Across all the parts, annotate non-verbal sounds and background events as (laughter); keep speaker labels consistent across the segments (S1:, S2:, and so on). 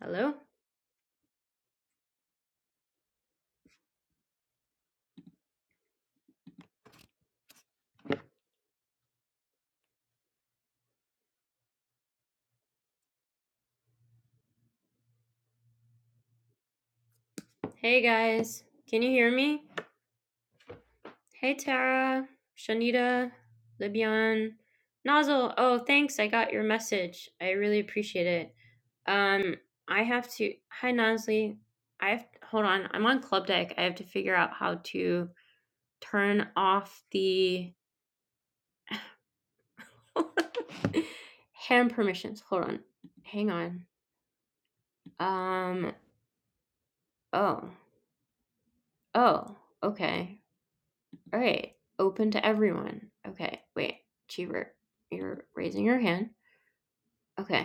S1: Hello? Hey guys, can you hear me? Hey Tara, Shanita, Libyan, Nozzle. Oh, thanks, I got your message. I really appreciate it. Um, I have to. Hi Nosley, I have. Hold on, I'm on Club Deck. I have to figure out how to turn off the (laughs) hand permissions. Hold on, hang on. Um. Oh. Oh. Okay. All right. Open to everyone. Okay. Wait. Cheever, you're raising your hand. Okay.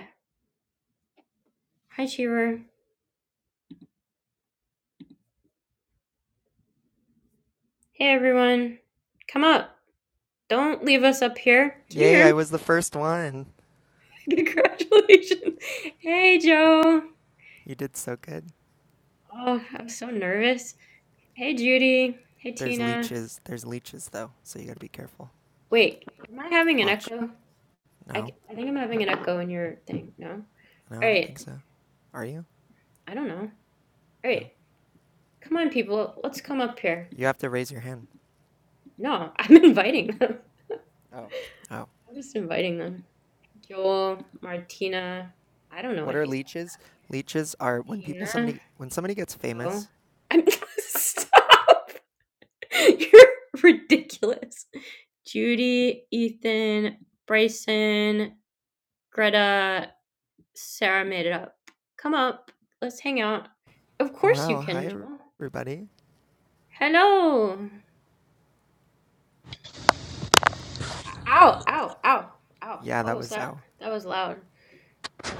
S1: Hi, Cheever. Hey, everyone. Come up. Don't leave us up here. Can you
S2: Yay,
S1: hear
S2: I
S1: me?
S2: was the first one.
S1: (laughs) Congratulations. Hey, Joe.
S2: You did so good.
S1: Oh, I'm so nervous. Hey, Judy. Hey,
S2: There's
S1: Tina.
S2: leeches. There's leeches, though, so you gotta be careful.
S1: Wait. Am I having an
S2: Watch.
S1: echo? I I
S2: No?
S1: think I'm having an echo in your thing. No?
S2: No, I
S1: All
S2: don't
S1: right.
S2: think so. Are you?
S1: I don't know. All right.
S2: No.
S1: Come on, people. Let's come up here.
S2: You have to raise your hand.
S1: No, (laughs) I'm inviting them.
S2: Oh. Oh.
S1: I'm just inviting them. Joel, Martina. I don't know
S2: What
S1: what
S2: are
S1: he's
S2: leeches? Leeches are when
S1: talking.
S2: people,
S1: about. Hina.
S2: somebody, when somebody gets
S1: So
S2: famous.
S1: I'm (laughs) stop. You're ridiculous. Judy, Ethan, Bryson, Greta, Sarah made it up. Come up. Let's hang out. Of course you
S2: Wow,
S1: can,
S2: hi,
S1: Joel.
S2: everybody.
S1: Hello. Ow, ow, ow, ow.
S2: Yeah,
S1: What
S2: that
S1: was
S2: was
S1: that?
S2: Zhao.
S1: That was loud.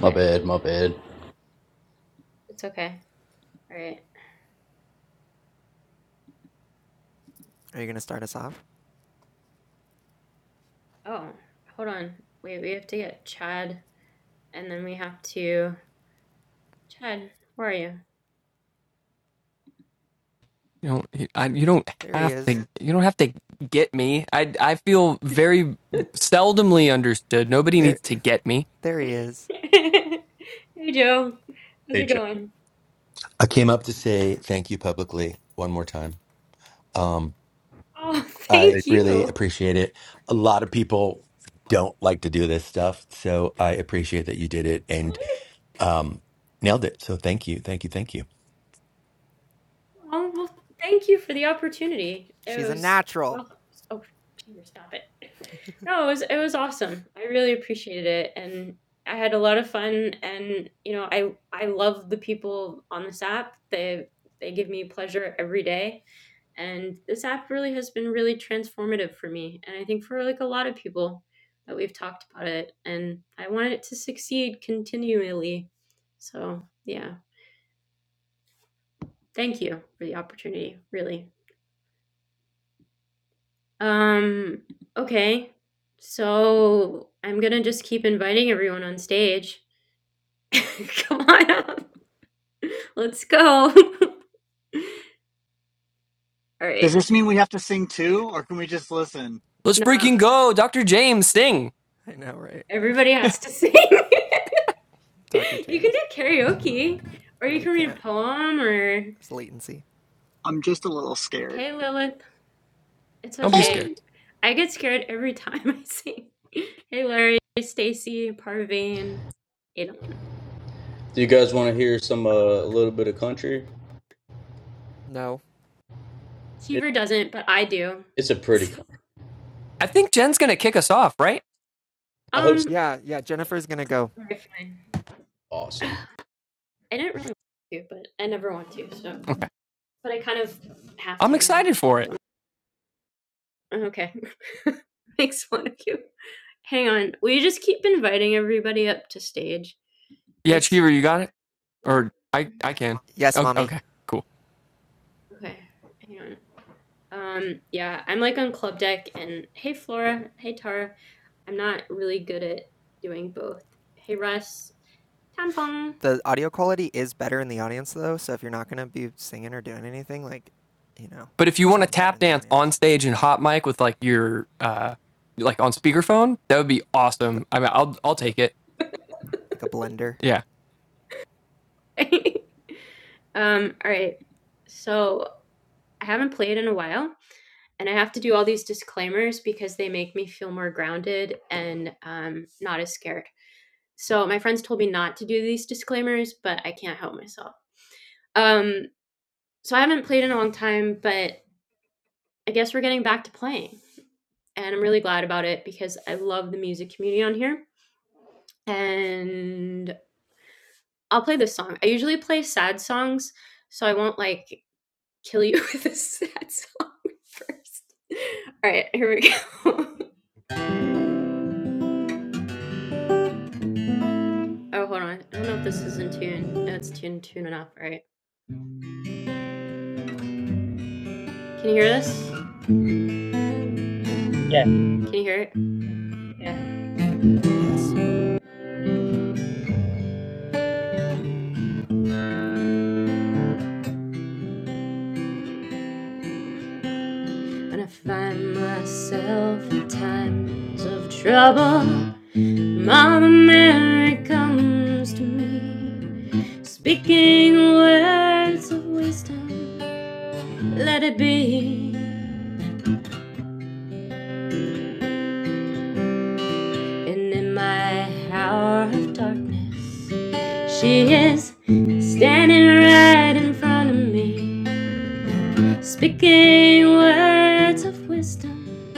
S3: My bad, my bad.
S1: It's okay. All right.
S2: Are you gonna start us off?
S1: Oh, hold on. Wait, we have to get Chad. And then we have to Chad, where are you?
S4: You don't. I, you don't
S2: There he
S4: have
S2: is.
S4: to. You don't have to get me. I. I feel very
S1: (laughs)
S4: seldomly understood. Nobody
S2: There,
S4: needs to get me.
S2: there he is.
S1: hey Joe, how's
S3: Hey,
S1: it
S3: Chad.
S1: going?
S5: I came up to say thank you publicly one more time. Um,
S1: Oh, (laughs)
S5: I
S3: Hey.
S1: thank
S5: really
S1: you.
S5: appreciate it. A lot of people don't like to do this stuff, so I appreciate that you did it and
S1: Really?
S5: um, nailed it. So thank you, thank you, thank you.
S1: Oh well, thank you for the opportunity. It
S2: She's a
S1: was
S2: natural.
S1: awesome. Oh, stop it. (laughs) No, it was it was awesome. I really appreciated it, and I had a lot of fun. And you know, I I love the people on this app. They they give me pleasure every day. and this app really has been really transformative for me and i think for like a lot of people that we've talked about it and i wanted it to succeed continually so yeah thank you for the opportunity really um okay so i'm gonna just keep inviting everyone on stage (laughs) come on up let's go (laughs) all right
S6: Does this mean we have to sing too, or can we just listen?
S4: Let's
S1: no
S4: freaking go, Dr. James. Sting.
S2: I know, right?
S1: everybody has to sing (laughs) you
S2: Dr.
S1: can
S2: James.
S1: do karaoke or
S2: No,
S1: you
S2: we
S1: can read a
S2: can't.
S1: poem or
S2: It's latency.
S6: I'm just a little scared.
S1: Hey Lilith, it's
S4: Don't be
S1: okay.
S4: scared.
S7: Hey,
S1: I get scared every time (laughs) I sing. Hey Larry, Stacy, Parveen, Adon.
S3: Do you guys want to hear some uh, a little bit of country?
S2: No.
S3: It,
S1: Seaver doesn't, but I do.
S3: it's a
S1: (laughs)
S3: pretty country.
S4: I think Jen's gonna kick us off, right?
S3: I hope it's
S1: um,
S2: Yeah, yeah. Jennifer's gonna go.
S1: okay, fine. (sighs) I
S3: awesome,
S1: didn't really want to, but I never want to, so.
S4: Okay.
S1: But I kind of have
S4: I'm
S1: to now.
S4: excited for it.
S1: Okay. (laughs) Makes fun of you. Hang on. Will you just keep inviting everybody up to stage?
S4: Yeah,
S1: Because
S4: Cheever, you got it. Or I.
S1: we're
S4: I can.
S2: Yes,
S4: Okay.
S2: mommy.
S4: okay cool.
S1: Okay, hang on. Um, yeah, I'm like on club deck and hey Flora, hey Tara. I'm not really good at doing both. Hey Russ, tampon.
S2: The audio quality is better in the audience though, so if you're not gonna be singing or doing anything, like, you know,
S4: But if you
S2: it
S4: want to
S2: sounds better
S4: tap
S2: in the
S4: dance on
S2: audience.
S4: stage and hot mic with like your uh like on speakerphone, that would be
S2: Like a
S4: awesome. I mean, I'll. I'll
S2: like a
S4: take it.
S2: like a blender.
S4: Yeah.
S1: (laughs) um, all right. So I haven't played in a while, and I have to do all these disclaimers because they make me feel more grounded and um, not as scared. So my friends told me not to do these disclaimers, but I can't help myself. Um, so I haven't played in a long time, but I guess we're getting back to playing. and I'm really glad about it because I love the music community on here. And I'll play this song. I usually play sad songs, so I won't like kill you (laughs) with a sad song (laughs) first. All right, here we go. (laughs) oh, hold on. I don't know if this is in tune. No, it's tuned tuned enough, right? Can you hear this?
S8: Yes,
S1: Can you hear it? Yeah.
S2: Yes.
S1: And I find myself in times of trouble. Mother Mary comes to me, speaking words of wisdom. Let it be. And in my hour of darkness, she is standing right in front of me, speaking words of wisdom.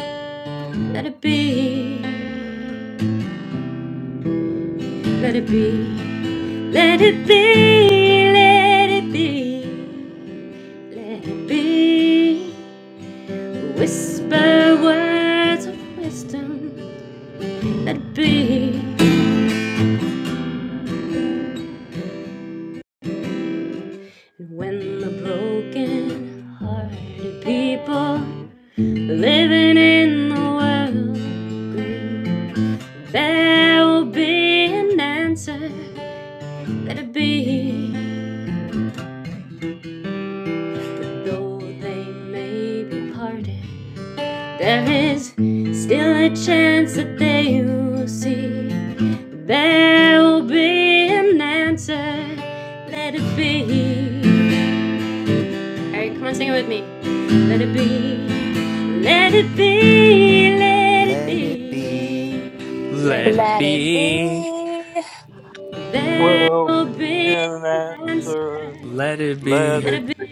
S1: Let it be. Let it be. Let it be. Let it be. Let it be. Whisper words of wisdom that be. And when the broken hearted people living in the world agree, there will be an answer that be. Though they may be parted There is still a chance that they will see. There will be an answer. Let it be. Alright, come on, sing it with me. Let it be. Let it be. Let it
S2: Let it be.
S1: be. Let it
S4: Let it
S9: Let
S1: be.
S9: it
S4: be.
S9: be.
S1: There
S10: will
S1: will
S10: be
S1: be
S10: an
S1: an answer.
S10: answer.
S4: Let it
S10: Let
S1: Let
S4: be.
S10: it
S1: it be.
S10: be.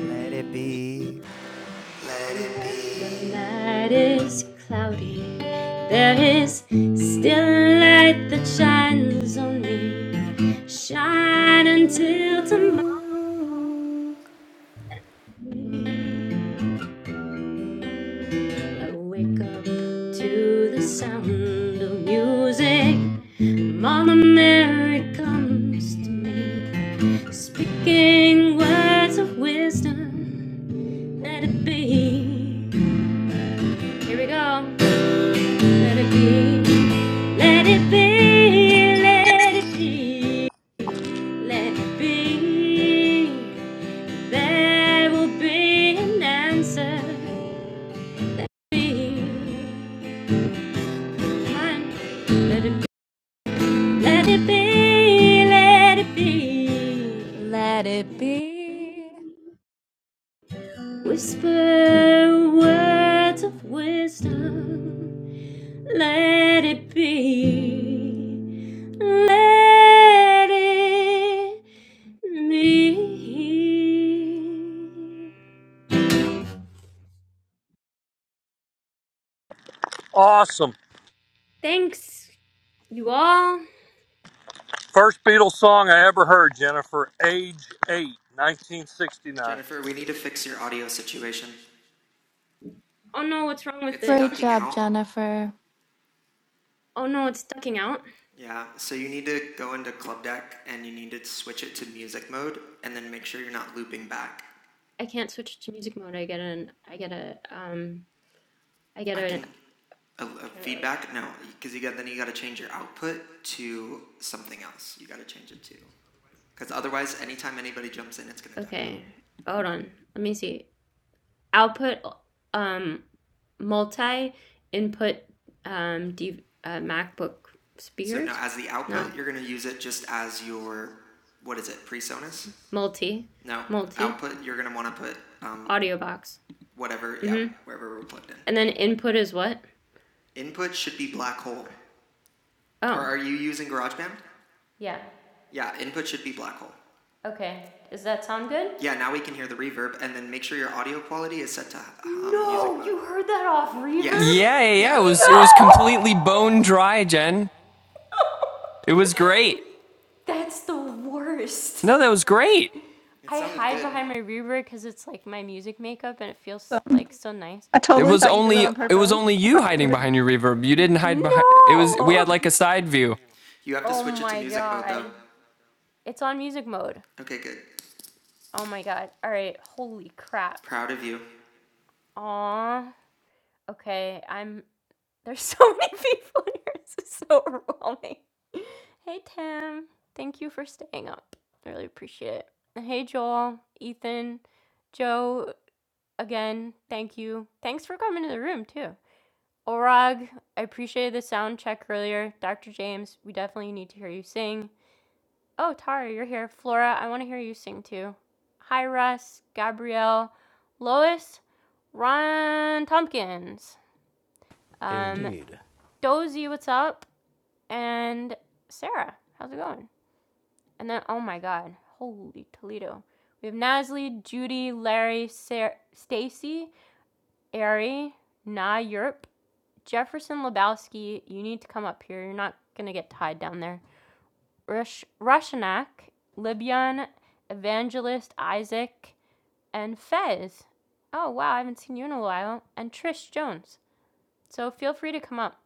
S2: Let it be. Let
S1: And
S2: it
S1: when the
S2: be.
S1: night is cloudy, there is still a light that shines on me. Shine until tomorrow. I wake up to the sound of music. Mama Mary comes to me, speaking words of wisdom. Let it be. Here we go. Let it be. Let it be, let it be, let it be. There will be an answer. Be mine. Let it be, let it be, let it be.
S9: Let it be.
S1: Whisper words of wisdom. Let it be. Let it be.
S10: Awesome.
S1: Thanks, you all.
S10: First Beatles song I ever heard, Jennifer, age 8, 1969.
S2: Jennifer, we need to fix your audio situation.
S1: Oh no, what's wrong with
S2: It's
S1: it?
S2: ducking out.
S1: Oh no, it's ducking out.
S2: Yeah, so you need to go into Club Deck and you need to switch it to music mode and then make sure you're not looping back.
S1: I can't switch to music mode. I get an. I get a. Um. I get
S2: I
S1: a.
S2: can a, a
S1: Here, look.
S2: feedback. No, because you got then you got to change your output to something else. You got to change it to because otherwise, anytime anybody jumps in, it's gonna duck out.
S1: Okay. Hold on. Let me see. output um, multi input um, D, uh, MacBook
S2: So now
S1: speakers.
S2: as the
S1: No,
S2: output, you're gonna use it just as your what is it presonus?
S1: multi,
S2: No
S1: multi
S2: output. You're gonna want to put um,
S1: audio box.
S2: whatever yeah
S1: Mm-hmm.
S2: wherever we're plugged
S1: And
S2: in.
S1: then input is what?
S2: Input should be black hole. Or
S1: Oh,
S2: are you using GarageBand?
S1: yeah.
S2: Yeah, input should be black hole.
S1: Okay. Does that sound good?
S2: Yeah, now we can hear the reverb, and then make sure your audio quality is set to um, music
S1: No, you
S2: mode.
S1: heard that off reverb?
S2: Yes.
S4: Yeah, yeah, yeah.
S2: Yeah.
S4: It was it
S1: No!
S4: was completely bone dry, Jen. It was great.
S1: (laughs) That's the worst.
S4: No, that was great.
S2: It
S1: I
S2: sounded
S1: hide
S2: good.
S1: behind my reverb because it's like my music makeup and it feels
S11: I
S1: like so nice.
S4: It
S11: totally
S4: was
S11: thought you did that
S4: only
S11: on
S4: it was
S11: purpose.
S4: only you
S11: You
S4: hiding
S11: were-
S4: behind your reverb. You didn't hide behind. It was we
S1: No!
S4: had like a side view.
S2: You have to
S1: Oh
S2: switch it to
S1: my
S2: music mode though.
S1: god. It's on music mode.
S2: Okay, good.
S1: Oh my god. All right. Holy crap.
S2: Proud of you.
S1: Aw. Okay. I'm. (laughs) There's so many (laughs) people here. This is so overwhelming. Hey, Tim. Thank you for staying up. I really appreciate it. And Hey, Joel, Ethan, Joe, again, thank you. Thanks for coming to the room, too. Orag, I appreciated the sound check earlier. Dr. James, we definitely need to hear you sing. Oh, Tara, you're here. Flora, I want to hear you sing too. Hi, Russ, Gabrielle, Lois, Ron Tompkins, um,
S12: Indeed
S1: Dozy, what's up? And Sarah, how's it going? And then, oh my God, holy Toledo. We have Nasli, Judy, Larry, Sar- Stacy, Ari, Na Europe, Jefferson Lebowski. You need to come up here. You're not going to get tied down there. Rush- Rushanak, Libyan, Evangelist Isaac, and Fez. Oh, wow, I haven't seen you in a while. And Trish Jones. So feel free to come up.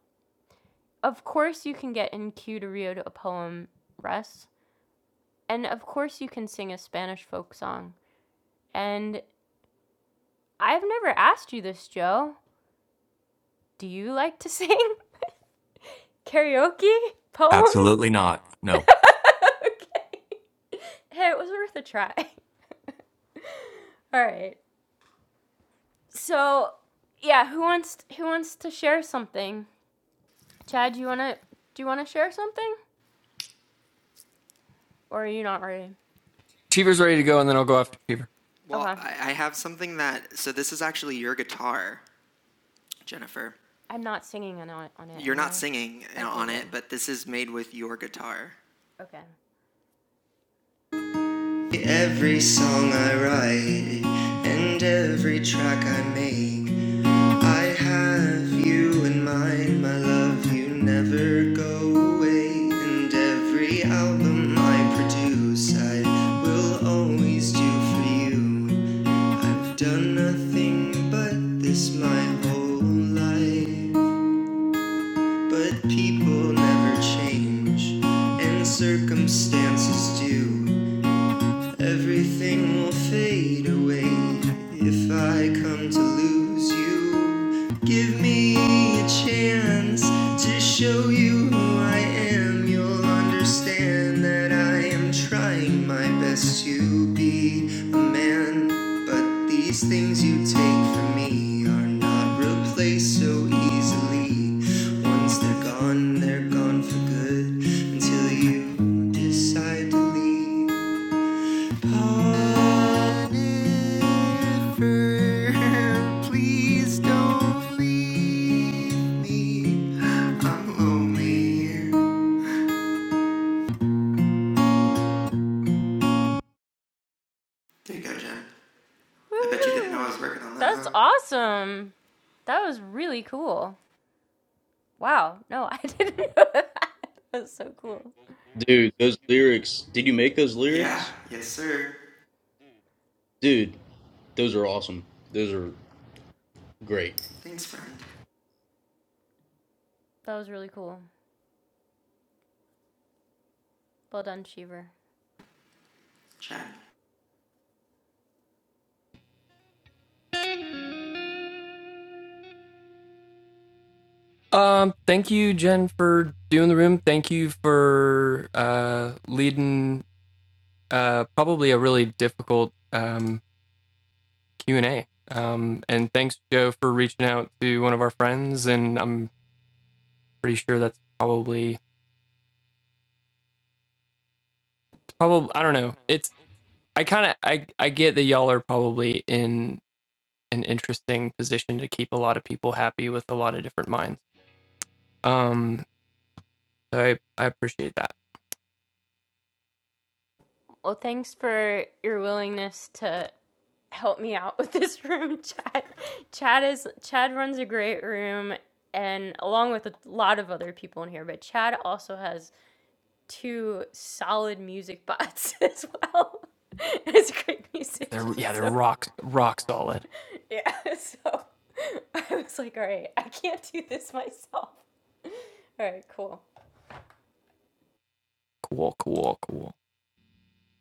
S1: Of course, you can get in queue to read a poem, Russ. And of course, you can sing a Spanish folk song. And I've never asked you this, Joe. Do you like to sing (laughs) karaoke poems?
S5: Absolutely not. No.
S1: (laughs) okay. Hey, it was worth a try. (laughs) All right. So, yeah, who wants who wants to share something? Chad, do you wanna do you wanna share something, or are you not ready?
S4: Cheever's ready to go, and then I'll go after Cheever.
S2: Well,
S1: Okay,
S2: I, I have something that. So this is actually your guitar, Jennifer.
S1: I'm not singing on it- on it,
S2: You're
S1: am
S2: not
S1: I?
S2: singing
S1: Okay,
S2: on
S1: good.
S2: it, but this is made with your guitar.
S1: Okay.
S2: Every song I write and every track I make I have you in mind, my love. You never go away. And every album I produce, I will always do for you. I've done nothing but this my whole life. But people never change, and circumstances do. Everything will fade away if I come to lose you. Give me a chance to show you who I am. You'll understand that I am trying my best to be a man. But these things you take from me are not replaced so easily. Once they're gone, they're gone for good until you decide to leave. There you go, Jen. I bet you didn't know I
S1: Woohoo!
S2: was working on that, huh?
S1: That's awesome. That was really cool. Wow. No, (laughs) I didn't know (laughs) that. That was so cool.
S3: dude. Those lyrics. Did you make those
S2: Yeah,
S3: lyrics,
S2: yes, sir.
S3: dude? Those are awesome. Those are great.
S2: Thanks, friend.
S1: That was really cool. Well done, Cheever.
S2: Chad.
S4: Um, thank you, Jen, for doing the room. Thank you for uh leading uh probably a really difficult um Q and A. Um, and thanks, Joe, for reaching out to one of our friends. And I'm pretty sure that's probably probably I don't know. It's I kind of I I get that y'all are probably in an interesting position to keep a lot of people happy with a lot of different minds. Um, so I I appreciate that.
S1: Well, thanks for your willingness to help me out with this (laughs) room, Chad. Chad is Chad runs a great room, and along with a lot of other people in here, but Chad also has two solid music (laughs) bots as well. (laughs) He's a great
S4: Yeah, They're
S1: musician,
S4: yeah they're
S1: so
S4: rock rock solid.
S1: (laughs) yeah. So I was like, all right, I can't do this myself. All right, cool.
S4: Cool, cool, cool.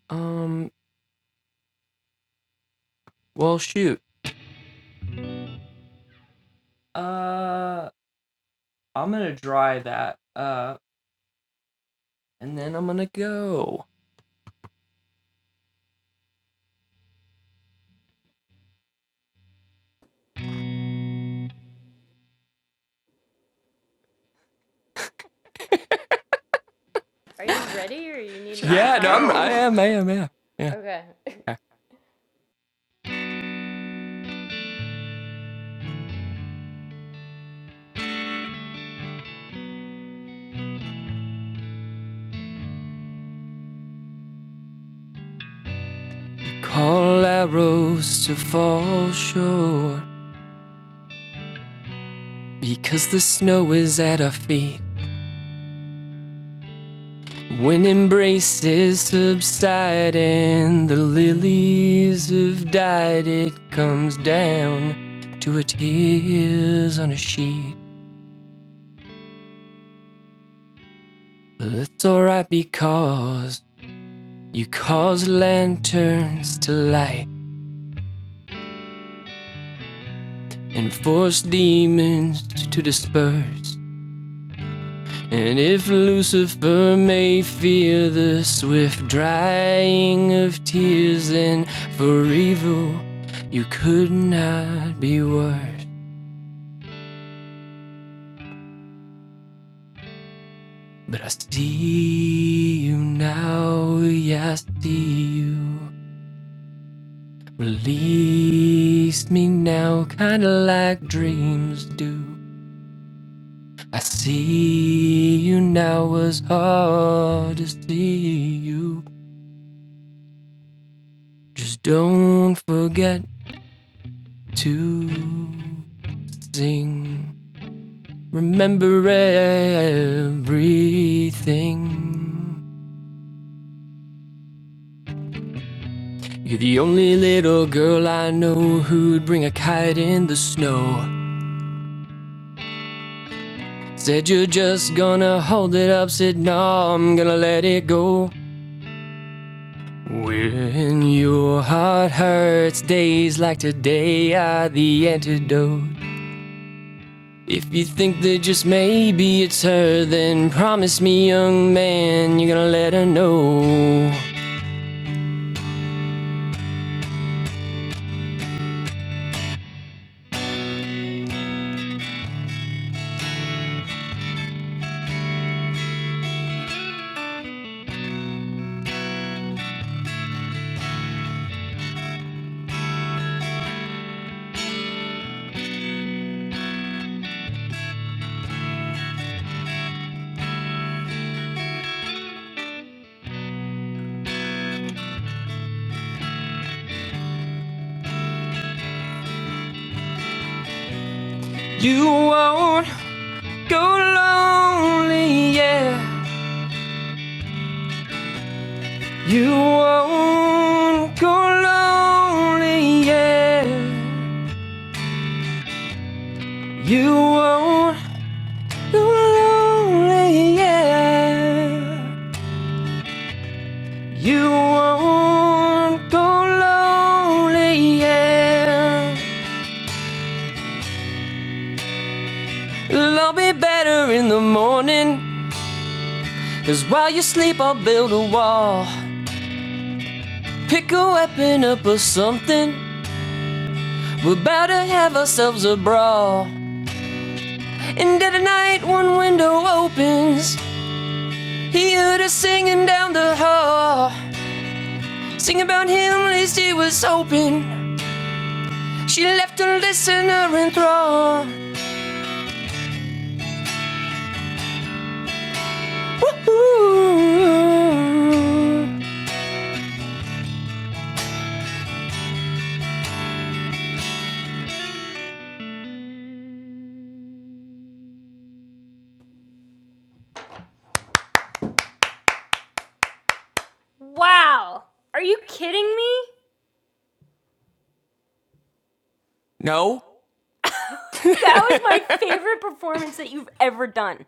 S4: Um, well shoot. Uh, I'm gonna dry that. Uh, and then I'm gonna go.
S1: Are
S2: What?
S1: you ready, or you need more
S4: Yeah,
S2: Chad,
S4: no,
S1: time?
S4: I'm I
S2: go!
S4: am I am yeah yeah.
S1: Okay.
S4: Okay. Call arrows to fall short because the snow is at our feet. When embraces subside and the lilies have died, it comes down to a tears on a sheet. But that's alright because you cause lanterns to light and force demons to disperse. And if Lucifer may fear the swift drying of tears, then for evil you could not be worse. But I see you now, yeah, I see you. Release me now, kinda like dreams do. I see you now, it's hard to see you. Just don't forget to sing. Remember everything. You're the only little girl I know who'd bring a kite in the snow. Said you're just gonna hold it up, said no, I'm gonna let it go. When your heart hurts, days like today are the antidote. If you think that just maybe it's her, then promise me, young man, you're gonna let her know. You won't go lonely, yeah. You won't go lonely, yeah. You won't go lonely, yeah. You won't go lonely, yeah. It'll all be better in the morning. 'Cause while you sleep, I'll build a wall. Pick a weapon up or something. We're about to have ourselves a brawl. And at night, one window opens. He heard her singing down the hall, singing about him least he was hoping. She left a listener enthralled. Woo-hoo.
S1: Wow. Are you kidding me?
S4: No.
S1: (laughs)
S4: (laughs)
S1: That was my favorite performance that you've ever done.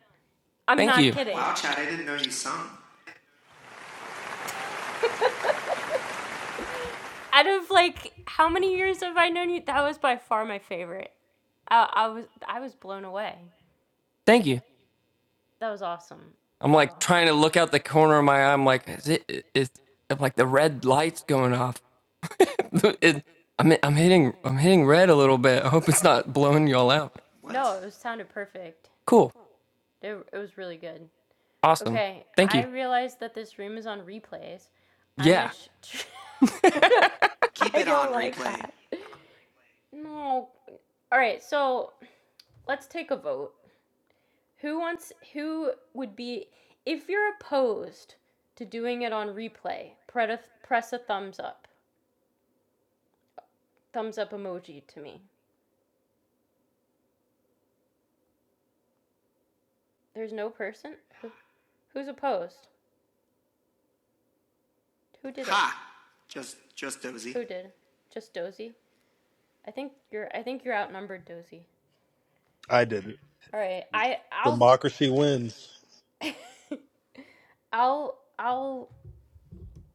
S1: I'm
S4: Thank
S1: not
S4: you.
S2: Wow,
S1: kidding.
S2: Chad, I didn't know you sung.
S1: (laughs) Out of like how many years have I known you? That was by far my favorite. I, I was I was blown away.
S4: Thank you.
S1: That was awesome.
S4: I'm like
S1: Wow.
S4: trying to look out the corner of my eye. I'm like, is it? is like the red lights going off? (laughs) It- I'm I'm hitting I'm hitting red a little bit. I
S2: What?
S4: hope it's not blowing y'all out.
S2: What?
S1: No, it was sounded perfect.
S4: Cool.
S1: It, it was really good.
S4: Awesome.
S1: Okay,
S4: Thank
S1: I
S4: you.
S1: realized that this room is on replays. I'm gonna.
S4: Yeah.
S1: Ch- ch- (laughs)
S2: Keep
S1: I
S2: it
S1: don't
S2: on
S1: like
S2: replay.
S1: that. No. All right, so let's take a vote. Who wants who would be if you're opposed to doing it on replay, press a thumbs up. Thumbs up emoji to me. There's no person Who- who's opposed. Who did it?
S2: Ha! Just, just dozy.
S1: Who did? Just Dozy. I think you're I think you're outnumbered, Dozy.
S13: I did it.
S1: All right. I I'll
S13: Democracy wins.
S1: (laughs) I'll I'll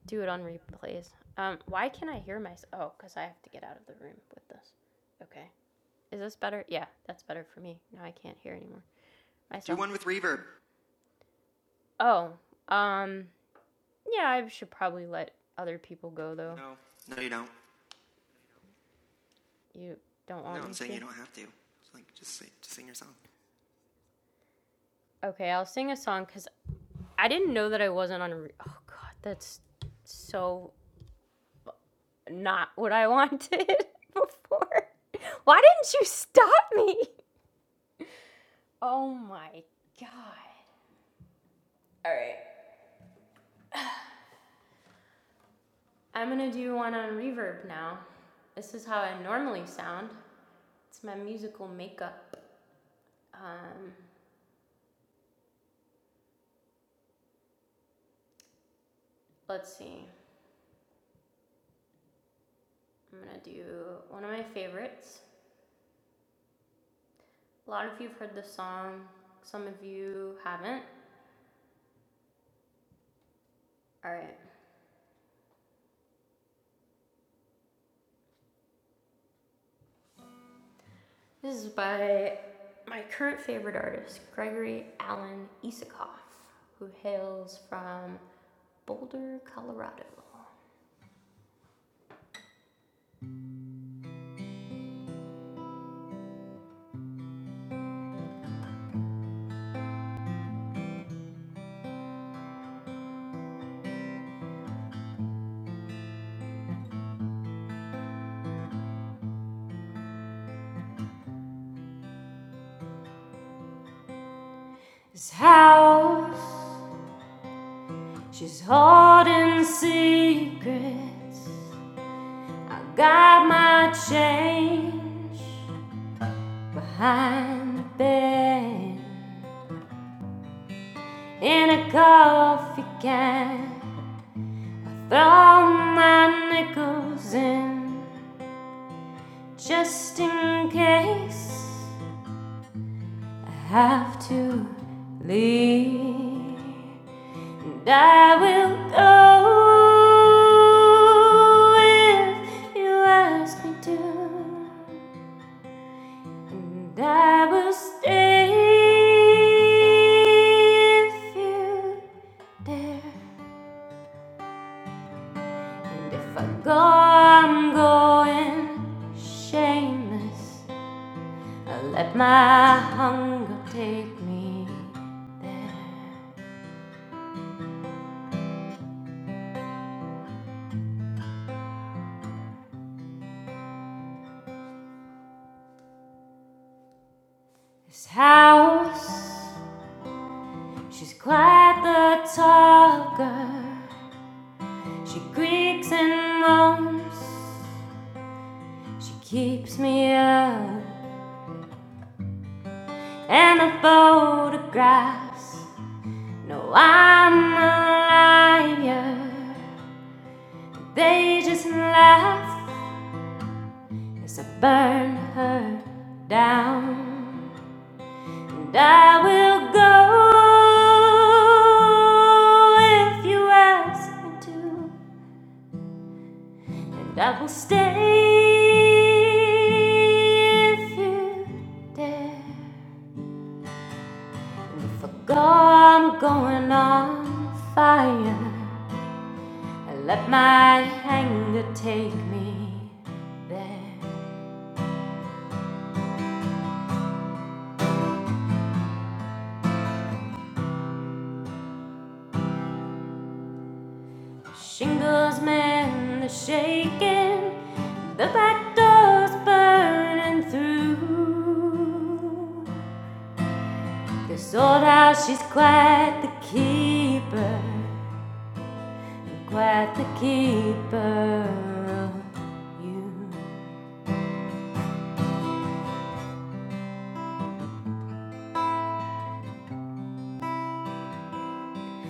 S1: do it on replays. Um why can not I hear myself? Oh, cuz I have to get out of the room with this. Okay. Is this better? Yeah, that's better for me. Now I can't hear anymore
S2: Do
S1: myself.
S2: one with reverb.
S1: Oh, um, yeah, I should probably let other people go though.
S2: No, no, you don't.
S1: You don't
S2: No,
S1: want
S2: I'm
S1: me
S2: saying
S1: to?
S2: you don't have to. It's like just sing, just sing your song.
S1: Okay, I'll sing a song because I didn't know that I wasn't on. Re- oh God, that's so not what I wanted (laughs) before. (laughs) Why didn't you stop me? Oh my God. All right, I'm gonna do one on reverb now. This is how I normally sound. It's my musical makeup. Um, let's see. I'm gonna do one of my favorites. A lot of you have heard this song, some of you haven't. All right. This is by my current favorite artist, Gregory Alan Isakoff, who hails from Boulder, Colorado. His house, she's holding secrets. I got my change behind the bed. in a coffee can. Throw my nickels in just in case I have to leave. And I will go if you ask me to. And I will stay if you dare. And if I go, I'm going shameless. I let my hunger take me there. This house, she's quite the talker. She creaks and moans. She keeps me up. And the photographs know I'm a liar. They just laugh As I burn her down. And I will go if you ask me to, and I will stay if you dare. And if I go, I'm going on fire. I let my anger take me there. Shingles, man, the shaking, the back door's burning through. This old house, she's quite the keeper, quite the keeper of you.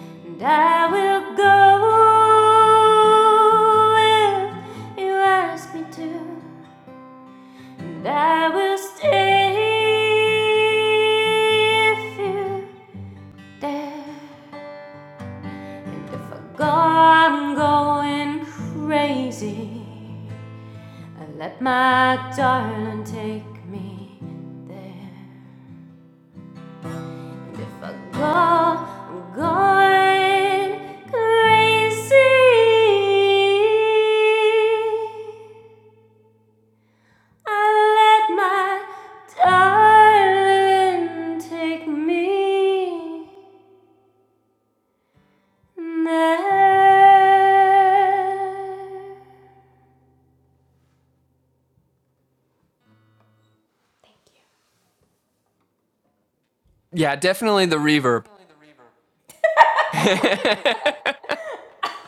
S1: And I will go if you ask me to. And I will stay if you dare. And if I go, I'm going crazy. I let my darling take me there. And if I go, I'm going crazy. I let my darling take me there. Thank you.
S4: Yeah. Definitely the reverb. (laughs) fair,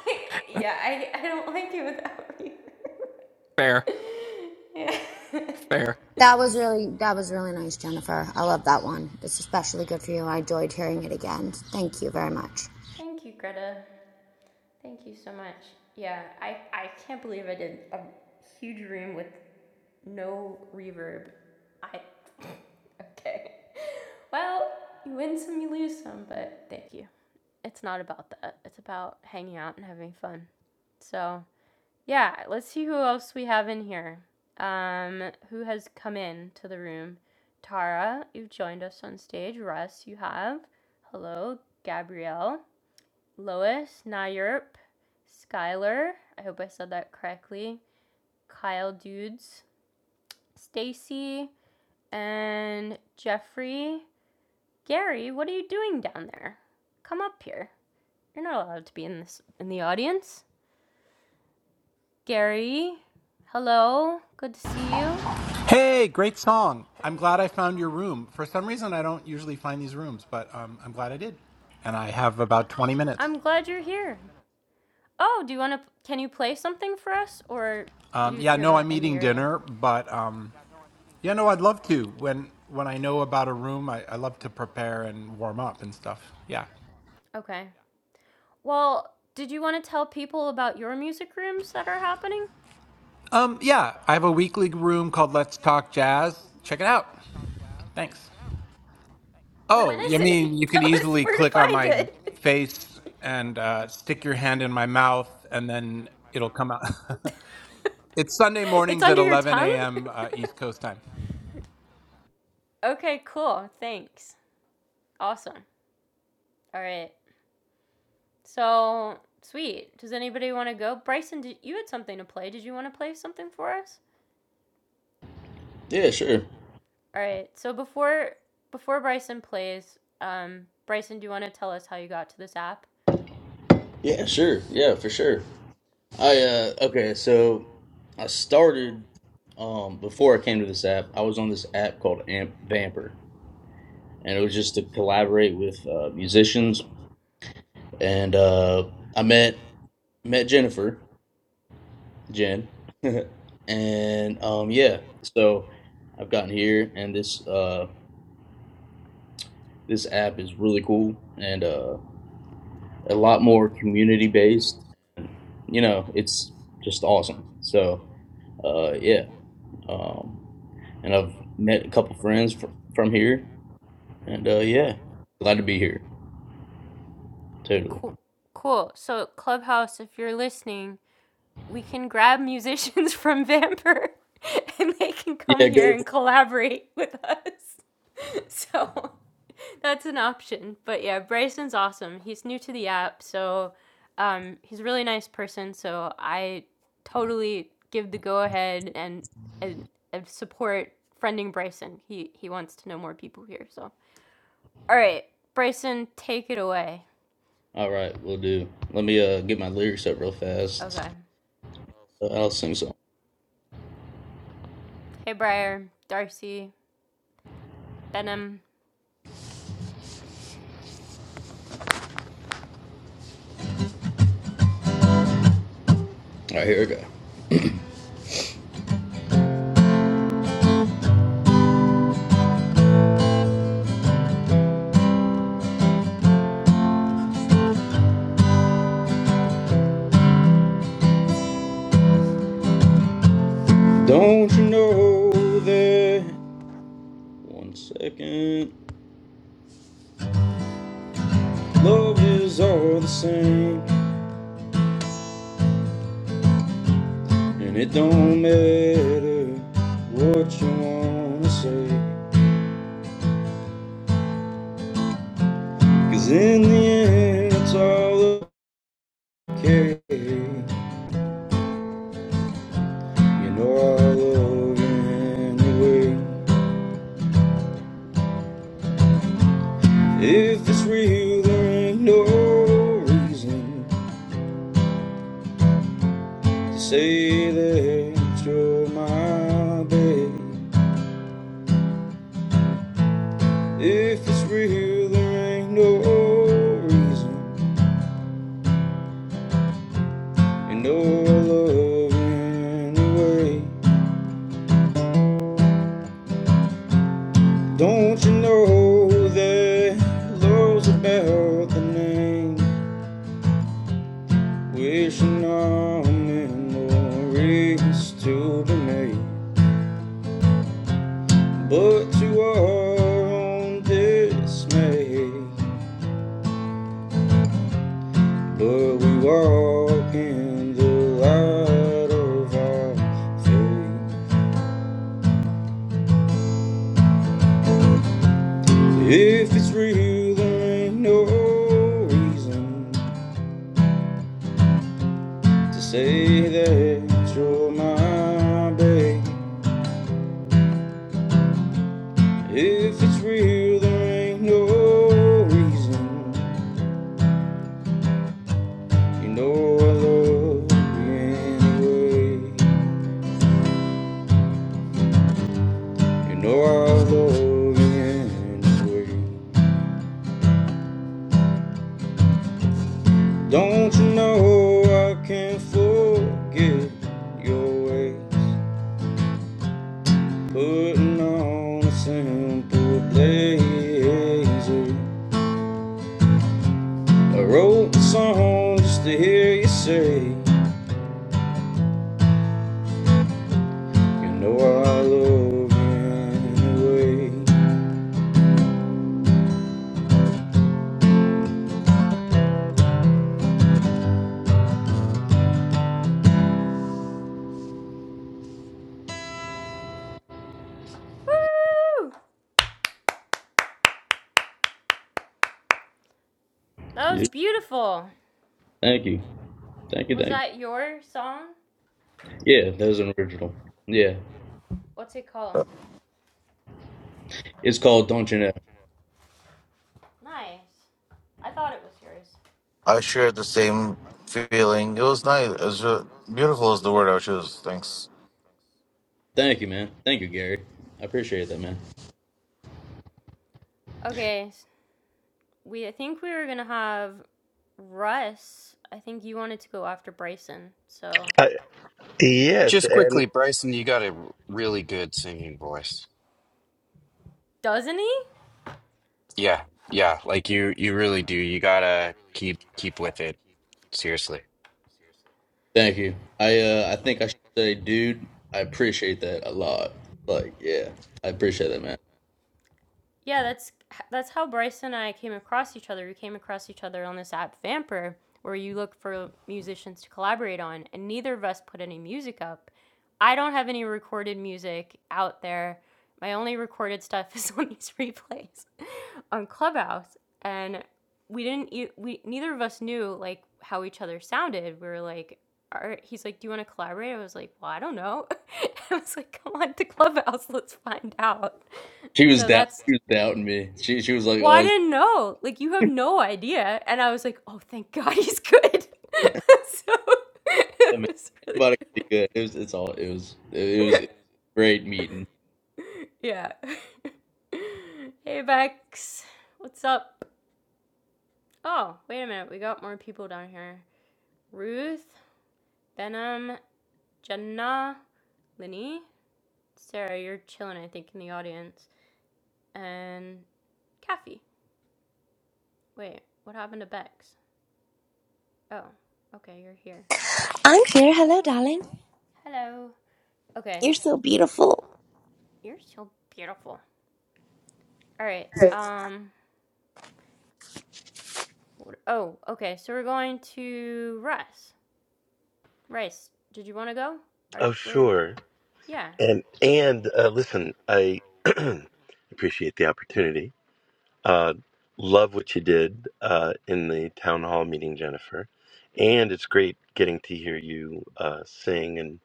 S1: (laughs) yeah, I, I don't like it without you. (laughs) yeah. (laughs)
S4: fair.
S14: That was really that was really nice, Jennifer. I love that one. It's especially good for you. I enjoyed hearing it again. Thank you very much.
S1: Thank you, Greta. Thank you so much. Yeah, I, I can't believe I did a huge room with no reverb. I. (laughs) okay. Well, you win some, you lose some, but thank you. It's not about that. It's about hanging out and having fun. So, Yeah, let's see who else we have in here. Um, who has come in to the room? Tara, you've joined us on stage. Russ, you have. Hello, Gabrielle, Lois, Nayurp, Skylar. I hope I said that correctly. Kyle Dudes, Stacy, and Jeffrey. Gary, what are you doing down there? Come up here. You're not allowed to be in this in the audience. Gary, hello. Good to see you.
S15: Hey, great song. I'm glad I found your room. For some reason, I don't usually find these rooms, but um, I'm glad I did. And I have about 20 minutes.
S1: I'm glad you're here. Oh, do you want to? Can you play something for us, or
S15: Um,
S1: you,
S15: yeah,
S1: you're
S15: no,
S1: not
S15: I'm
S1: in the
S15: eating
S1: area?
S15: dinner, but um, yeah, no, I'd love to. When when I know about a room, I, I love to prepare and warm up and stuff. Yeah.
S1: Okay. Well, did you want to tell people about your music rooms that are happening?
S15: Um, yeah, I have a weekly room called Let's Talk Jazz. Check it out. Thanks.
S1: Well, when
S15: Oh, I
S1: is it?
S15: mean,
S1: (laughs)
S15: you can
S1: tell us
S15: easily
S1: where to
S15: click on
S1: find
S15: my
S1: it.
S15: face and uh, stick your hand in my mouth, and then it'll come out. (laughs) It's Sunday
S1: It's
S15: mornings at
S1: under your
S15: 11
S1: tongue.
S15: a.m. Uh, East Coast time.
S1: Okay, cool. Thanks. Awesome. All right. So sweet. Does anybody want to go? Bryson, did, you had something to play. Did you want to play something for us?
S3: Yeah, sure.
S1: All right. So before before Bryson plays, um, Bryson, do you want to tell us how you got to this app?
S3: Yeah, sure. Yeah, for sure. I uh okay. So I started um before I came to this app. I was on this app called Amp Vamper, and it was just to collaborate with uh, musicians. And uh, I met met Jennifer. Jen. (laughs) and um yeah, so I've gotten here and this uh this app is really cool and uh a lot more community based. You know, it's just awesome. So uh yeah. Um and I've met a couple friends fr- from here and uh yeah, glad to be here. Totally.
S1: Cool. Cool. So, Clubhouse, if you're listening, we can grab musicians (laughs) from Vamper and they can come
S3: Yeah, go
S1: here
S3: to
S1: and collaborate with us. (laughs) So, That's an option. But yeah, Bryson's awesome. He's new to the app, so um, he's a really nice person. So I totally give the go ahead and, and, and support friending Bryson. He he wants to know more people here. So all right, Bryson, take it away.
S3: All right, we'll do. Let me uh get my lyrics up real fast.
S1: Okay.
S3: Uh, I'll sing some. All
S1: Hey, Briar, Darcy, Benham.
S3: right, here we go. Don't you know that One second. Love is all the same, and it don't matter what you wanna say, 'Cause in the end, it's all okay. You know I love you anyway. If it's real, there ain't no reason to say that you're my babe. If it's real, there ain't no reason. And oh, our love ran away. Don't you know that love's about the name? Wishing our memories to be made, but to our own dismay. But we walk in the light of our faith. If it's real, there ain't no reason to say that you're my babe. If it's real, there ain't no reason. You know I love you anyway. You know I love you anyway. Don't you know I can't forget your ways? Putting on a simple blazer. I wrote the song just to hear you say. You know I love anyway.
S1: Woo! That
S3: Yeah.
S1: was beautiful.
S3: Thank you. Thank you,
S1: Was
S3: thank you.
S1: that your song?
S3: Yeah, that was an original. Yeah.
S1: What's it called?
S3: It's called Don't You Know.
S1: Nice. I thought it was yours.
S16: I shared the same feeling. It was nice. It was uh, beautiful is the word I would choose. Thanks.
S3: Thank you, man. Thank you, Gary. I appreciate that, man.
S1: Okay, We I think we were gonna have Russ. I think you wanted to go after Bryson. So
S17: Uh,
S1: did you?
S17: yes,
S18: Just
S17: and
S18: quickly, Bryson, you got a r- really good singing voice.
S1: Doesn't he?
S18: Yeah, yeah, like you you really do. You gotta keep keep with it. Seriously.
S3: Thank you. I uh I think I should say, dude, I appreciate that a lot. Like, yeah. I appreciate that, man.
S1: Yeah, that's that's how Bryce and I came across each other. We came across each other on this app Vamper, where you look for musicians to collaborate on, and neither of us put any music up. I don't have any recorded music out there. My only recorded stuff (laughs) is on these replays (laughs) on Clubhouse, and we didn't. e- We neither of us knew like how each other sounded. We were like, are, he's like, "Do you want to collaborate?" I was like, "Well, I don't know." (laughs) I was like, "Come on to Clubhouse, let's find out."
S3: She was
S1: So
S3: doubt
S1: that's
S3: she was doubting me. She she was like,
S1: well,
S3: Oh,
S1: I
S3: is
S1: didn't know. Like you have no idea. And I was like, oh, thank God he's good. (laughs) so (laughs)
S3: that
S1: it
S3: man,
S1: was really
S3: anybody can be
S1: good.
S3: good. It was it's all it was it was a great meeting.
S1: Yeah. (laughs) hey, Bex. What's up? Oh, wait a minute. We got more people down here. Ruth, Benham, Jenna, Linny, Sarah. You're chilling, I think, in the audience. And Kathy. Wait, what happened to Bex? Oh, okay. You're here.
S19: I'm here. Hello, darling.
S1: Hello. Okay.
S19: You're so beautiful.
S1: You're so beautiful. All right. Um. Oh, okay. So we're going to Rice. Rice. Did you want to go? Are
S17: oh,
S1: you where?
S17: sure,
S1: Yeah.
S17: and and uh, listen, I (clears throat) appreciate the opportunity. Uh, love what you did uh, in the town hall meeting, Jennifer, and it's great getting to hear you uh, sing. And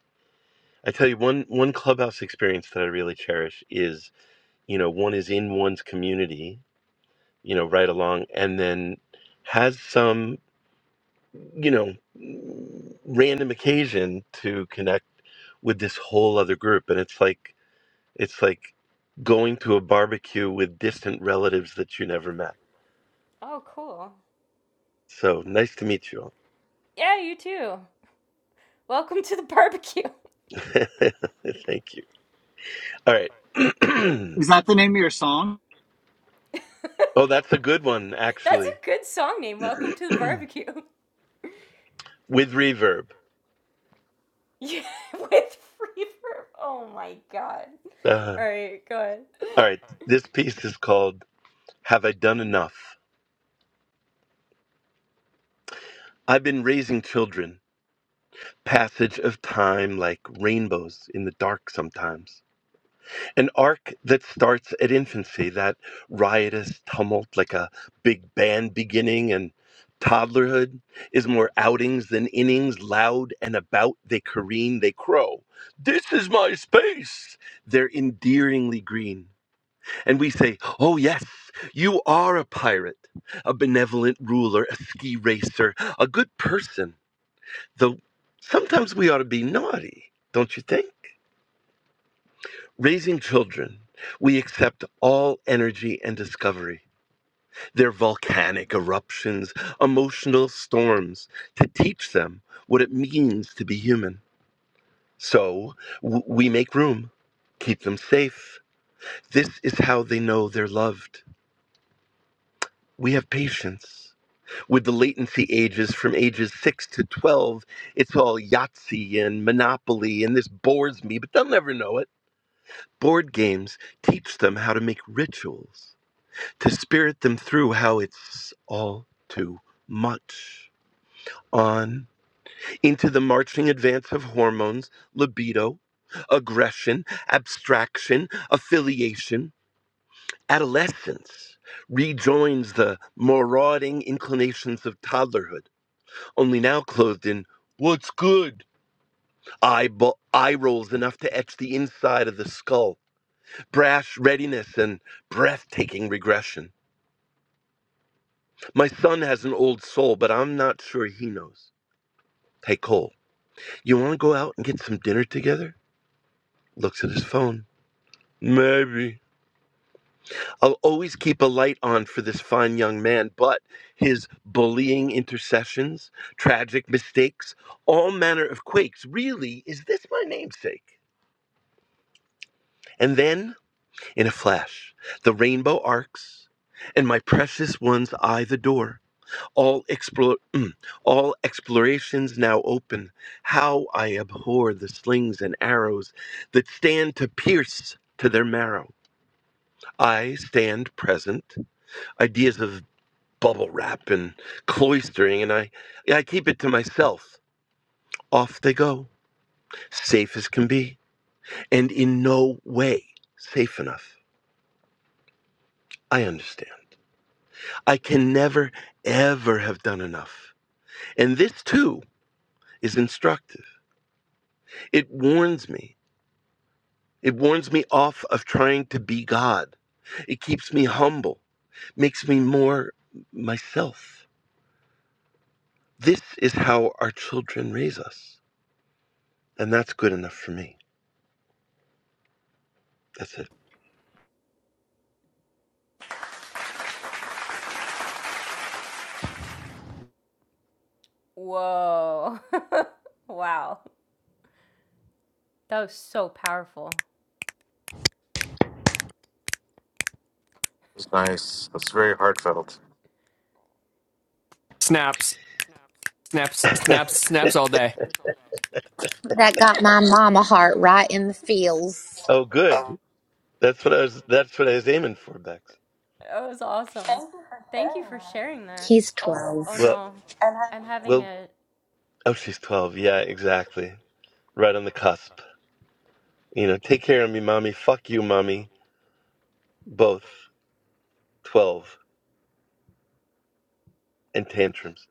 S17: I tell you, one one clubhouse experience that I really cherish is you know one is in one's community, you know, right along, and then has some you know, random occasion to connect with this whole other group. And it's like, it's like going to a barbecue with distant relatives that you never met.
S1: Oh, cool.
S17: So nice to meet you all.
S1: Yeah, you too. Welcome to the barbecue.
S17: (laughs) Thank you. All right. (clears throat)
S6: Is that the name of your song?
S1: (laughs) That's
S17: oh, that's a good one, actually,
S1: a good song
S17: (clears throat)
S1: name. Welcome
S17: with
S1: to the barbecue. (laughs)
S17: reverb.
S1: Yeah, with reverb. Oh my god.
S17: Uh,
S1: All right, go ahead.
S17: all right. This piece is called Have I Done Enough? I've been raising children, passage of time like rainbows in the dark sometimes. an arc that starts at infancy, that riotous tumult, like a big band beginning and toddlerhood, is more outings than innings, loud and about, they careen, they crow. This is my space! They're endearingly green. And we say, Oh, yes, you are a pirate, a benevolent ruler, a ski racer, a good person. Though sometimes we ought to be naughty, don't you think? Raising children, we accept all energy and discovery, their volcanic eruptions, emotional storms, to teach them what it means to be human. So w- we make room, keep them safe. This is how they know they're loved. We have patience. With the latency ages from ages 6 to 12, it's all Yahtzee and Monopoly, and this bores me, but they'll never know it. Board games teach them how to make rituals to spirit them through how it's all too much. On into the marching advance of hormones, libido, aggression, abstraction, affiliation, adolescence rejoins the marauding inclinations of toddlerhood, only now clothed in what's good eye, bo- eye rolls enough to etch the inside of the skull, brash readiness, and breathtaking regression. My son has an old soul, but I'm not sure he knows. Hey, Cole, you want to go out and get some dinner together? Looks at his phone. Maybe. I'll always keep a light on for this fine young man, but his bullying intercessions, tragic mistakes, all manner of quakes. Really, is this my namesake? And then, in a flash, the rainbow arcs, and my precious one's eye the door. all explore (clears throat) all explorations now open how i abhor the slings and arrows that stand to pierce to their marrow i stand present ideas of bubble wrap and cloistering and i i keep it to myself off they go safe as can be and in no way safe enough i understand i can never ever have done enough and this too is instructive it warns me It warns me off of trying to be God. It keeps me humble, makes me more myself. This is how our children raise us. And that's good enough for me. That's it.
S1: Whoa. (laughs) wow. That was so powerful.
S16: It's nice. It's very heartfelt.
S4: Snaps, snaps, snaps, snaps all day.
S17: Oh, good. That's what I was that's what I was aiming for, Bex.
S1: That was awesome. Thank you for sharing that.
S19: He's 12.
S1: Oh
S17: Well
S1: no, I'm having
S17: well
S1: a.
S17: oh she's twelve. Yeah, exactly. Right on the cusp. You know, take care of me, mommy. Fuck you, mommy. Both. Twelve and tantrums.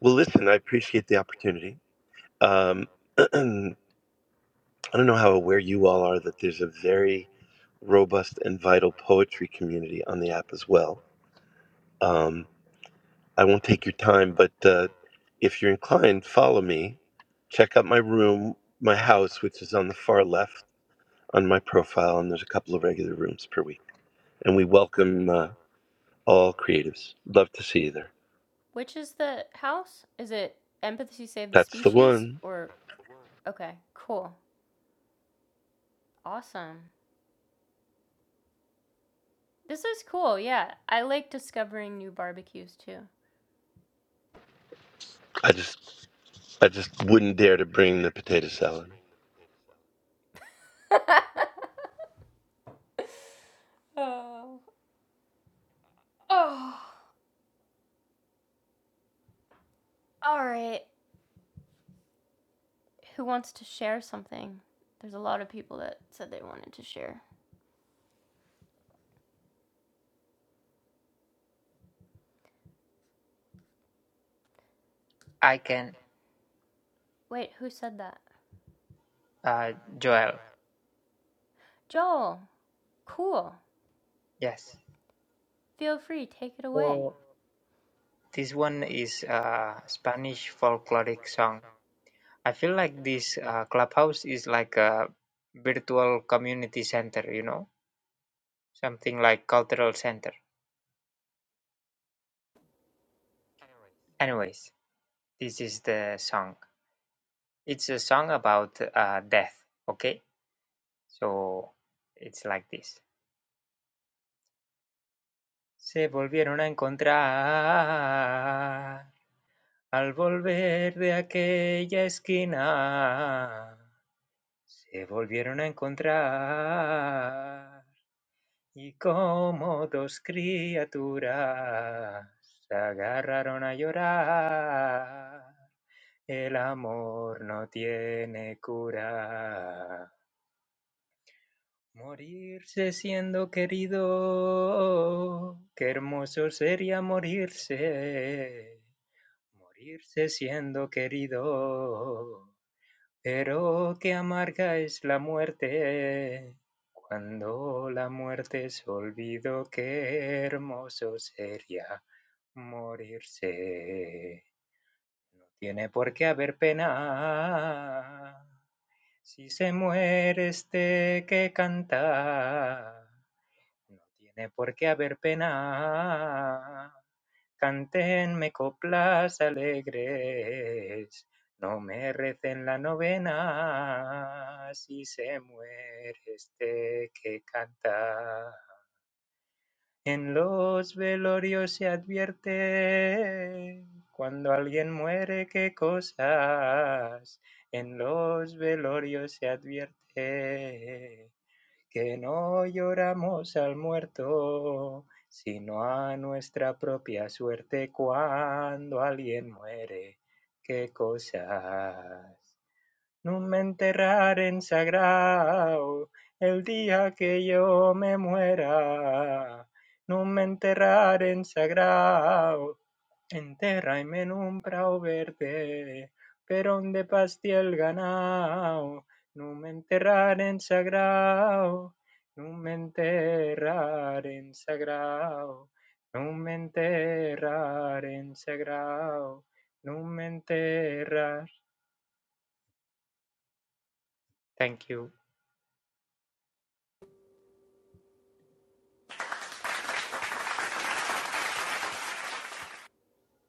S17: Well listen, I appreciate the opportunity. Um (clears throat) I don't know how aware you all are that there's a very robust and vital poetry community on the app as well. Um, I won't take your time, but uh, if you're inclined, follow me. Check out my room, my house, which is on the far left on my profile, and there's a couple of regular rooms per week. And we welcome uh, all creatives. Love to see you there.
S1: Which is the house? Is it Empathy Save the
S17: That's the
S1: Species
S17: one.
S1: or? Okay, cool, awesome. This is cool. Yeah, I like discovering new barbecues too.
S17: I just, I just wouldn't dare to bring the potato salad.
S1: (laughs) oh, oh, all right. Who wants to share something? There's a lot of people that said they wanted to share.
S8: I can,
S1: Wait, who said that?
S8: uh, Joel.
S1: Joel. Cool.
S8: Yes.
S1: Feel free, take it away.
S8: So this one is a Spanish folkloric song. I feel like this uh, clubhouse is like a virtual community center, you know, something like cultural center. Anyways, this is the song. It's a song about uh, death. Okay, so it's like this. Se volvieron a encontrar al volver de aquella esquina. Se volvieron a encontrar y como dos criaturas se agarraron a llorar. El amor no tiene cura. Morirse siendo querido, qué hermoso sería morirse, morirse siendo querido, pero qué amarga es la muerte, cuando la muerte es olvido, qué hermoso sería morirse. No tiene por qué haber pena, si se muere este que canta. No tiene por qué haber pena. Cantenme coplas alegres. No me recen la novena. Si se muere este que canta. En los velorios se advierte cuando alguien muere qué cosas. En los velorios se advierte que no lloramos al muerto, sino a nuestra propia suerte cuando alguien muere. ¡Qué cosas! No me enterraren sagrado el día que yo me muera. No me enterraren sagrado Entérrame en un prau verde, perón de pastí el No me enterrar en sagrau, no me enterrar en sagrau. No me enterrar en sagrau, no me enterrar. Thank you.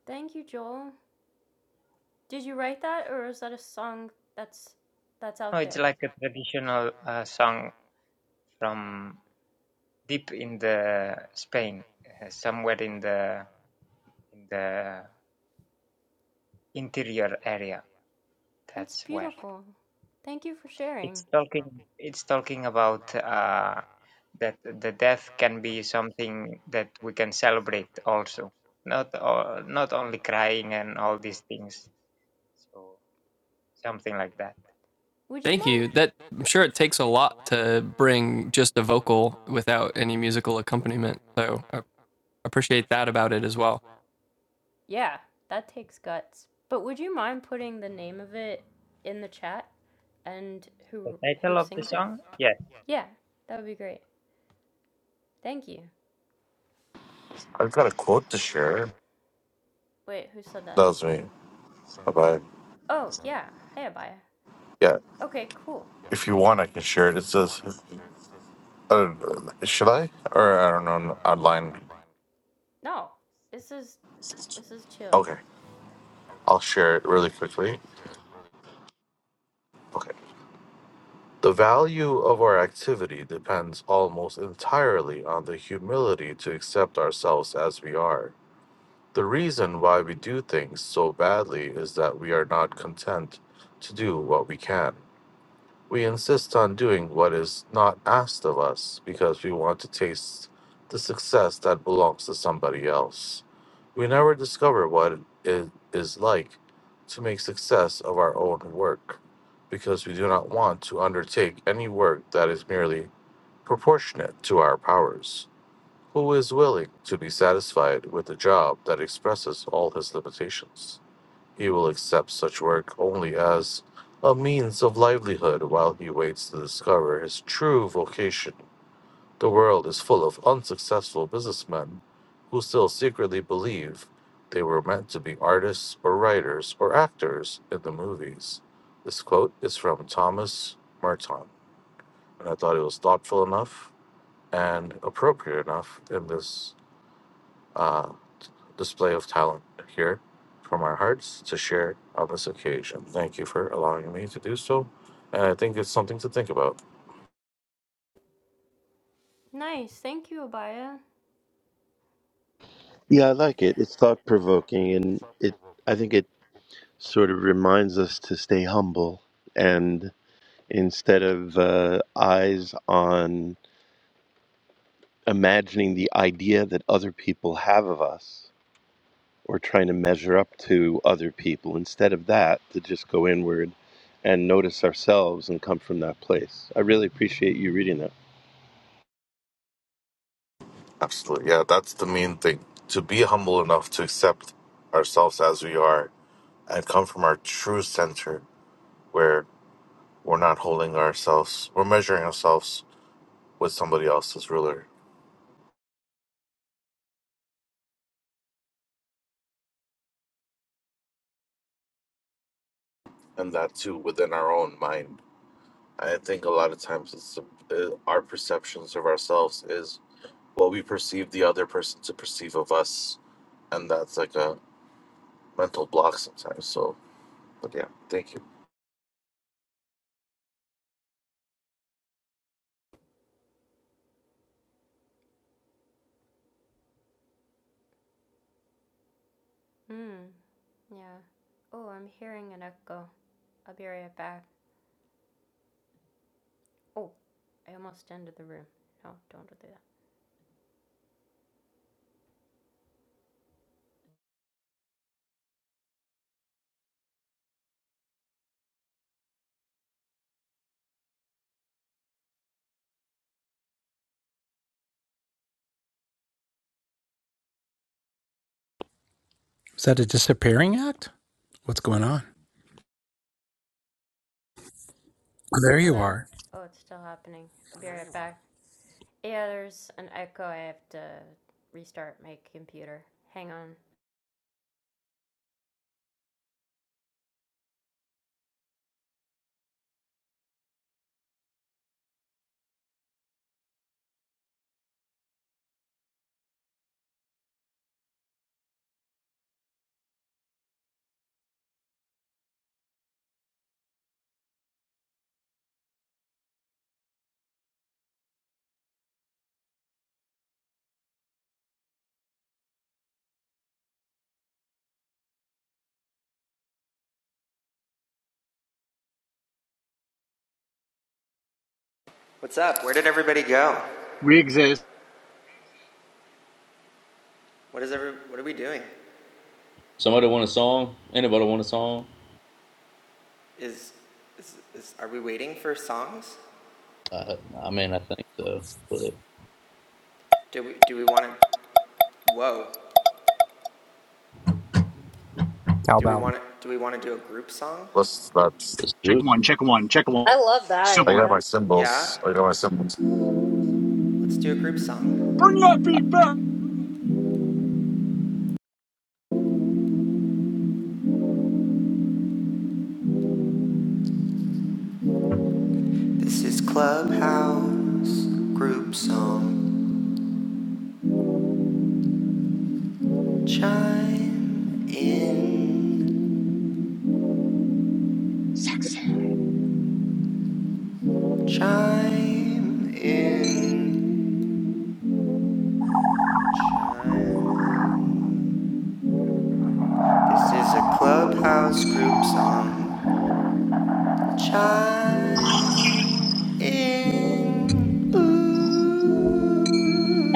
S1: Thank you, Joel. Did you write that, or is that a song that's that's
S8: No,
S1: out
S8: it's
S1: there?
S8: like a traditional uh, song from deep in the Spain, uh, somewhere in the in the interior area.
S1: That's
S8: That's where
S1: beautiful. Thank you for sharing.
S8: it's talking. It's talking about uh, that the death can be something that we can celebrate also, not uh, not only crying and all these things. So something like that.
S1: Would you
S4: Thank
S1: mind?
S4: you. That I'm sure it takes a lot to bring just a vocal without any musical accompaniment. So I appreciate that about it as well.
S1: Yeah, that takes guts. But would you mind putting the name of it in the chat and
S8: The
S1: who who
S8: title of the
S1: sings it?
S8: song? Yes.
S1: Yeah, that would be great. Thank you.
S16: I've got a quote to share.
S1: Wait, who said that?
S16: That was me. Bye.
S1: Oh yeah, hey Abaya.
S16: Yeah.
S1: Okay, cool.
S16: If you want, I can share it. It says, uh, should I? Or I don't know. Online.
S1: No, this is this is chill.
S16: Okay. I'll share it really quickly. Okay. The value of our activity depends almost entirely on the humility to accept ourselves as we are. The reason why we do things so badly is that we are not content to do what we can. We insist on doing what is not asked of us because we want to taste the success that belongs to somebody else. We never discover what it is like to make success of our own work because we do not want to undertake any work that is merely proportionate to our powers. Who is willing to be satisfied with a job that expresses all his limitations? He will accept such work only as a means of livelihood while he waits to discover his true vocation. The world is full of unsuccessful businessmen who still secretly believe they were meant to be artists or writers or actors in the movies. This quote is from Thomas Merton, and I thought it was thoughtful enough and appropriate enough in this. uh, display of talent here from our hearts to share on this occasion. Thank you for allowing me to do so. And I think it's something to think about.
S1: Nice, thank you, Abaya.
S17: Yeah, I like it. It's thought provoking, and it. I think it sort of reminds us to stay humble and instead of uh, eyes on imagining the idea that other people have of us or trying to measure up to other people, instead of that, to just go inward and notice ourselves and come from that place. I really appreciate you reading that.
S16: Absolutely. Yeah, that's the main thing. To be humble enough to accept ourselves as we are and come from our true center where we're not holding ourselves, we're measuring ourselves with somebody else's ruler. And that too within our own mind. I think a lot of times it's uh, our perceptions of ourselves is what we perceive the other person to perceive of us and that's like a mental block sometimes. So, but yeah, thank you.
S1: Hmm. Yeah. Oh, I'm hearing an echo. I'll be right back. Oh, I almost entered the room. No, don't do that.
S15: Is that a disappearing act? What's going on? Oh, there you
S1: Hello?
S15: are.
S1: Oh, it's still happening. I'll be right back. Yeah, there's an echo. I have to restart my computer. Hang on.
S2: What's up? Where did everybody go?
S6: We exist.
S2: What is every, What are we doing?
S3: Somebody want a song? Anybody want a song?
S2: Is, is, is are we waiting for songs?
S3: I, I mean, I think so. But
S2: Do we do we want to? Whoa! Do we want to? Do we want to do a group song?
S16: Plus, that's
S3: let's do
S6: Check one, check one, check one.
S20: I love that
S16: I
S6: Sibilant.
S16: got my
S20: idea.
S2: Yeah.
S16: symbols. I got my symbols.
S2: Let's do a group song.
S6: Bring that beat back.
S2: This is Clubhouse group song. Chime in,
S6: Sax.
S2: chime in, chime in. This is a clubhouse group song. Chime in.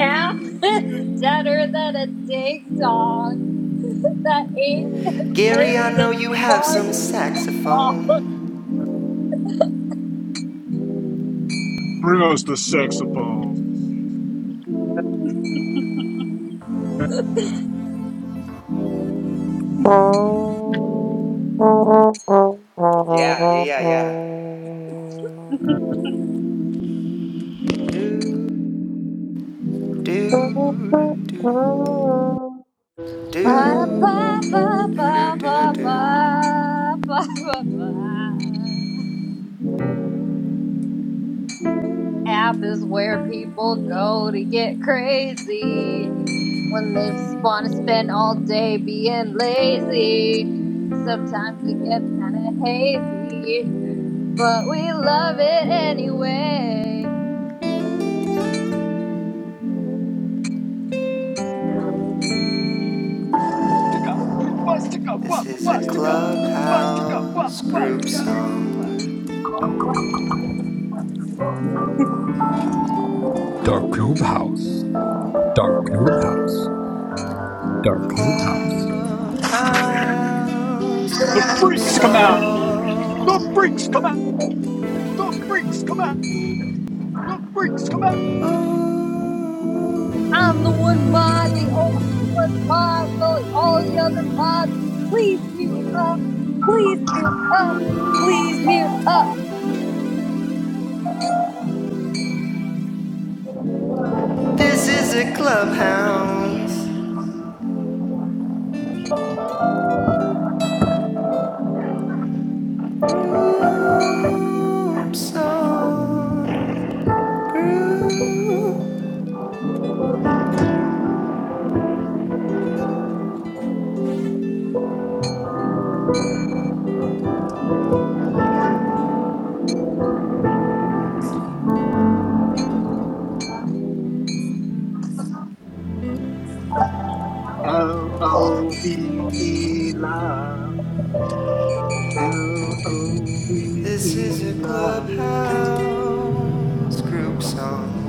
S20: App (laughs) is better than a ding dong (laughs) that ain't been
S2: Gary, I
S20: laid in
S2: know you have
S20: far
S2: some
S20: too long.
S2: saxophone.
S6: Bring us the saxophone.
S2: Yeah, yeah, yeah, yeah. Do, do, do, do,
S20: Ba, ba, ba,
S2: do, do,
S20: ba,
S2: do,
S20: ba,
S2: do.
S20: ba, ba, ba, ba. App is where people go to get crazy when they want to spend all day being lazy. And sometimes it gets kind of hazy. but we love it anyway.
S6: Ticka, bruba, ticka,
S2: This
S6: ba, ba,
S2: is
S6: ba,
S2: a
S6: ticka, bruba, ticka, ba,
S2: clubhouse
S6: ba, ba,
S2: group
S6: ticka, bruba,
S2: song.
S6: ticka.
S15: Dark Dark Clubhouse. Dark Clubhouse. Dark Clubhouse.
S2: Clubhouse
S6: The
S2: group
S6: freaks come out. The freaks come out.
S2: song.
S6: The freaks come out. The freaks come out.
S2: Ooh,
S20: I'm the one mod, the only one mod. Well, all the other mods, please mute up. Please mute up. Please mute up.
S2: this is a clubhouse group song. Group.
S6: L O V E love. L O V
S2: This is
S6: E
S2: a
S6: love.
S2: clubhouse group song.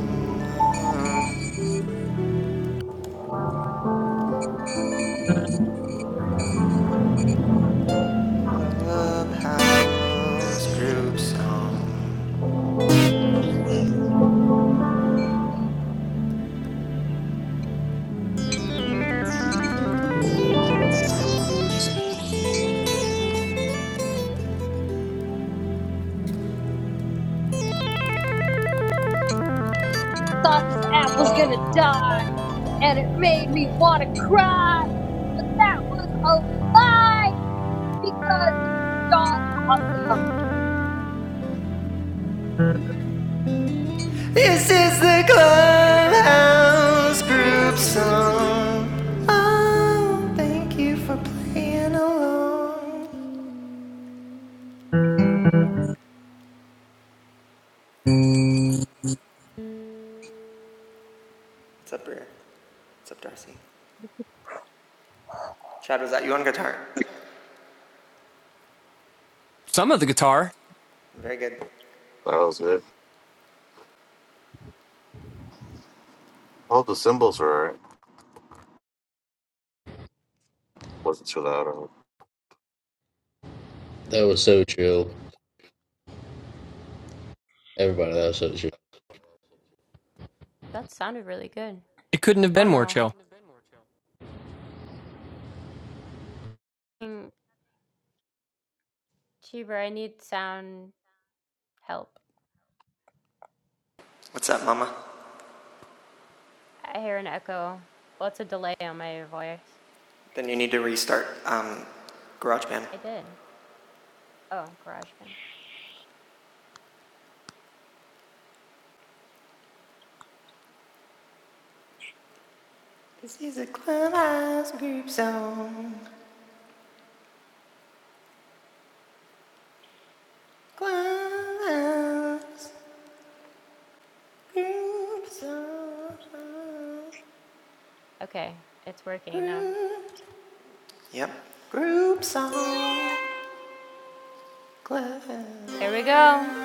S2: Clubhouse group song.
S20: Thought this app was gonna die, and it made me wanna cry. But that was a lie because y'all awesome.
S2: This is the Clubhouse group song. Oh, thank you for playing along. What's up, Breer? What's up, Darcy? Chad, was that you on guitar?
S4: Some of the guitar,
S2: Very good.
S16: That was it. All the symbols were alright. Wasn't too loud. I hope.
S3: That was so chill. Everybody, that was so chill.
S1: That sounded really good.
S4: it couldn't have
S1: Oh
S4: been more
S1: no.
S4: chill.
S1: Mm, Cheever, I need sound help.
S2: What's up, Mama?
S1: I hear an echo. What's well, a delay on my voice?
S2: Then you need to restart um, GarageBand.
S1: I did. Oh, GarageBand.
S2: This is a Clubhouse group song. Clubhouse group song.
S1: Okay, it's working now.
S2: Group. Yep. Group song.
S1: Here we go.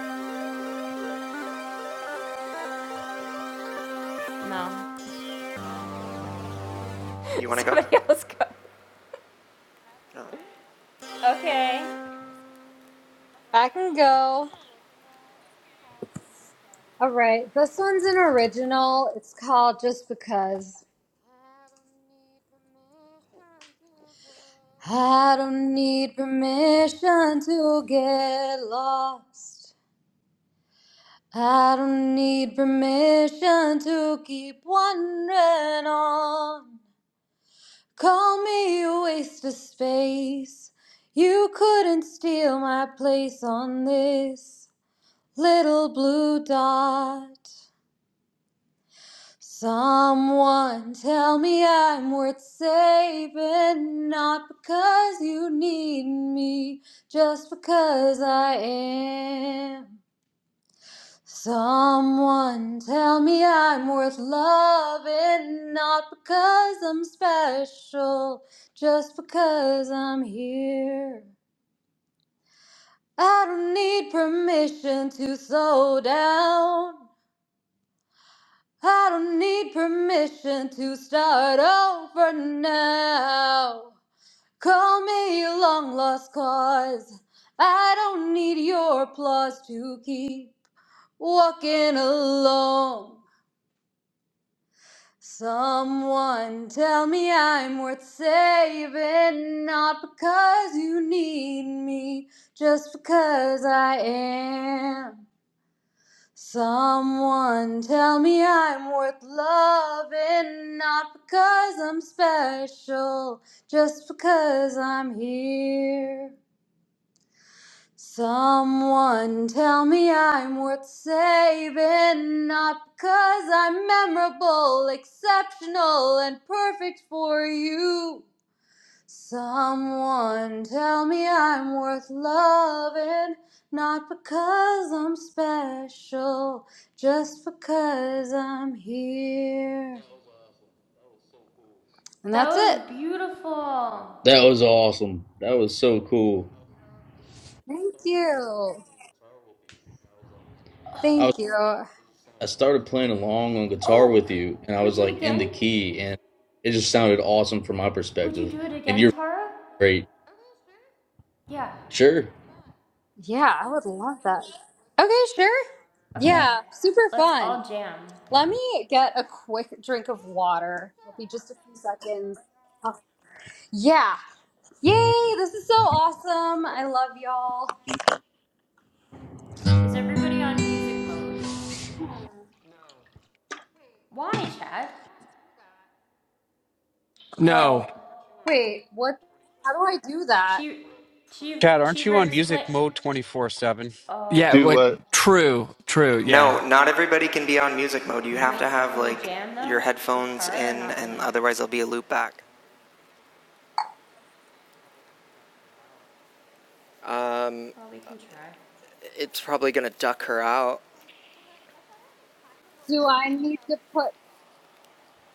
S1: No.
S2: You
S1: (laughs)
S2: want to go?
S1: Somebody else go.
S2: No.
S1: Okay.
S20: I can go. All right, this one's an original. It's called Just Because. I don't need permission to get lost. I don't need permission to keep wandering on. Call me a waste of space. You couldn't steal my place on this little blue dot. Someone tell me I'm worth saving, not because you need me, just because I am. Someone tell me I'm worth loving, not because I'm special, just because I'm here. I don't need permission to slow down. I don't need permission to start over now. Call me a long lost cause. I don't need your applause to keep walking alone. Someone tell me I'm worth saving, not because you need me, just because I am. Someone tell me I'm worth loving, not because I'm special, just because I'm here. Someone tell me I'm worth saving, not because I'm memorable, exceptional, and perfect for you. Someone tell me I'm worth loving, not because I'm special, just because I'm here. And
S1: That
S20: that's
S1: was
S20: it.
S1: beautiful.
S3: That was awesome. That was so cool.
S20: Thank you.
S3: I was
S20: Thank you.
S3: I started playing along on guitar
S1: Oh,
S3: with
S1: c-
S3: you, and
S1: can
S3: I
S1: we
S3: was
S1: do it
S3: like in the
S1: again?
S3: key, and it just sounded awesome from my
S1: Would you
S3: perspective.
S1: do it
S3: And
S1: again,
S3: you're
S1: Tara?
S3: great.
S1: Yeah.
S3: Sure.
S20: Yeah, I would love that. Okay, sure.
S1: Okay.
S20: Yeah, super
S1: Let's
S20: fun.
S1: all jam.
S20: Let me get a quick drink of water. It'll be just a few seconds. Oh, yeah. Yay, this is so awesome. I love y'all.
S1: Is everybody on music mode? Why, Chad?
S4: No.
S1: Well,
S20: Wait, what? How do I do that?
S1: Chi Chi
S18: Chad, aren't
S1: Cheever
S18: you on
S1: explain.
S18: music mode 24/7?
S1: Uh,
S4: Yeah,
S17: Do
S4: Like
S17: uh,
S4: true, true. Yeah.
S2: No, not everybody can be on music mode. You
S1: can
S2: have to
S1: we
S2: have
S1: can we
S2: like
S1: jam though
S2: your
S1: with
S2: headphones
S1: Tara or
S2: in,
S1: not
S2: and
S1: really?
S2: otherwise there'll be a loop back. Um,
S1: Well, we can try.
S2: it's probably gonna duck her out.
S20: Do I need to put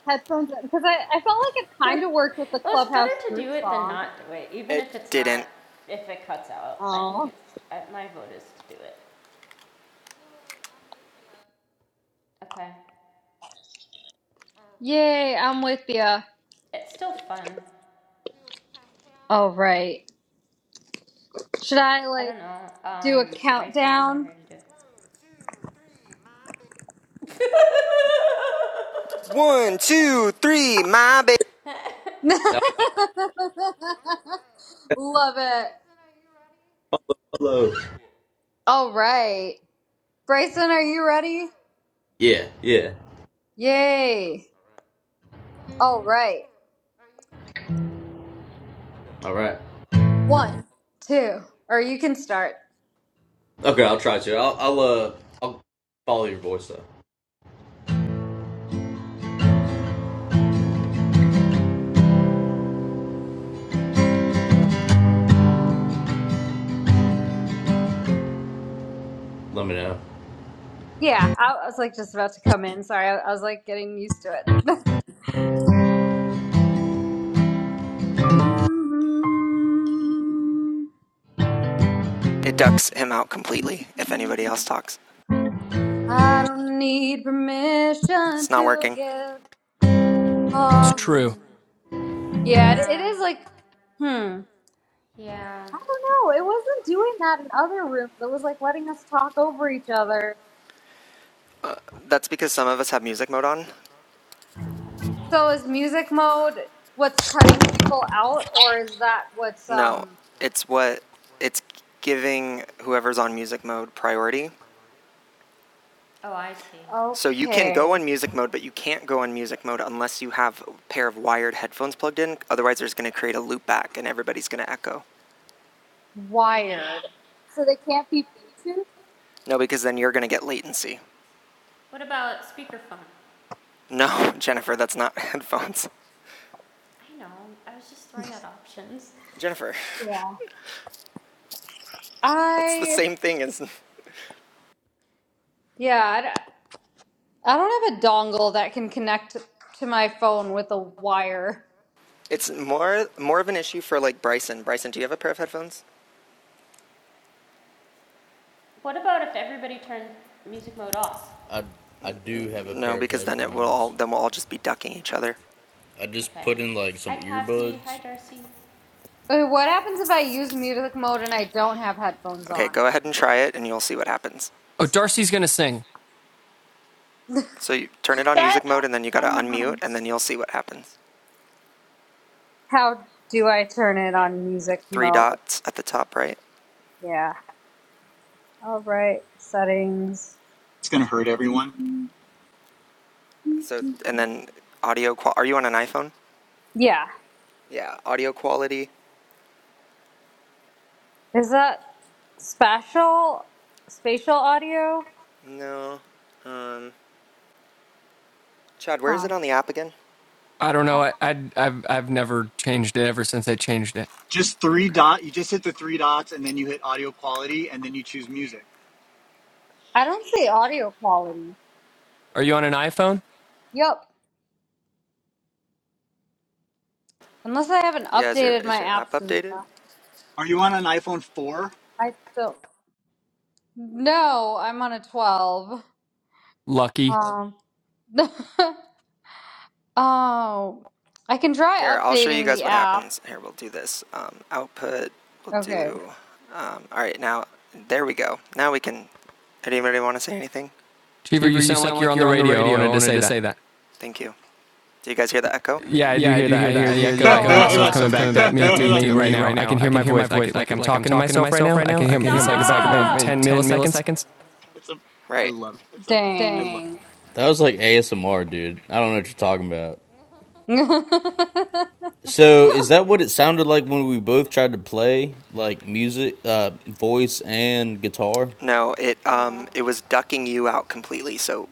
S20: headphones in? Because I, I felt like it
S1: (laughs)
S20: kind of worked with the
S1: Well, it's better
S20: Clubhouse
S1: to
S20: group
S1: do it than
S20: song.
S1: not do it, even
S2: It
S1: if it's not,
S2: didn't.
S1: if it cuts out. I think
S20: Oh,
S1: it's, uh, my vote is to do it. Okay.
S20: yay! I'm with you.
S1: It's still fun.
S20: All right. Should I
S1: I
S20: like
S1: don't know.
S20: do a
S1: Um, Bryson, what do you want
S20: countdown?
S1: her to do? (laughs)
S2: One, two, three, my baby.
S20: (laughs)
S3: Now,
S20: Love it.
S3: hello.
S20: All right, Bryson, are you ready?
S3: Yeah, yeah.
S20: Yay! All right,
S3: All right.
S20: one, two, or you can start.
S3: Okay, I'll try to. I'll, I'll, uh, I'll follow your voice though. Let me know.
S20: Yeah, I I was like just about to come in. Sorry, I I was like getting used to it. (laughs) Mm-hmm.
S2: It ducks him out completely if anybody else talks.
S20: I don't need permission
S2: It's not
S20: to
S2: working.
S20: get
S4: It's
S20: off.
S4: true.
S1: Hmm.
S20: Yeah, it it
S1: Yeah.
S20: is like, hmm. I don't
S1: Yeah.
S20: know. It wasn't doing that in other rooms. It was like letting us talk over each other.
S2: Uh, that's because some of us have music mode on.
S20: So is music mode what's cutting people out, or is that what's
S2: No,
S20: um
S2: it's what it's giving whoever's on music mode priority.
S1: Oh, I see.
S2: So you can
S20: okay
S2: go on music mode, but you can't go on music mode unless you have a pair of wired headphones plugged in. Otherwise, there's going to create a loop back and everybody's going to echo.
S1: Mm.
S20: wired? So they can't be Bluetooth.
S2: No, because then you're going to get latency.
S1: What about speakerphone?
S2: No, (laughs) Jennifer, that's not (laughs) headphones.
S1: I know. I was just throwing out options.
S2: Jennifer,
S20: Yeah.
S2: that's the
S20: I
S2: same thing as
S20: yeah. I don't have a dongle that can connect to my phone with a wire.
S2: it's more more of an issue for like Bryson. Bryson, do you have a pair of headphones?
S1: What about if everybody turned music mode off?
S3: I I do have a
S2: No,
S3: pair of
S2: because then it will all
S3: headphones.
S2: then we'll all just be ducking each other.
S3: I just
S1: Okay.
S3: put in like some
S1: Hi, Kathy. Hi,
S3: earbuds,
S1: Darcy.
S20: But what happens if I use music mode and I don't have headphones
S2: Okay,
S20: on?
S2: go ahead and try it and you'll see what happens.
S4: Oh, Darcy's going to sing.
S2: So you turn it on music
S21: That
S2: mode and then you got
S21: I
S2: to
S21: not
S2: unmute and then you'll see what happens.
S20: How do I turn it on music
S2: Three
S20: mode?
S2: dots at the top right.
S20: Yeah. All right. Settings.
S6: It's gonna hurt everyone.
S2: So and then audio. Qual- are you on an iPhone?
S20: Yeah.
S2: Yeah. Audio quality?
S20: Is that spatial spatial audio?
S2: No. Um, Chad, where is
S20: Huh.
S2: it on the app again?
S4: I don't know. I, I I've I've never changed it ever since I changed it.
S6: Just three
S2: Okay.
S6: dot. You just hit the three dots, and then you hit audio quality, and then you choose music.
S20: I don't see audio quality.
S4: Are you on an iPhone?
S20: Yep. Unless I haven't
S2: Yeah, is your
S20: updated my
S2: is your app
S20: apps
S2: updated?
S20: enough.
S6: Are you on an iPhone four?
S20: I don't. No, I'm on a 12.
S4: Lucky.
S20: Um. (laughs) Oh, I can try
S2: Here, I'll show you
S20: updating
S2: guys
S20: the
S2: what
S20: app.
S2: happens. Here, we'll do this. Um, output. We'll
S20: Okay.
S2: do. Um, all right, now there we go. Now we can. Anybody want to say anything?
S4: Cheever, you
S2: Cheever, you
S4: sound like
S2: sound
S4: you're
S2: like
S4: on the
S2: you're on the
S4: radio. I
S2: radio. I
S4: wanted to
S2: wanted
S4: say
S2: to
S4: that.
S2: say that. Thank you. Do you guys hear the echo?
S4: Yeah, I do
S2: Yeah, I
S4: hear
S2: do
S4: that.
S2: hear
S4: I
S2: that.
S4: hear
S2: I
S4: the
S2: hear
S6: (laughs)
S2: the
S4: echo. I
S20: Oh,
S2: echo. Oh,
S4: hear
S2: I Oh,
S20: wow.
S2: hear wow.
S4: myself
S6: That's
S4: coming
S2: myself coming
S4: back
S6: amazing.
S4: at
S2: back
S4: me
S2: at
S4: through
S2: me (laughs)
S4: me
S2: through
S4: right
S2: me
S4: now.
S2: right
S4: I can
S2: now. I
S4: hear my
S2: can hear my
S4: voice. I
S2: voice.
S4: could,
S2: I
S4: like
S2: could,
S4: I'm
S2: like I'm
S4: talking to
S2: talking to
S4: myself right
S2: myself
S4: now.
S2: right
S4: I
S2: now.
S4: can
S2: I
S4: hear.
S2: can hear.
S4: It's
S2: Stop.
S4: like
S2: It's like
S4: about maybe
S2: about
S1: Stop!
S2: maybe
S4: 10
S2: 10
S4: milliseconds. It
S2: milliseconds.
S6: That's am- I
S2: Right.
S6: love it.
S20: Dang.
S2: Dang.
S3: That was like ASMR, dude. I don't know what you're talking about.
S20: (laughs)
S3: So, is that what it sounded like when we both tried to play like music, uh, voice and guitar?
S2: No, it um
S1: No.
S2: it was ducking you out completely. So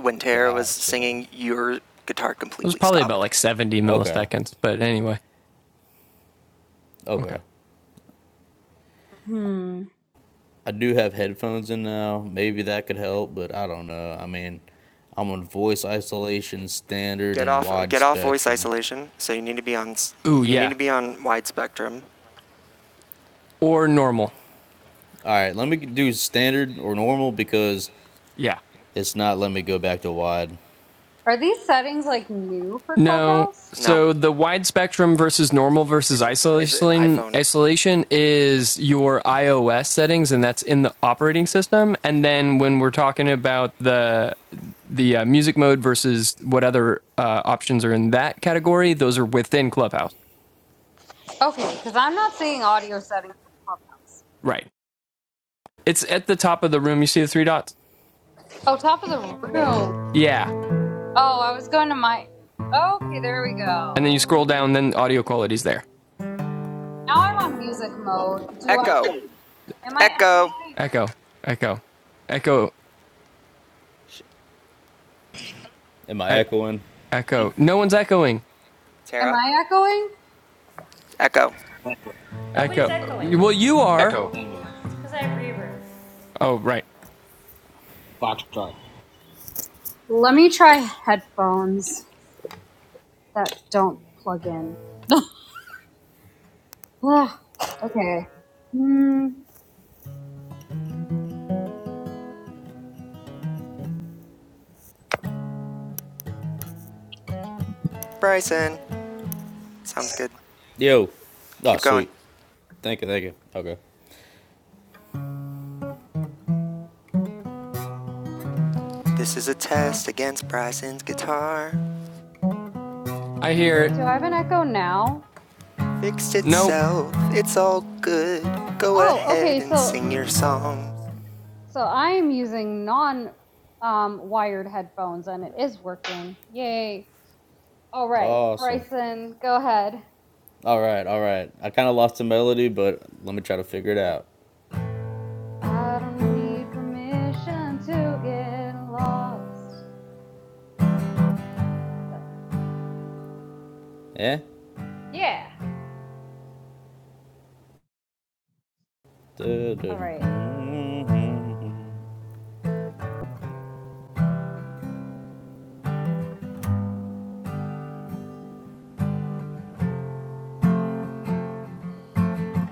S2: when Tara was
S3: Gotcha.
S2: singing, your guitar
S4: was
S2: completely
S4: probably about
S2: stopped.
S4: like 70
S3: Okay.
S4: milliseconds. But anyway, okay.
S3: Okay.
S20: hmm.
S3: I do have headphones in now. Maybe that could help, but I don't know. I mean, I'm on voice isolation, standard,
S2: Get
S3: and
S2: off
S3: wide
S2: get off voice
S3: spectrum.
S2: isolation. So you need to be on
S4: Ooh,
S2: you need
S4: yeah.
S2: to be on wide spectrum.
S4: Or normal.
S3: All right, let me do standard or normal because
S4: Yeah.
S3: it's not letting me go back to wide.
S20: Are these settings like new for
S4: No.
S20: Clubhouse?
S2: No.
S4: So the wide spectrum versus normal versus
S2: Is it an
S4: isolation
S2: iPhone?
S4: isolation is your iOS settings, and that's in the operating system. And then when we're talking about the the uh, music mode versus what other uh, options are in that category, those are within Clubhouse.
S20: Okay, because I'm not seeing audio settings in Clubhouse.
S4: Right. It's at the top of the room. You see the three dots.
S20: Oh, top of the room.
S4: Yeah.
S20: Oh, I was going to my. Okay, there we go.
S4: And then you scroll down. Then audio quality's there.
S20: Now I'm on music mode. Do I?
S2: Echo.
S20: Am I echoing?
S2: Echo.
S4: Echo. Echo. Echo.
S3: Am I
S4: Ec-
S3: echoing?
S4: echo. No one's echoing.
S20: Am
S2: Tara.
S20: I echoing?
S2: Echo.
S22: Tango,
S1: Nobody's
S4: Echo.
S1: echoing.
S4: Well, you are.
S18: Echo.
S22: Tango,
S1: It's because I have reverb.
S4: Oh, right.
S22: Foxtrot.
S20: Let me try headphones that don't plug in. (sighs) Ah, okay. Hmm.
S2: Bryson. Sounds good.
S3: Yo. Oh,
S2: Keep going.
S3: sweet. Thank you. Thank you. Okay.
S2: This is a test against Bryson's guitar.
S4: I hear it.
S20: Do I have an echo now?
S2: Fixed
S4: Nope.
S2: itself. It's all good. Go
S20: Oh,
S2: ahead
S20: okay.
S2: and
S20: So,
S2: sing your song.
S20: so I am using non um, wired headphones and it is working. Yay. All right,
S3: Awesome.
S20: Bryson, go ahead. It's
S3: All right, all right. I kind of lost the melody, but let me try to figure it
S20: like,
S3: out.
S20: I don't need permission to get lost. But,
S3: Yeah?
S20: yeah. All
S3: Dude,
S20: right.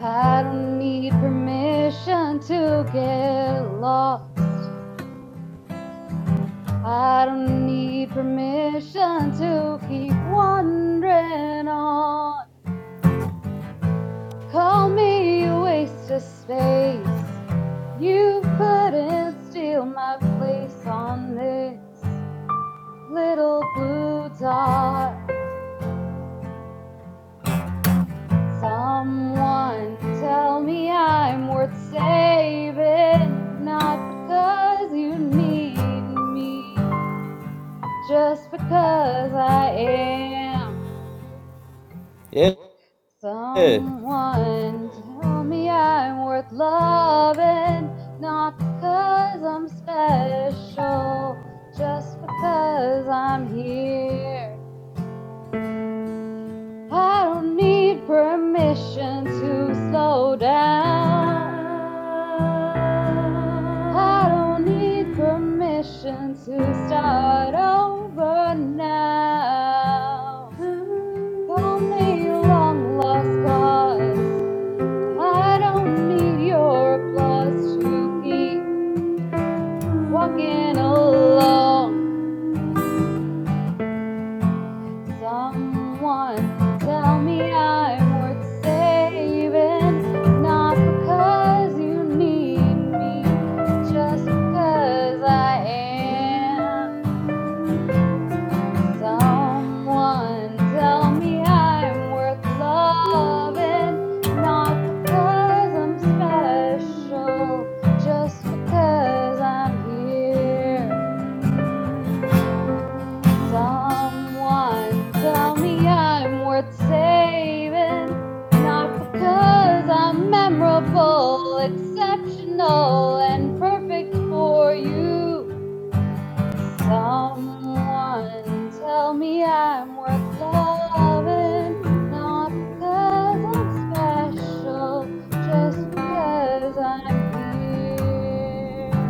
S20: I don't need permission to get lost. I don't need permission to keep wandering on. Call me a waste of space. You couldn't steal my place on this little blue dot. Someone tell me I'm worth saving, not because you need me, just because I am.
S3: Yeah.
S20: Someone tell me I'm worth loving, not because I'm special, just because I'm here. I don't need permission to slow down.
S1: Um,
S20: I don't need permission to start over now.
S1: um, um,
S20: Call me long lost cause. I don't need your applause to keep walking along.
S1: um.
S20: Someone tell me I'm worth saving, not because you need me, just because I am. Someone tell me I'm worth loving, not because I'm special, just because I'm here. Someone tell me I'm worth saving, not because I'm memorable, exceptional, and perfect for you. Someone tell me I'm worth loving, not because I'm special, just because I'm here.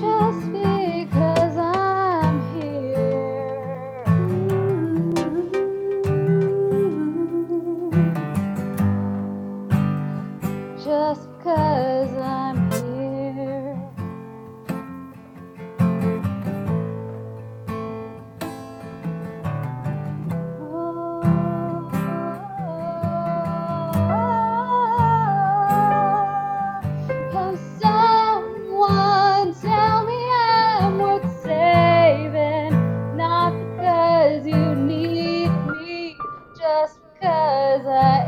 S20: Just because I'm here. Just because I'm here. Oh, how someone tell me I'm worth saving, not because you need me, just because I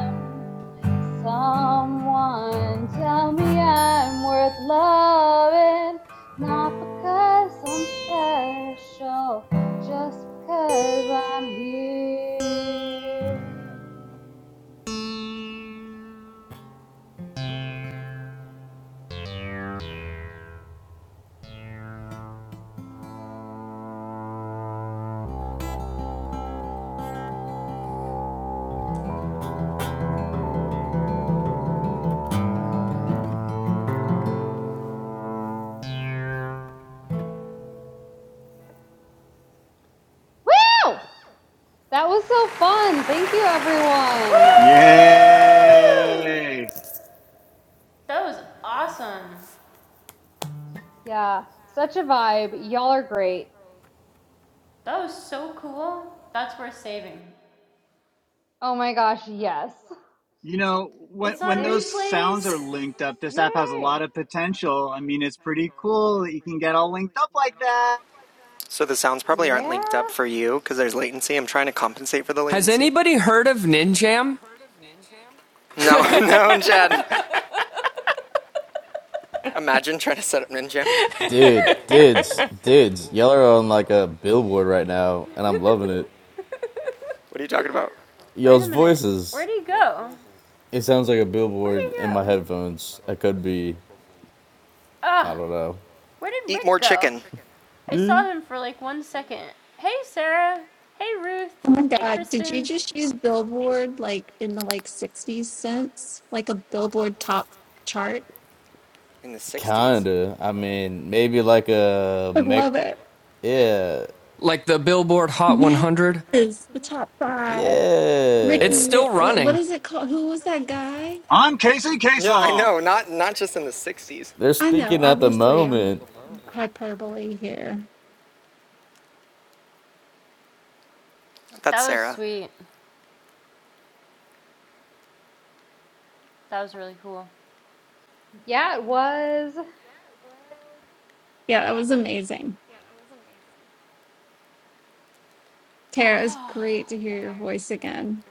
S20: am. Someone tell me I'm worth loving, not because I'm special just i I'm here. Woo! That was so fun. Thank you, everyone.
S6: Yay!
S1: That was awesome.
S20: Yeah, such a vibe. Y'all are great.
S1: That was so cool. That's worth saving.
S20: Oh my gosh, yes.
S6: You know when
S1: It's on
S6: when
S20: It,
S6: those sounds are
S1: replays.
S6: linked up, this app has a lot
S20: yay.
S6: of potential. I mean, it's pretty cool that you can get all
S1: (laughs)
S6: linked up like that.
S2: So the sounds probably aren't linked
S20: Yeah.
S2: up for you because there's latency. I'm trying to compensate for the
S4: Has
S2: latency.
S4: anybody heard of Ninjam? (laughs)
S2: No, (laughs)
S1: (laughs)
S2: no, Chad. Imagine trying to set up Ninja.
S3: Dude, dudes, dudes. Y'all are on like a billboard right now, and I'm loving it.
S2: What are you talking about?
S1: Wait a
S3: Y'all's
S1: minute. Where
S3: voices.
S1: do he go?
S3: It sounds like a
S1: Where do
S3: billboard
S1: you
S3: in
S1: go?
S3: my headphones. I could be, I
S1: Ugh.
S3: don't know.
S1: Where did
S2: Eat
S1: Rick
S2: more
S1: go?
S2: chicken.
S1: I
S3: Eh,
S1: saw him for like one second. Hey, Sarah. Hey, Ruth.
S11: Oh my
S1: Hey,
S11: god, did you
S1: Kristen.
S11: just use Billboard like in the like 60s sense? Like a Billboard top chart?
S2: In the 60s.
S3: Kinda. I mean, maybe like a
S11: I
S3: mech.
S11: love it.
S3: Yeah.
S4: like the Billboard Hot 100?
S11: Yes, the top five. Ricky,
S4: It's
S3: Yeah.
S11: Ri-
S4: still
S11: what
S4: running.
S11: is it called? Who was that guy?
S6: I'm Casey
S2: Yeah, I
S6: Kasem.
S2: know. Not not just in the 60s.
S3: They're
S11: I know,
S3: speaking at the
S11: obviously, I'm
S3: moment.
S11: hyperbole here.
S2: That's
S1: That was
S2: Sarah.
S1: sweet. That was really cool.
S20: Yeah, it was.
S11: Yeah, that was amazing.
S1: (sighs)
S11: Tara, it was
S1: Claire,
S11: great to
S1: it wow.
S11: hear
S1: It
S11: your voice again.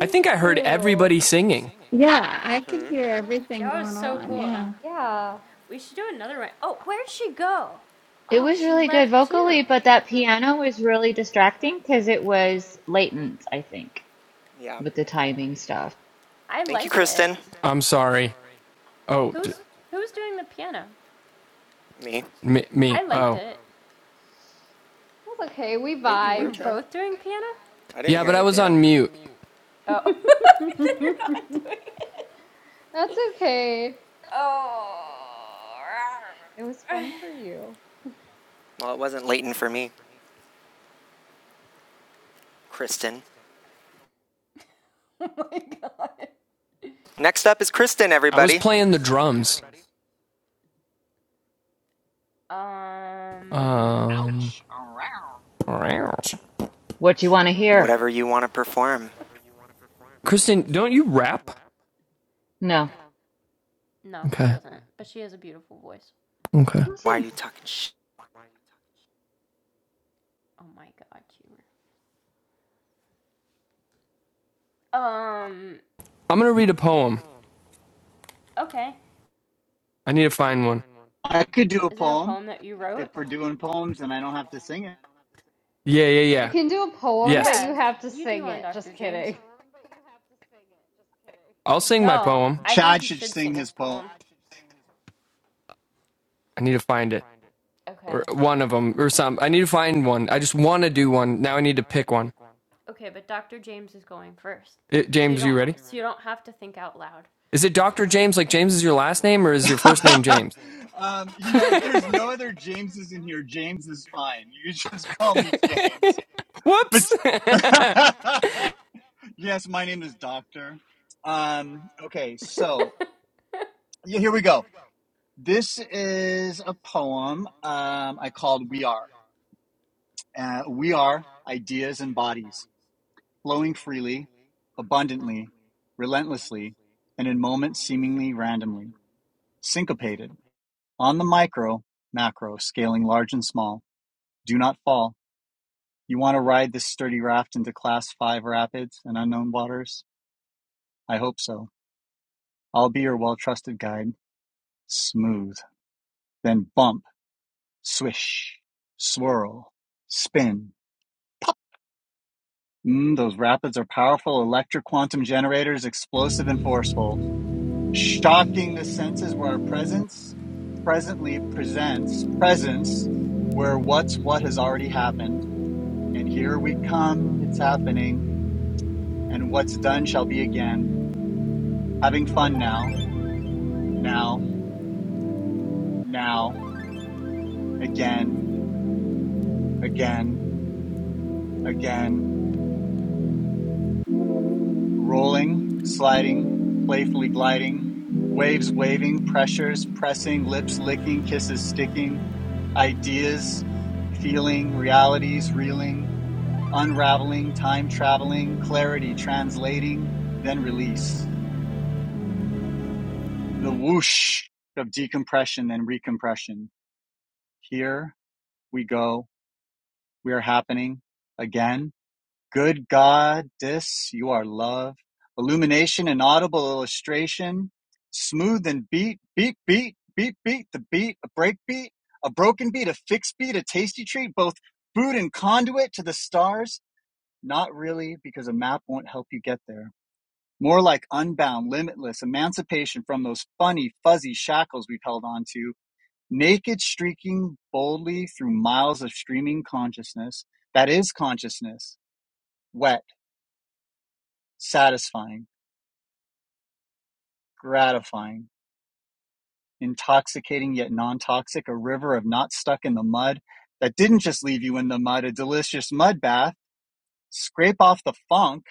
S4: I think I heard
S20: you.
S4: everybody singing.
S11: Yeah, I could
S2: Mm-hmm.
S11: hear everything
S1: That was
S11: going
S1: so
S11: on.
S1: cool.
S11: Yeah.
S20: Yeah,
S1: We should do another one. Oh, where'd she go?
S23: It
S1: Oh,
S23: was
S1: she
S23: really good
S1: left too.
S23: vocally, but that piano was really distracting because it was latent, I think,
S2: Yeah.
S23: with the timing stuff.
S1: I
S2: Thank you,
S1: liked it.
S2: Kristen.
S4: I'm sorry. Oh,
S1: Who's who's doing the piano?
S2: Me.
S4: me, me.
S1: I liked
S4: Oh.
S1: it.
S20: it was okay. We
S2: Wait, you
S1: You
S2: were
S1: were
S20: vibed.
S2: Chad?
S1: both doing piano?
S2: I didn't
S4: Yeah,
S2: hear
S4: but I
S2: any
S4: was
S2: piano.
S4: on mute.
S1: Oh.
S20: (laughs)
S1: (laughs) then you're not doing it.
S20: That's okay.
S1: Oh.
S20: It was
S1: (laughs)
S20: fun for you.
S2: Well, it wasn't Leighton for me, Kristen.
S1: oh my god.
S2: Next up is Kristen,
S4: I was
S2: everybody.
S4: playing the drums.
S1: Um,
S4: Um,
S6: Ouch!
S23: What you want to hear?
S2: Whatever you want to perform.
S4: Kristen, don't you rap?
S23: No.
S1: no, she
S4: Okay.
S1: doesn't. But she has a beautiful voice.
S4: Okay.
S23: No,
S2: Why are
S23: thanks.
S2: you talking sh?
S1: Oh my god, you Um,
S4: I'm going to read a poem.
S1: okay.
S4: I need to find one.
S6: I could do a
S1: Is it a
S6: poem.
S1: poem that you wrote?
S6: if we're doing poems and I don't have to sing it,
S4: Yeah, yeah,
S20: You
S4: yeah.
S20: can do a poem, but
S4: Yes.
S1: Yeah,
S20: you have to
S1: you do
S20: sing
S1: on
S20: it. Just
S1: Dr. James.
S20: kidding.
S4: I'll sing my
S1: No,
S4: poem.
S1: I think
S6: Chad
S1: he
S6: should
S1: should
S6: sing
S1: sing his
S6: his poem.
S1: poem.
S4: I need to find it.
S1: Okay.
S4: or one of them or some. I need to find one. I just want to do one. Now I need to pick one.
S1: Okay, but Dr. James is going first.
S4: It,
S1: So you
S4: James,
S1: don't
S4: you ready?
S1: so you don't have to think out loud. (laughs)
S4: Is it Dr. James? Like James is your last name or is your first name James?
S6: (laughs) um, you
S4: (laughs)
S6: know, if there's no other Jameses in here, James is fine. You (laughs) just call me James. But
S4: Whoops.
S6: (laughs) yes, my name is Doctor. Um, okay, so yeah, here we go. This is a poem um, I called We Are. Uh, we are ideas and bodies flowing freely, abundantly, relentlessly, and in moments seemingly randomly. Syncopated, on the micro, macro, scaling large and small, do not fall. You want to ride this sturdy raft into class 5 rapids and unknown waters? I hope so. I'll be your well trusted guide. Smooth, then bump, swish, swirl, spin. Mm, those rapids are powerful electric quantum generators, explosive and forceful, shocking the senses where our presence presently presents presence where what's what has already happened And here we come. It's happening. And what's done shall be again. Having fun now, now, now, again, again, again, rolling, sliding, playfully gliding, waves waving, pressures pressing, lips licking, kisses sticking, ideas, feeling, realities reeling, unraveling, time traveling, clarity translating, then release. The whoosh of decompression and recompression here we go. We are happening again. Good Goddess, you are love. Illumination and audible illustration. Smooth and beat, beat, beat, beat, beat, the beat, a break beat, a broken beat, a fixed beat, a tasty treat, both food and conduit to the stars. Not really, because a map won't help you get there. More like unbound, limitless, emancipation from those funny, fuzzy shackles we've held on to naked streaking boldly through miles of streaming consciousness that is consciousness wet satisfying gratifying intoxicating yet non-toxic a river of not stuck in the mud that didn't just leave you in the mud a delicious mud bath scrape off the funk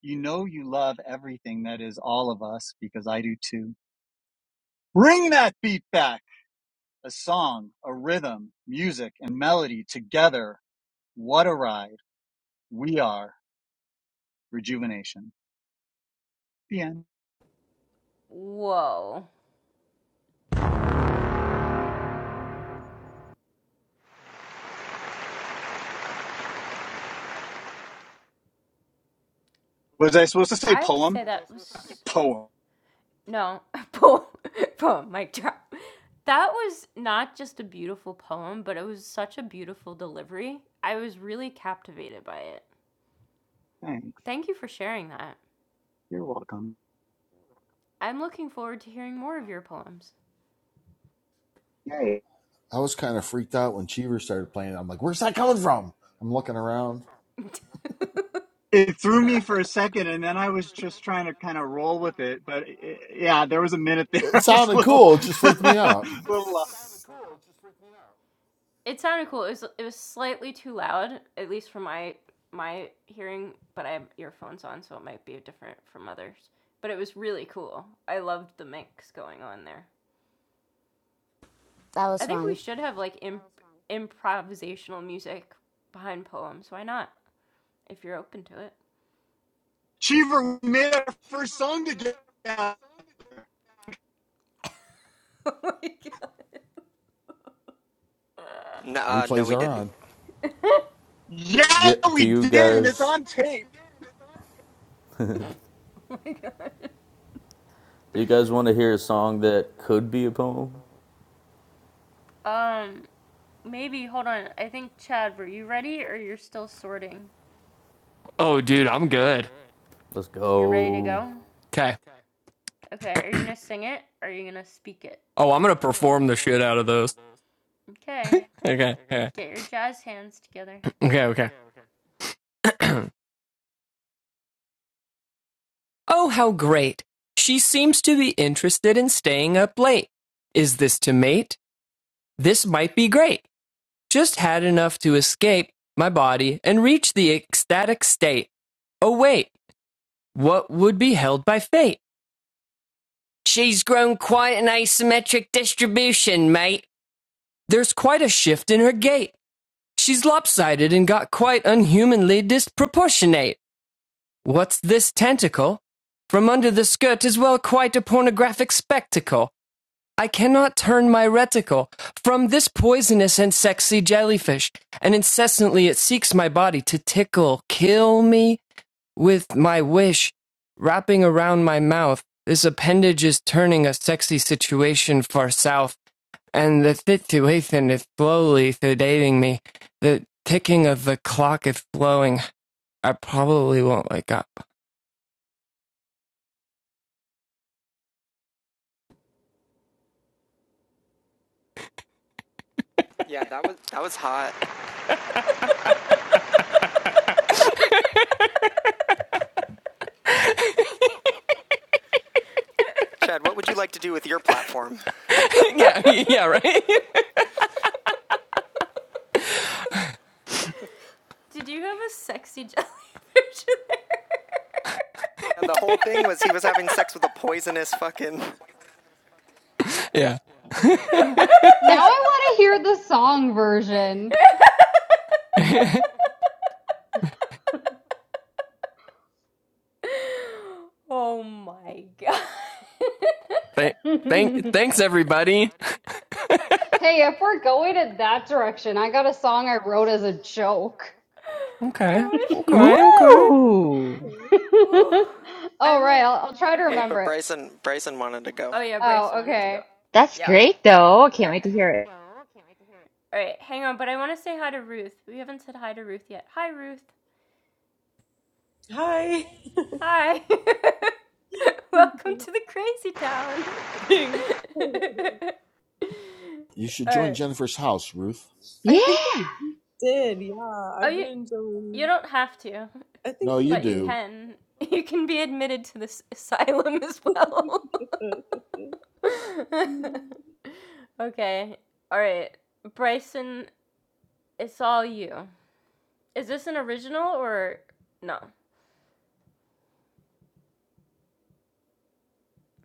S6: you know you love everything that is all of us because i do too bring that beat back a song a rhythm music and melody together what a ride we are rejuvenation Yeah.
S1: Whoa.
S6: Was I supposed to say
S1: I have to
S6: poem?
S1: say that was
S6: Poem.
S1: No, (laughs) poem, poem, (laughs) mic drop. That was not just a beautiful poem, but it was such a beautiful delivery. I was really captivated by it.
S6: Thanks.
S1: Thank you for sharing that.
S6: You're welcome.
S1: I'm looking forward to hearing more of your poems.
S6: Yay.
S22: I was kind of freaked out when Cheever started playing. I'm like, where's that coming from? I'm looking around.
S1: (laughs)
S6: It threw me for a second, and then I was just trying to kind of roll with it. But it, yeah, there was a minute there. (laughs)
S22: It
S6: I was a
S22: sounded
S6: little,
S22: cool. It just freaked me out.
S6: (laughs) little uh,
S1: it sounded cool. It was it was slightly too loud, at least for my my hearing, but I have earphones on, so it might be different from others. But it was really cool. I loved the mix going on there.
S14: That
S1: I
S14: was
S1: think we
S14: fun.
S1: should have like imp- improvisational music behind poems. Why not? If you're open to it.
S6: Cheever we made our first song together.
S1: (laughs) oh my god.
S2: No, uh, no,
S22: Replays
S2: we
S22: are
S2: didn't.
S22: on.
S6: Yeah,
S3: Do, do
S6: we
S3: you
S6: did, and it's
S3: guys
S6: on tape.
S1: (laughs) Oh my god.
S3: do you guys want to hear a song that could be a poem?
S1: Um, maybe hold on. I think Chad, were you ready or you're still sorting?
S4: (laughs) oh, dude, I'm good.
S3: Let's
S1: You're ready to
S3: go.
S1: go?
S4: Okay.
S1: Okay. Are you gonna sing it? Or are you gonna speak it?
S4: Oh, I'm going to perform the shit out of those.
S1: Okay.
S4: Okay. Okay.
S1: Get your jazz hands together.
S4: Okay. Okay. Oh, how great. She seems to be interested in staying up late. Is this to mate? This might be great. Just had enough to escape my body and reach the ecstatic state. Oh, wait, what would be held by fate? She's grown quite an asymmetric distribution, mate. There's quite a shift in her gait. She's lopsided and got quite unhumanly disproportionate. What's this tentacle? From under the skirt is well quite a pornographic spectacle. I cannot turn my reticle from this poisonous and sexy jellyfish, and incessantly it seeks my body to tickle, kill me with my wish. Wrapping around my mouth, this appendage is turning a sexy situation far south, and the situation is slowly sedating me. The ticking of the clock is flowing. I probably won't wake up.
S2: Yeah, that was that was hot.
S4: (laughs)
S1: (laughs)
S2: Chad, what would you like to do with your
S1: (laughs)
S2: platform?
S4: yeah, yeah, right? (laughs)
S1: Did you have a sexy jelly (laughs) version there?
S2: (laughs) the whole thing was he was having sex with a poisonous fucking.
S4: Yeah.
S20: Now I want to hear the song version.
S4: (laughs)
S1: oh my god. (laughs)
S4: Thank,
S20: (laughs) hey,
S4: thank, thanks everybody.
S20: if we're going in that direction, I got a song I wrote as a joke.
S4: Okay,
S1: oh
S4: okay, okay.
S1: my god.
S23: Ooh!
S20: (laughs)
S1: (sighs) Whew.
S20: All
S1: I'm
S20: right,
S1: like,
S20: I'll, I'll try to
S2: Wait,
S1: okay.
S20: remember
S2: but
S20: it.
S2: Bryson Bryson wanted to go.
S1: Oh yeah, Bryce
S20: Oh,
S1: wanted to go.
S20: okay.
S23: That's
S1: Yeah.
S23: great, though. I
S1: All
S23: can't
S1: right.
S23: wait to hear it.
S1: All right, hang on, but I want to say hi to Ruth. We haven't said hi to Ruth yet. Hi, Ruth.
S24: Hi.
S1: Hi. (laughs) Welcome to the crazy town.
S24: Thanks.
S1: (laughs)
S22: You should
S1: All
S22: join
S1: right.
S22: Jennifer's house, Ruth.
S24: I think I
S23: Yeah!
S24: did. Yeah,
S1: Oh,
S24: I've been
S1: you you
S24: enjoying.
S1: don't have to.
S24: I think
S22: No,
S24: I
S22: you
S1: but you
S24: did.
S22: do.
S1: can (laughs) you can be admitted to this asylum as well.
S24: (laughs)
S1: (laughs) okay. All right. Bryson, it's all you. Is this an original or no?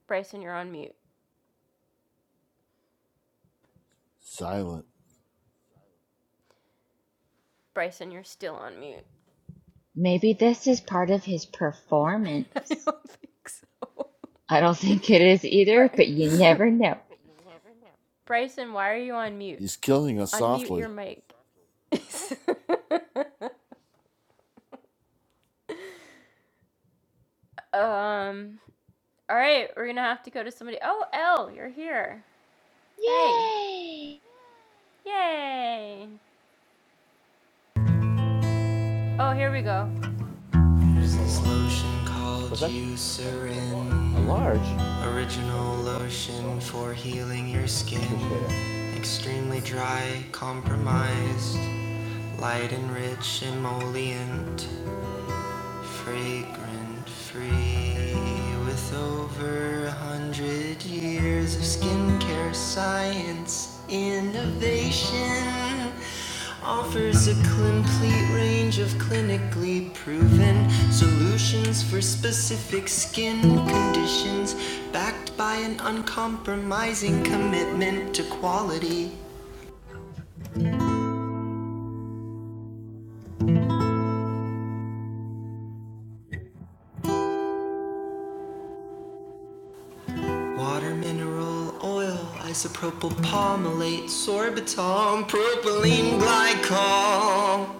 S1: Bryson, you're on mute.
S22: Silent.
S1: Bryson, you're still on mute.
S23: Maybe this is part of his performance.
S1: (laughs) I don't think so.
S23: I don't think it is either,
S1: Bry-
S23: but you
S22: He's,
S23: never know.
S1: (laughs) Bryson, why are you on mute?
S22: he's killing us
S1: Unmute your
S22: softly.
S1: mic. (laughs) um. All right, we're gonna have to go to somebody. Oh, Elle, you're here. Hey.
S23: Yay!
S1: Yay! Oh, here we go.
S2: Lotion called Eucerin. Original lotion for healing your skin. Extremely dry, compromised, light and rich emollient. Fragrant free with over a hundred years of skincare science innovation offers a complete range of clinically proven solutions for specific skin conditions backed by an uncompromising commitment to quality Water, mineral, oil, isopropyl palmolate, sorbitol, propylene glycol,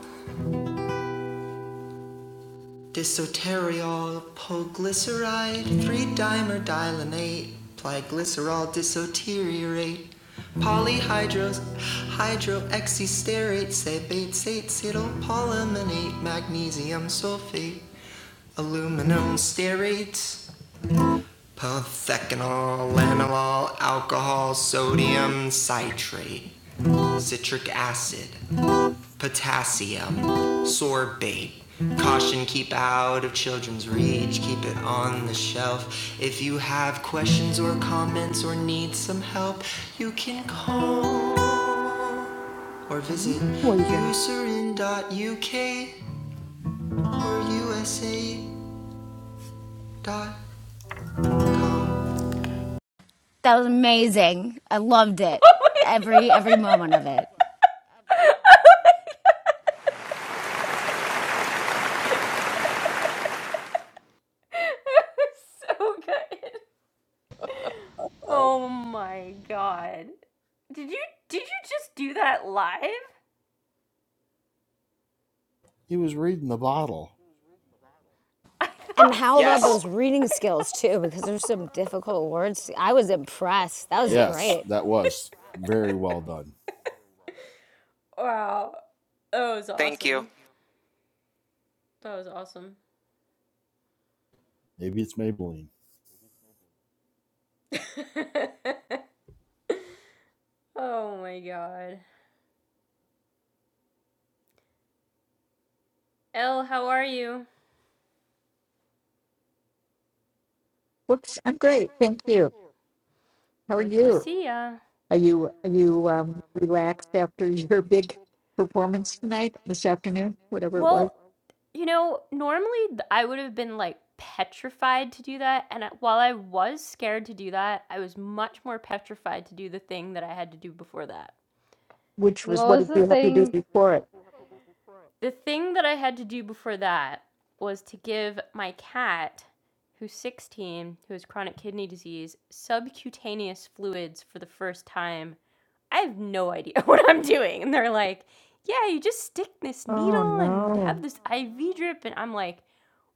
S2: disoteriol, polyglyceride, three-dimer dilinate, plyglycerol disoteriorate, polyhydros, hydroxysterate, sebate, sate, cytopolyminate, magnesium sulfate, aluminum stearate, pothecanol, lanolol, alcohol, sodium citrate. citric acid, potassium, sorbate. Caution, keep out of children's reach, keep it on the shelf. If you have questions or comments or need some help, you can call or visit userin.uk or usa. dot.
S14: That was amazing. I loved it.
S1: (laughs) Oh my,
S14: Every every moment of it.
S1: That was (laughs) so good. Oh my god. Did you did you just do that live?
S22: He was reading the bottle.
S14: And how about
S2: Yes,
S14: those reading skills too? Because there's some difficult words. I was impressed. That was
S22: Yes,
S14: great.
S22: that was very well done.
S2: thank you.
S22: Maybe it's Maybelline.
S1: Oh my god. Elle, how are you?
S25: Whoops, I'm great. Thank you. How are
S1: Good to
S25: you?
S1: see ya.
S25: Are you are you um, relaxed after (laughs) your big performance tonight, this afternoon, whatever it was?
S1: Well, you know, normally I would have been like petrified to do that, and while I was scared to do that, I was much more petrified to do the thing that I had to do before that.
S25: Which
S20: What
S25: was what
S20: was
S25: did
S20: the
S25: you have to do
S20: thing?
S25: before it?
S1: The thing that I had to do before that was to give my cat, who's 16, who has chronic kidney disease, subcutaneous fluids for the first time. I have no idea (laughs) what I'm doing. And they're like, yeah, you just stick this
S25: Oh
S1: needle and have
S25: no.
S1: this IV drip. And I'm like,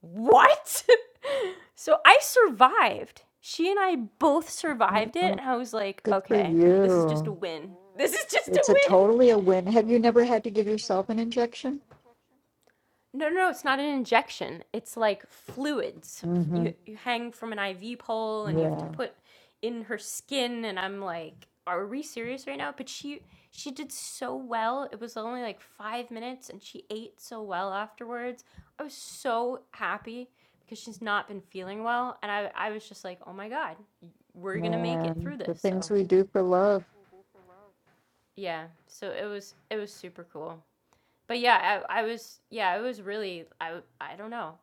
S1: what? (laughs) so I survived. She and I both
S25: Oh,
S1: survived it.
S25: oh,
S1: And I was like,
S25: Good for
S1: okay, this is just a
S25: you.
S1: win. This is just a
S25: It's a
S1: win.
S25: totally a win. Have you never had to give yourself an injection?
S1: No, no, no, it's not an injection. It's like fluids.
S25: Mm-hmm.
S1: You you hang from an IV pole and you have to
S25: Yeah.
S1: put in her skin and I'm like, are we serious right now? But she she did so well. It was only like 5 minutes and she ate so well afterwards. I was so happy because she's not been feeling well and I I was just like, "Oh my god, we're going to make it
S25: Man,
S1: through
S25: the
S1: this."
S25: things
S1: So,
S25: we do for love.
S1: yeah. So it was it was super cool. But yeah, I, I was yeah, it was really I I don't know.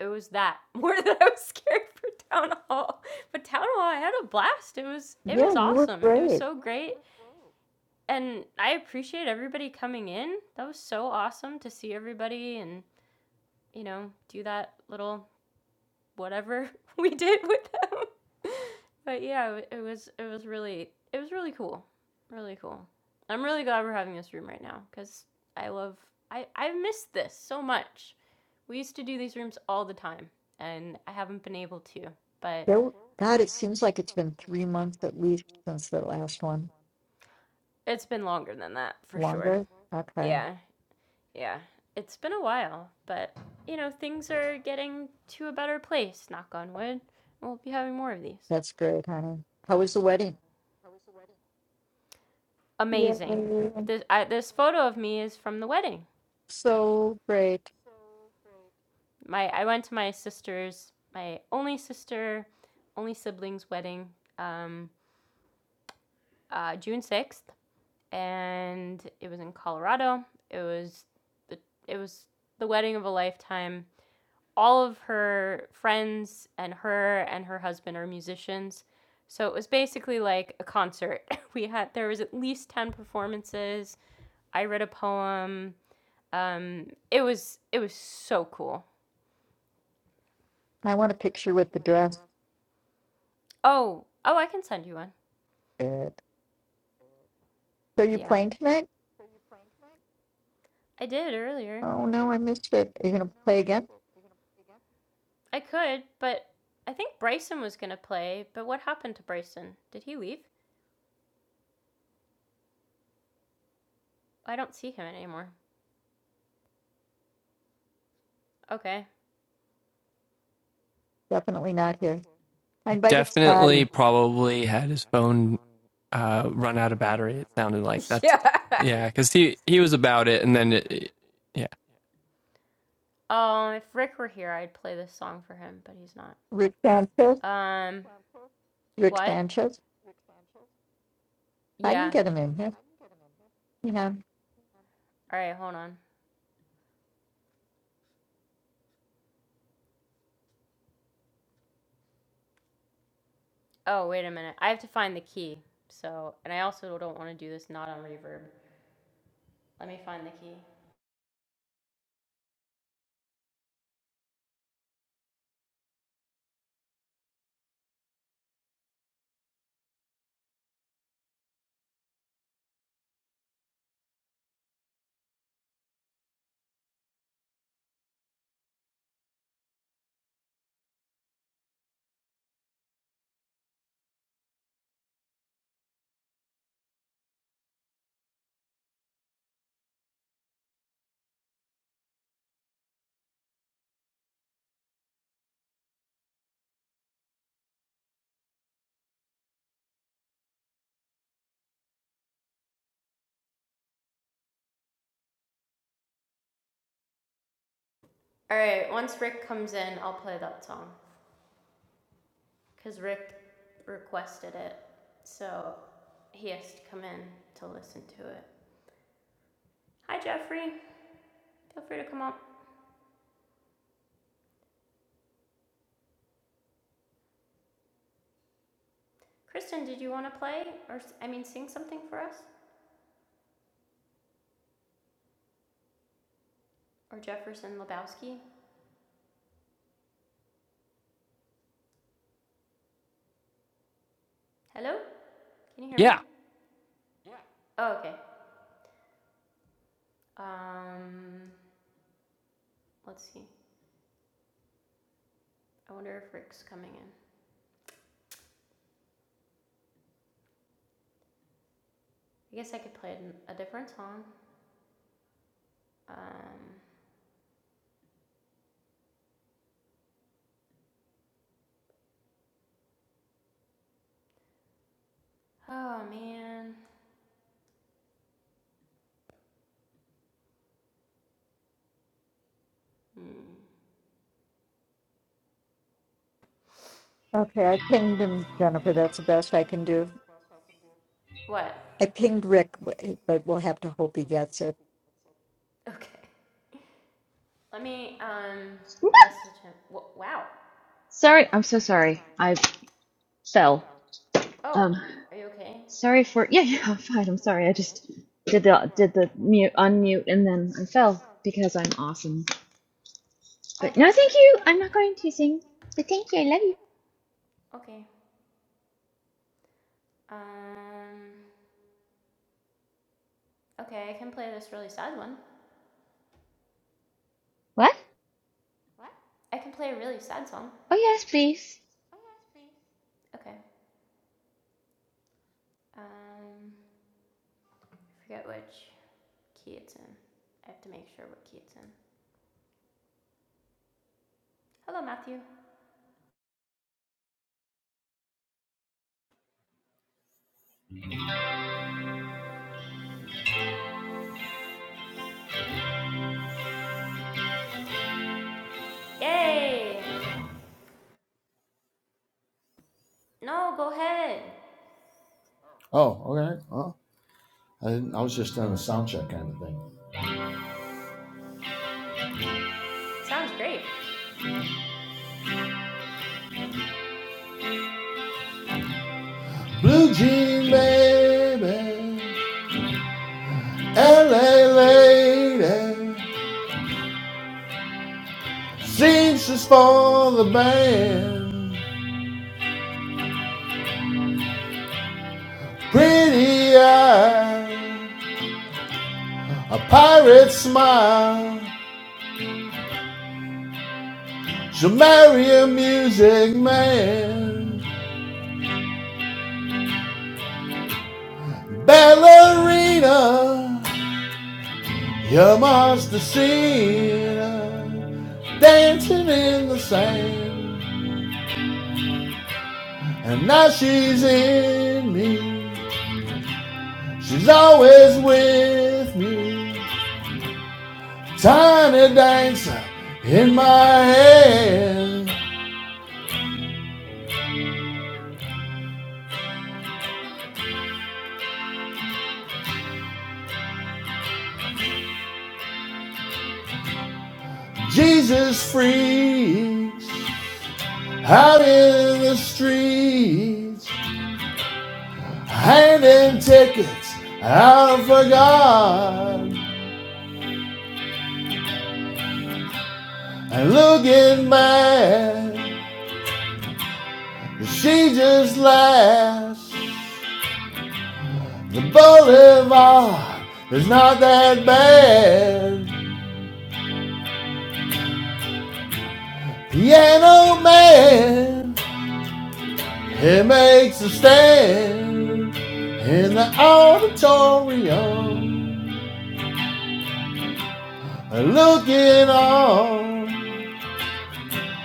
S1: it was that (laughs) more than I was scared for town hall. But town hall, I had a blast. It was it
S25: Yeah,
S1: was
S25: you were
S1: awesome. It was
S25: great.
S1: so great, and I appreciate everybody coming in. That was so awesome to see everybody and you know do that little whatever (laughs) we did with them. (laughs) but yeah, it was it was really it was really cool, really cool. I'm really glad we're having this room right now because I love I I missed this so much. We used to do these rooms all the time, and I haven't been able to, but
S25: There, w- God, it seems like it's been three months at least since the last one.
S1: it's been longer than that for sure.
S25: Longer? Okay.
S1: Yeah, yeah. It's been a while, but you know, things are getting to a better place, knock on wood. We'll be having more of these.
S25: That's great, honey. How was the wedding? Yeah,
S1: Amazing. This, I, this photo of me is from the wedding.
S25: so great.
S1: My I went to my sister's, my only sister, only sibling's wedding, um, uh, June 6th. and it was in Colorado. It was the it was the wedding of a lifetime. All of her friends and her and her husband are musicians. So it was basically like a concert. (laughs) We had there was at least 10 performances. I read a poem. Um it was it was so cool.
S25: I want a picture with the dress.
S1: Oh, oh, I can send you one.
S25: Good. So you
S1: Yeah.
S25: playing tonight?
S1: I did earlier.
S25: Oh no, I missed it. Are you gonna play again?
S1: I could, but I think Bryson was going to play, but what happened to Bryson? Did he leave? I don't see him anymore. Okay.
S25: Definitely not here. I invited
S4: Definitely,
S25: Scotty.
S4: probably had his phone uh, run out of battery. It sounded like
S1: (laughs)
S4: that's
S1: yeah.
S4: yeah, because he he was about it, and then it, yeah,
S1: Um, if Rick were here, I'd play this song for him, but he's not.
S25: Rick Sanchez.
S1: Um,
S25: Rick
S1: what?
S25: Sanchez. I didn't
S1: Yeah.
S25: get him in here. Yeah.
S1: All right, hold on. Oh, wait a minute. I have to find the key. So, and I also don't want to do this not on reverb. Let me find the key. All right, once Rick comes in, I'll play that song because Rick requested it. So he has to come in to listen to it. Hi, Jeffrey. Feel free to come up. Kristen, did you want to play or, I mean, sing something for us? Or Jefferson Lebowski? Hello? Can you hear me?
S4: yeah.
S1: Oh, okay. Um, let's see. I wonder if Rick's coming in. I guess I could play a different song. Um, oh man. Hmm.
S25: Okay, I pinged him, Jennifer. That's the best I can do.
S1: What? (laughs)
S25: I pinged Rick, w- eh, but we'll have to hope he gets it.
S1: Okay. Let me um message him. wow.
S23: Sorry, I'm so sorry. I fell. Um,
S1: Oh, are you okay?
S23: Sorry for (laughs) yeah, yeah, I'm fine. I'm sorry. I just did the did the mute unmute and then I fell because I'm awesome.
S1: Oh,
S23: But no,
S1: don't.
S23: thank you. I'm not going to sing. But thank you. I love you.
S1: Okay. Um. Okay, I can play this really sad one.
S23: What?
S1: I can play a really sad song.
S23: Oh yes, please.
S1: Okay. Um. I forget which. Key I have to make sure what key Hello, Matthew. Yay! No, go ahead.
S22: Oh, okay. Well, I didn't. I was just doing a sound check kind of thing.
S1: Sounds great.
S22: Blue Jean Baby. LA lady sings this for the band. Pretty eye, a pirate smile. She'll marry a music man. Ballerina, you are have seen her dancing in the sand. And now she's in me. She's always with me. Tiny dancer in my head. Jesus freaks out in the streets, handing tickets out for God and looking mad. She just laughs. The boulevard is not that bad. Piano man He makes a stand in the auditorium. Looking on,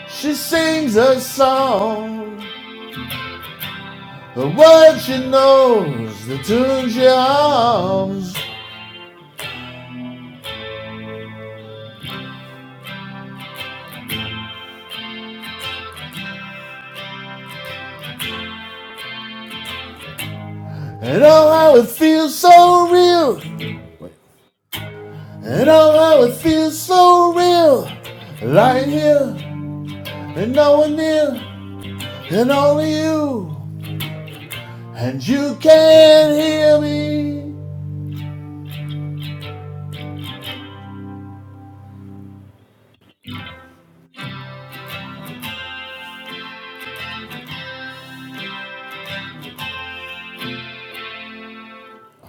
S22: she sings a song. The words she knows, the tune she hums. And oh, how it feels so real. And oh, how it feels so real. Lying here and no one near, and only you. And you can not hear me.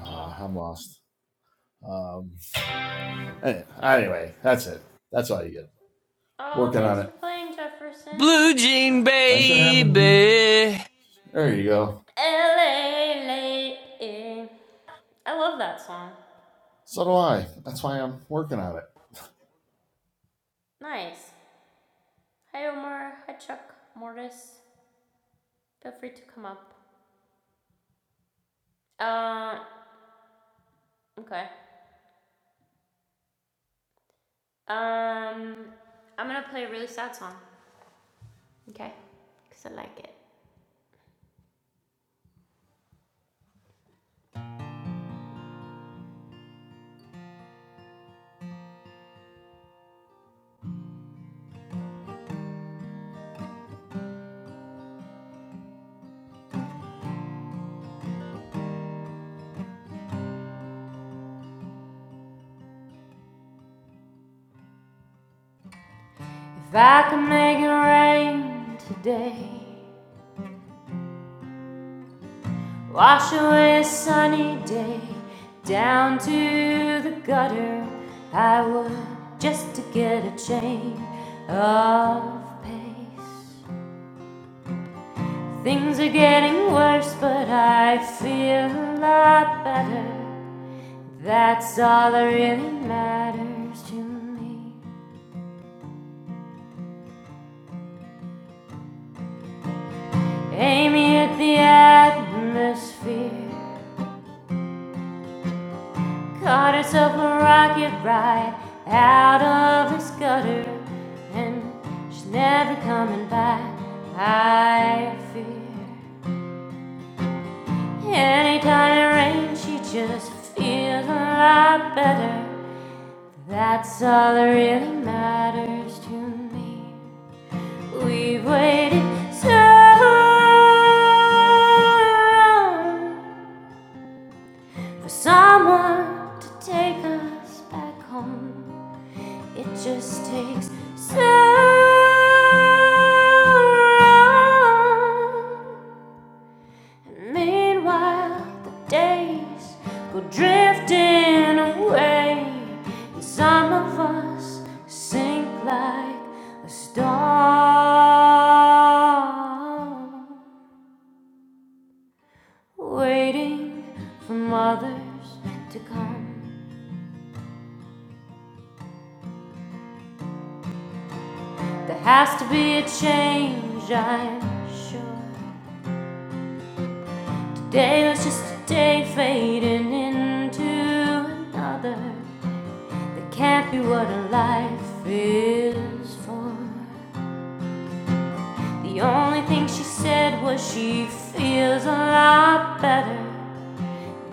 S22: Uh, I'm lost. Um, eh, anyway, that's it. That's all you get.
S1: Oh,
S22: Working
S1: thanks
S22: on
S1: for
S22: it.
S1: playing, Jefferson.
S4: Blue Jean
S22: Thanks for having me.
S4: Baby That
S22: There you go.
S1: LA late. I love that song.
S22: So do I. That's why I'm working on it.
S1: Nice. Hi, Omar. Hi, Chuck. Mortis. Feel free to come up. Uh, okay. Um, I'm gonna play a really sad song. Okay, because I like it. If I could make it rain today. Wash away a sunny day down to the gutter. I would just to get a change of pace. Things are getting worse, but I feel a lot better. That's all that really matters to me. Amy at the atmosphere. Caught herself a rocket right out of his gutter, and she's never coming back, I fear. Anytime it rains, she just feels a lot better. That's all that really matters to me. We've waited so long for someone to take us back home. It just takes Sarah. And meanwhile, the days go drifting away, and some of us sink like a storm, waiting for mothers to come. There has to be a change, I'm sure. Day was just a day fading into another. That can't be what a life is for. The only thing she said was she feels a lot better.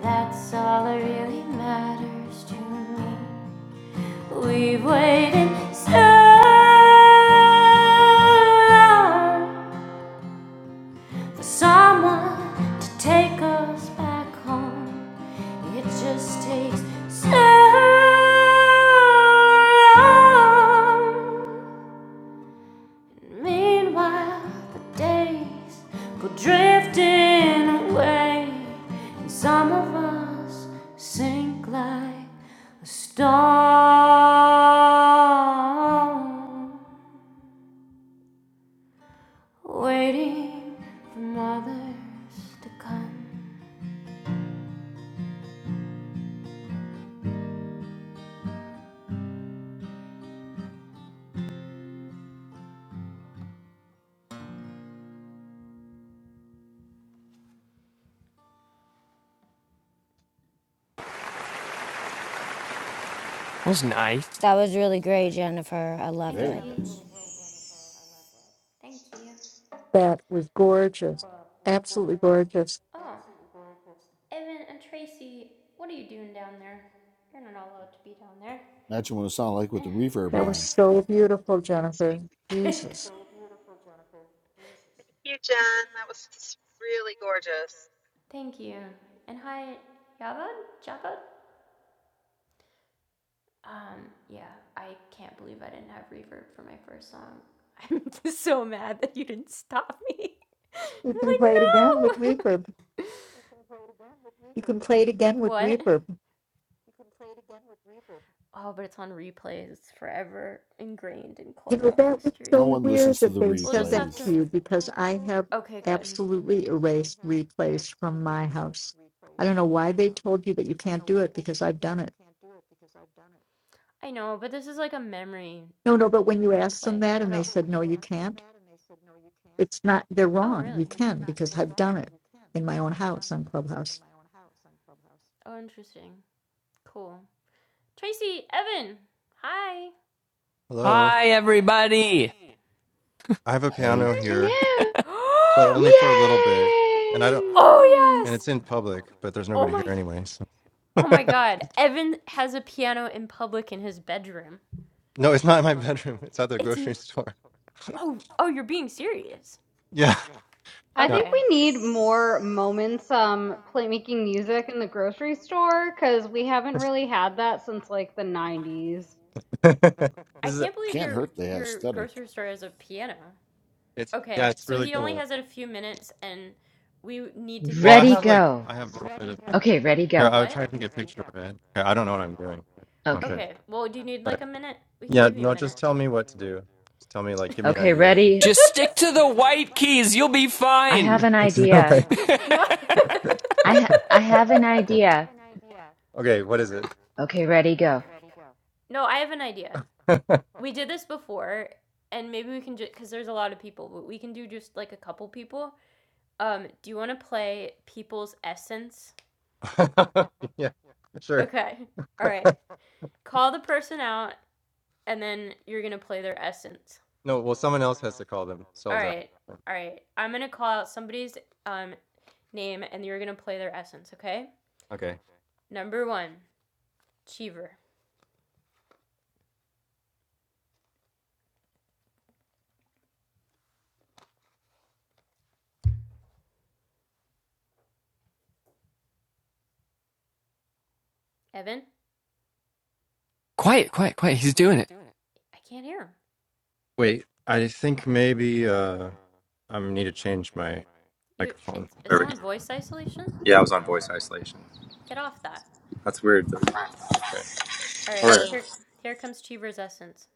S1: That's all that really matters to me. We've waited so long. Someone to take us back home. It just takes so long. Meanwhile, the days go drifting away, and some of us sink like a stone, waiting for mothers to come.
S4: was nice.
S14: That was really great, Jennifer. I
S1: Thank
S14: loved
S1: you.
S22: Very
S14: it.
S1: That was really,
S22: nice.
S1: really beautiful. I loved it. Thank you.
S25: That was gorgeous. Absolutely gorgeous.
S1: Oh, Evan and Tracy, what are you doing down there? You're not allowed to be down there.
S22: Imagine what it sounded like with the
S1: And
S22: reverb
S25: That
S1: hi.
S25: was
S22: on.
S25: so beautiful, Jennifer.
S26: Thank
S1: (laughs)
S25: Jesus.
S26: you, Jen. That was really gorgeous.
S1: Thank you. And hi, Yavad? Javad? Um, yeah, I can't believe I didn't have reverb for my first song. (laughs) I'm just so mad that you didn't stop me. (laughs)
S25: You can play it again with
S1: I'm like,
S25: reverb.
S1: no!
S25: You can play it again
S1: (laughs)
S25: with
S1: what?
S25: reverb.
S1: Oh, but it's on replays. It's forever ingrained in
S25: You know,
S1: Clubhouse
S25: that was
S1: history.
S22: No
S25: so
S22: one
S25: weird
S22: listens to
S25: that
S22: the
S25: they
S1: We'll
S25: said
S1: just
S25: that
S1: have
S22: replays.
S1: to.
S25: to you because I have
S1: Okay, good.
S25: absolutely
S1: I
S25: erased replays from my house. I don't know why they told you that you can't do it because I've done it.
S1: know, but this is like a memory
S25: No, no, but when you asked them
S1: replay.
S25: that
S1: I
S25: and they
S1: don't.
S25: said, no, you can't, it's not, they're
S1: Oh,
S25: wrong. You
S1: really?
S25: can because I've done it in my own house on Clubhouse.
S1: Oh, interesting. Cool. Tracy, Evan, hi.
S27: Hello.
S4: Hi everybody.
S27: I have a
S22: Hey,
S27: piano here,
S23: Hello.
S27: but only for a little bit. And I don't
S1: (gasps) oh,
S23: Yay!
S27: and
S1: yes.
S27: it's in public, but there's
S1: Oh
S27: nobody here
S1: my-
S27: anyway. So.
S1: Oh
S27: (laughs)
S1: my god. Evan has a piano in public in his bedroom.
S27: no, it's not in my (laughs) bedroom. It's at the
S1: It's n-
S27: grocery (laughs) store.
S1: Oh, oh, you're being serious.
S27: Yeah.
S20: I
S1: Okay.
S27: Yeah.
S20: think we need more moments um playmaking music in the grocery store cuz we haven't
S27: (laughs)
S20: really had that since like the 90s.
S27: this
S1: I
S27: is
S1: can't believe
S22: can't
S1: your
S22: hurt the
S1: your
S22: aesthetic.
S1: grocery store has a piano.
S27: it's yeah,
S1: Okay,
S27: it's
S1: so
S27: really
S1: he only
S27: cool.
S1: has it a few minutes, and we need to hear
S27: Well, I
S23: Ready
S1: this.
S27: have like
S23: go.
S27: I have a little bit of
S23: Okay, ready
S27: here,
S23: go.
S27: I would
S1: What?
S27: try to get a picture of it. Okay, I don't know what I'm doing.
S23: Okay.
S27: Okay.
S1: Okay. Well, do you need like
S27: But
S1: a minute? We can
S27: yeah,
S1: give you yeah, a
S27: no,
S1: minute.
S27: just tell me what to do. Just tell me like give me an
S23: Okay,
S27: idea or
S23: ready.
S4: Just
S1: do. (laughs)
S4: stick to the white keys. You'll be
S23: I have
S4: fine.
S23: an
S27: something.
S23: idea.
S4: (laughs)
S1: (laughs) No.
S23: I ha- I have an
S27: (laughs)
S23: idea.
S27: okay, what is it?
S23: Okay, ready go.
S1: (laughs) no, I have an idea. We did this before, and maybe we can just because there's a lot of people, but we can do just like a couple people. Um, do you want to play people's essence?
S27: (laughs) yeah, sure.
S1: Okay. All right. Call the person out, and then you're gonna play their essence.
S27: No, well, someone else has to call
S1: All
S27: themselves out.
S1: right. All right. I'm gonna call out somebody's um name, and you're gonna play their essence. Okay.
S27: Okay.
S1: Number one, Cheever. Evan,
S4: quiet, quiet, quiet. He's doing it.
S1: I can't hear him.
S27: Wait, I think maybe uh I need to change my
S1: You,
S27: microphone.
S1: it's it's
S27: There we go.
S1: on voice isolation.
S27: Yeah, I was on voice isolation.
S1: Get off that.
S27: That's weird. Though. Okay.
S1: All
S27: All
S1: right.
S27: right.
S1: Here, here comes Cheever's essence.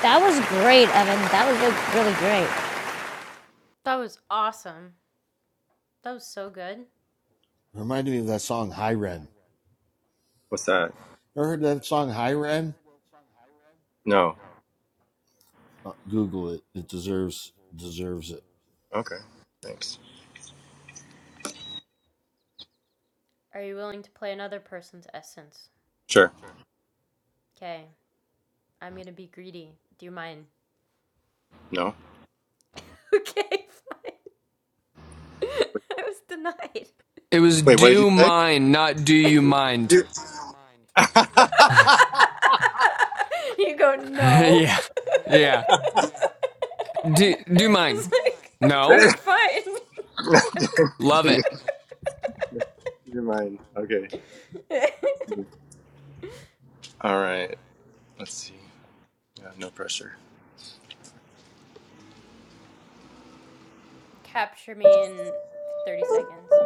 S14: That was great, Evan. That was like really great.
S1: That was awesome. That was so good.
S22: Reminded me of that song High Ren.
S27: What's that?
S22: Ever heard that song High Ren?
S27: No.
S22: Uh, Google it. It deserves deserves it.
S27: Okay. Thanks.
S1: Are you willing to play another person's essence?
S27: Sure.
S1: Okay, I'm gonna be greedy. Do you mind?
S27: No.
S1: Okay, fine. (laughs) I was denied.
S4: It was
S27: Wait, what did you
S4: do
S27: say?
S4: mine, not do you mind.
S27: Dude. (laughs)
S1: (laughs) you go,
S4: (laughs)
S1: no.
S4: yeah.
S1: (laughs)
S4: Yeah. Do do mine.
S1: it's like,
S4: No,
S1: okay,
S27: Dude,
S1: fine.
S4: love it.
S27: Your mind. Okay.
S1: (laughs)
S27: All right. Let's see. Yeah, no pressure.
S1: Capture me in 30 seconds.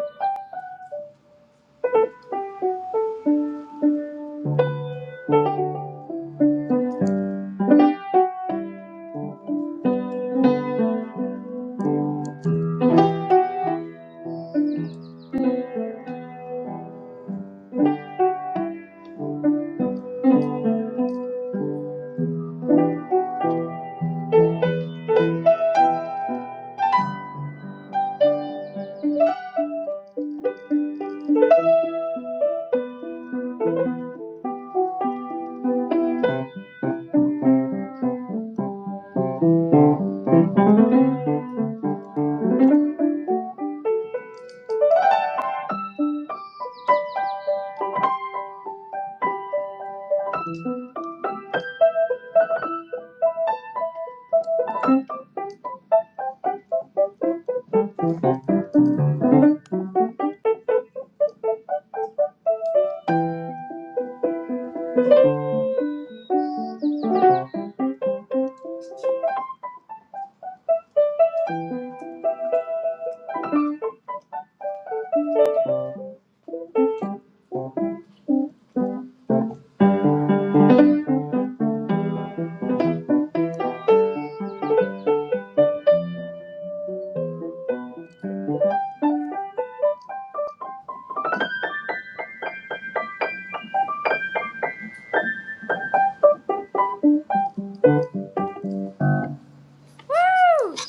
S1: Woo!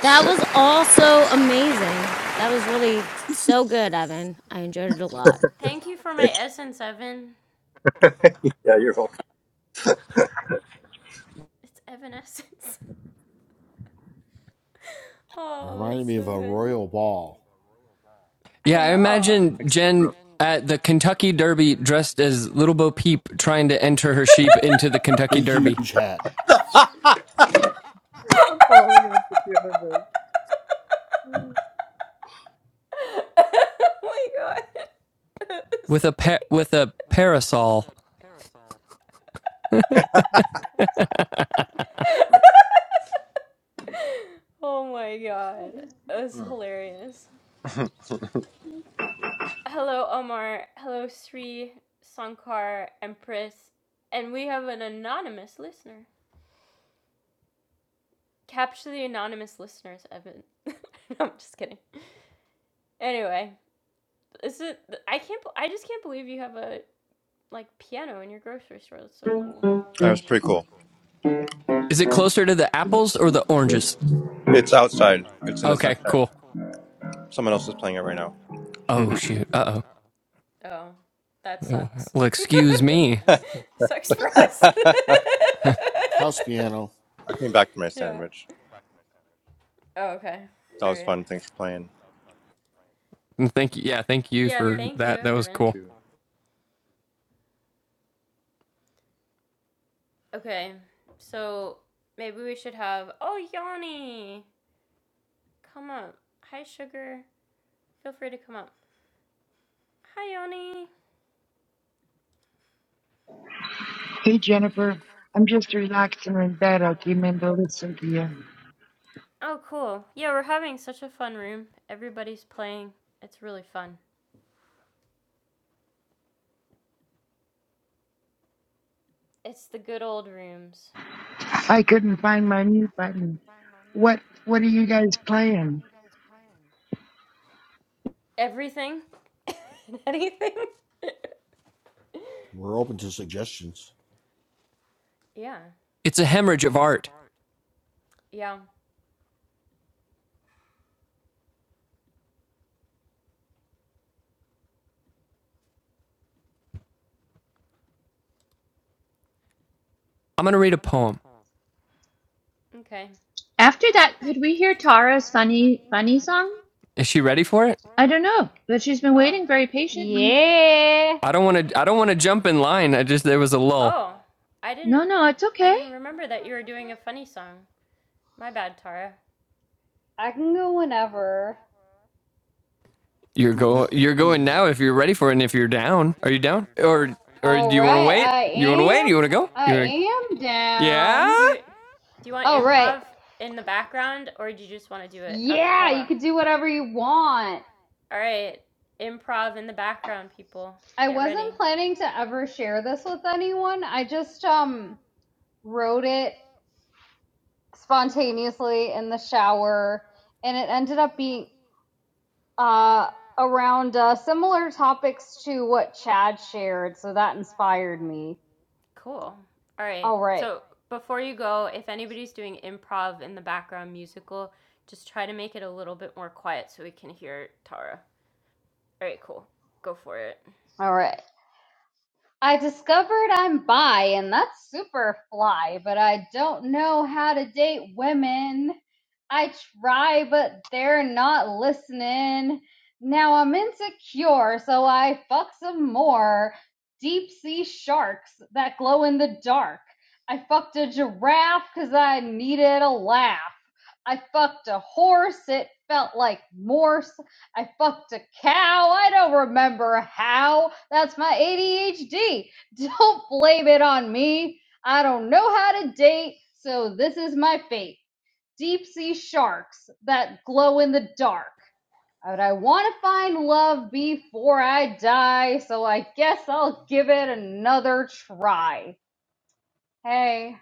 S14: That was also amazing. That was really so good, Evan. I enjoyed it a lot.
S1: Thank you for
S27: (laughs)
S1: my essence, Evan.
S27: yeah, you're welcome.
S1: It's Evanescence. (laughs) Oh,
S22: Reminded
S1: it's
S22: me of
S1: so
S22: a
S1: good.
S22: royal ball.
S1: I
S4: Yeah, I
S1: know.
S4: imagine
S27: Thanks,
S4: Jen
S27: bro.
S4: at the Kentucky Derby dressed as Little Bo Peep trying to enter her sheep into the Kentucky
S22: Big
S4: Derby
S22: huge hat.
S27: (laughs) I'm
S1: (laughs)
S27: falling off the piano,
S1: oh my god. (laughs)
S4: with a pa- with a parasol.
S1: oh my god. That's hilarious. Hello, Omar. Hello, Sri, Sankar, Empress. And we have an anonymous listener. Capture the anonymous listeners, Evan. (laughs) no, I'm just kidding. Anyway, this is I can't. I just can't believe you have a like piano in your grocery store. That's so cool.
S27: That was pretty cool.
S4: Is it closer to the apples or the oranges?
S27: It's outside. It's in the
S4: Okay,
S27: sunshine.
S4: cool.
S27: Someone else is playing it right now.
S4: Oh
S27: (laughs)
S4: shoot. Uh
S1: Oh, that
S4: oh.
S1: sucks.
S4: Well,
S1: (laughs)
S4: excuse me.
S1: Sucks for us.
S22: House
S1: (laughs)
S22: piano
S27: I came back to my
S1: yeah.
S27: sandwich.
S1: Oh, okay.
S27: That
S1: All
S27: was
S1: right.
S27: fun. Thanks for playing.
S4: Thank you. Yeah, thank you
S1: Yeah,
S4: for
S1: thank you,
S4: that. That was
S1: Evan.
S27: Thank
S4: cool.
S27: you.
S1: Okay, so maybe we should have. Oh, Yanni! Come up. Hi, Sugar. Feel free to come up. Hi, Yanni!
S28: Hey Jennifer, I'm just relaxing in bed. I came in to listen to you.
S1: Oh, cool. Yeah, we're having such a fun room. Everybody's playing. It's really fun. It's the good old rooms.
S28: I couldn't find my mute button. What What are you guys playing?
S1: Everything? (laughs) Anything?
S22: We're open to suggestions.
S1: (laughs) yeah.
S4: It's a hemorrhage of art.
S1: Yeah.
S4: I'm gonna read a poem.
S1: Okay.
S23: After that, could we hear Tara's funny funny song?
S4: Is she ready for it?
S23: I don't know, but she's been
S1: Oh.
S23: waiting very patiently.
S1: (laughs)
S20: Yeah.
S4: I don't want to. I don't want to jump in line. I just there was a lull.
S1: Oh. I didn't
S23: No, no, it's
S1: I
S23: okay.
S1: didn't remember that you were doing a funny song. My bad, Tara.
S20: I can go whenever.
S4: You're
S22: Do it
S4: go
S22: now.
S4: you're
S22: Do it
S4: going now
S22: now.
S4: if you're ready for it and if you're down. Are you down? Or or
S20: All
S4: do you want to
S20: right,
S4: wait?
S20: I
S4: You want to wait?
S20: am.
S4: You want to go?
S20: I
S4: You want to
S20: am
S4: Yeah?
S20: down.
S1: Do you do you want
S20: All right.
S1: improv in the background or do you just want to do it a
S20: Yeah, you
S1: cappella?
S20: could do whatever you want.
S1: All right. Improv in the background, people.
S20: I
S1: Get ready.
S20: wasn't planning to ever share this with anyone. I just um wrote it spontaneously in the shower and it ended up being uh around uh similar topics to what Chad shared, so that inspired me.
S1: Cool. All right.
S20: All right.
S1: So, before you go, if anybody's doing improv in the background musical, just try to make it a little bit more quiet so we can hear Tara. All right, cool. Go for it.
S20: All right. I discovered I'm bi, and that's super fly, but I don't know how to date women. I try, but they're not listening. Now I'm insecure, so I fuck some more deep sea sharks that glow in the dark. I fucked a giraffe 'cause I needed a laugh. I fucked a horse, it felt like Morse. I fucked a cow. I don't remember how. That's my ADHD. Don't blame it on me. I don't know how to date, so this is my fate. Deep sea sharks that glow in the dark. But I want to find love before I die, so I guess I'll give it another try. Hey,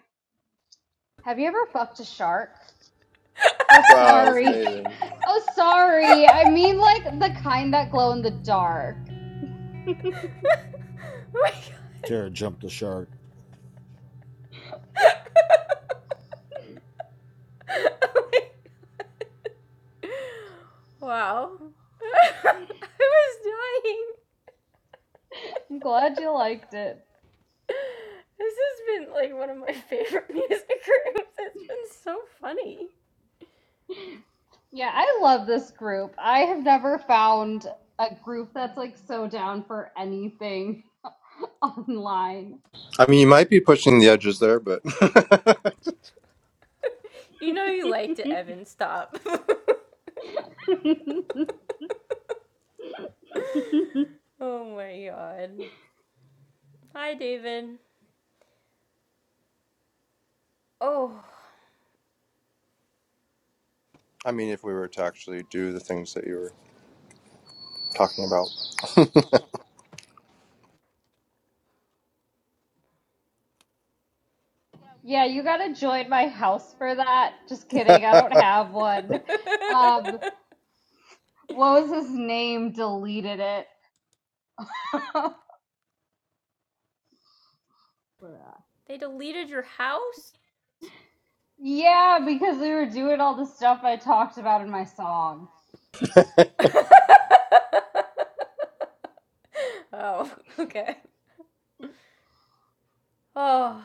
S20: have you ever fucked a shark? Oh,
S27: Wow, it was
S20: sorry. (laughs)
S27: amazing.
S20: Oh, sorry. I mean, like the kind that glow in the dark.
S1: (laughs) Oh my
S22: Tara jumped the shark.
S1: god. (laughs) Oh my god. Wow. (laughs) I was dying.
S20: I'm glad you liked it.
S1: (laughs) This has been like one of my favorite (laughs) music rooms. It's been so funny.
S20: Yeah, I love this group. I have never found a group that's like so down for anything online.
S27: I mean, you might be pushing the edges there, but
S1: You know you liked
S20: (laughs)
S1: it, Evan. Stop. (laughs) oh my god. Hi, David. Oh.
S27: (laughs) I mean, if we were to actually do the things that you were talking
S20: yeah, you gotta join my house for that. Just kidding, I don't
S27: about,
S20: have one. Um,
S1: (laughs) (laughs)
S20: what was his name? Deleted it. (laughs)
S1: They deleted your house?
S20: yeah, because we were doing all the stuff I talked about in my song.
S1: (laughs) oh, okay. Oh,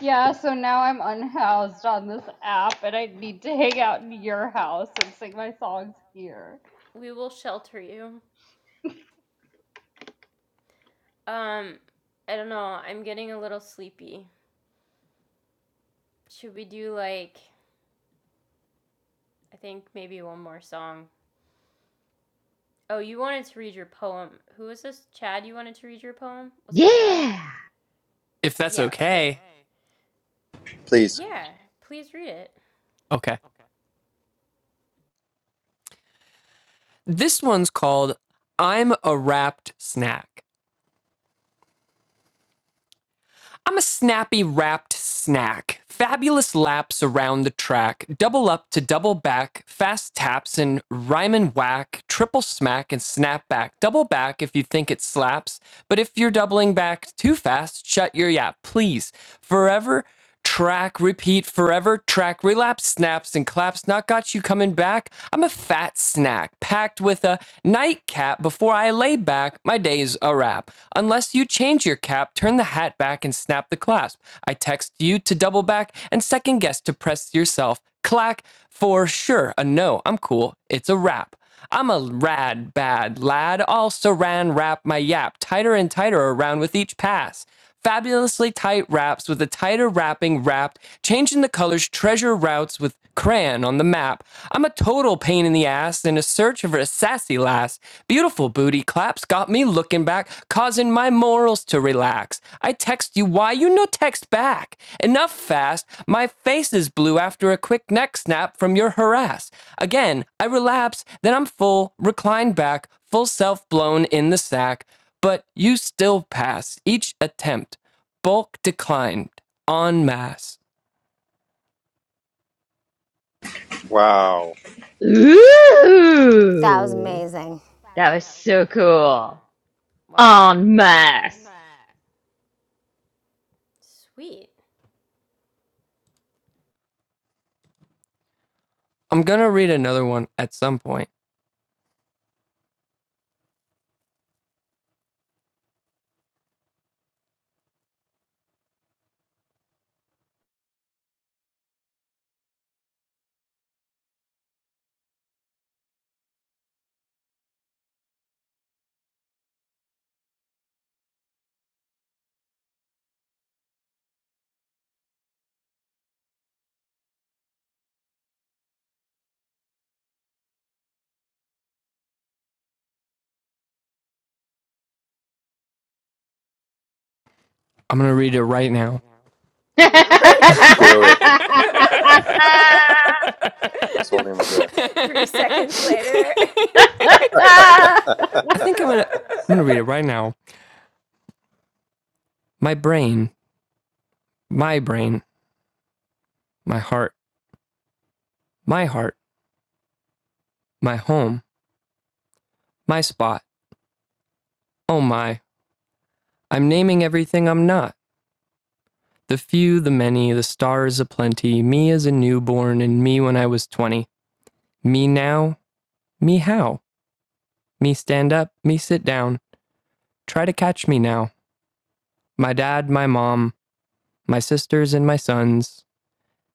S20: Yeah, so now I'm unhoused on this app and I need to hang out in your house and sing my songs here.
S1: we will shelter you. Um, I don't know. I'm getting a little sleepy. Should we do like I think maybe one more song? Oh, you wanted to read your poem. Who was this? Chad, you wanted to read your poem? Was it Chad?
S23: Yeah.
S4: If that's
S1: Yeah, okay.
S4: okay.
S27: (laughs) please.
S1: Yeah, please read it.
S4: Okay. This one's called I'm a wrapped snack. I'm a snappy wrapped snack. Fabulous laps around the track, double up to double back, fast taps and rhyme and whack, triple smack and snap back, double back if you think it slaps. But if you're doubling back too fast, shut your yap, please. Forever Track, repeat forever, track, relapse, snaps and claps, not got you coming back. I'm a fat snack, packed with a nightcap before I lay back. My day's a wrap. Unless you change your cap, turn the hat back and snap the clasp. I text you to double back and second guess to press yourself. Clack, for sure, a no, I'm cool, it's a wrap. I'm a rad bad lad, also ran wrap my yap tighter and tighter around with each pass. Fabulously tight wraps with a tighter wrapping wrapped, changing the colors, treasure routes with crayon on the map. I'm a total pain in the ass in a search of a sassy lass. Beautiful booty claps got me looking back, causing my my morals to relax. I text you why you no text back. Enough fast, my face is blue after a quick neck snap from your harass. Again, I relapse, then I'm full, reclined back, full self blown in the sack. But you still pass each attempt, bulk declined, en masse.
S27: Wow,
S14: That was
S23: Ooh.
S14: amazing.
S23: That was so cool.
S1: Wow.
S23: En masse.
S1: Sweet.
S4: I'm gonna read another one at some point. I'm gonna read it right now.
S23: (laughs) I'm
S1: Read it (laughs) right now.
S27: do it. I was
S1: (laughs)
S27: holding my
S1: three,
S27: breath.
S1: three seconds later.
S4: (laughs) (laughs)
S27: (laughs)
S4: I think I'm gonna I'm gonna read it
S1: (laughs)
S4: right now. My brain, my brain, my heart, my heart, my home, my spot. Oh my. I'm naming everything I'm not. The few, the many, the stars aplenty, me as a newborn and me when I was twenty. Me now, me how? Me stand up, me sit down. Try to catch me now. My dad, my mom, my sisters and my sons,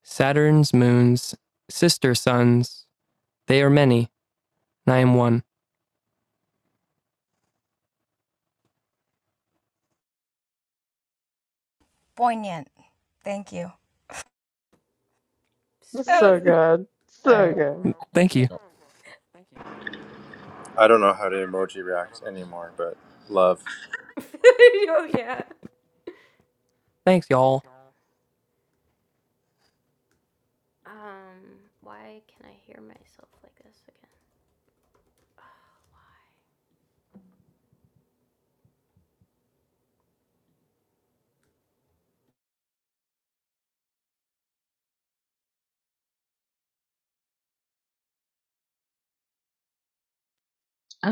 S4: Saturn's moons, sister sons. They are many, and I am one.
S14: Poignant. Thank you.
S24: It's
S14: That
S24: so
S14: was-
S1: Sweet.
S24: good.
S14: All
S24: So
S14: right.
S24: good.
S4: Thank you.
S27: I don't know how to emoji react anymore, but love.
S1: (laughs) oh, yeah.
S4: Thanks, y'all.
S1: Um, why can I hear myself like this again? Oh.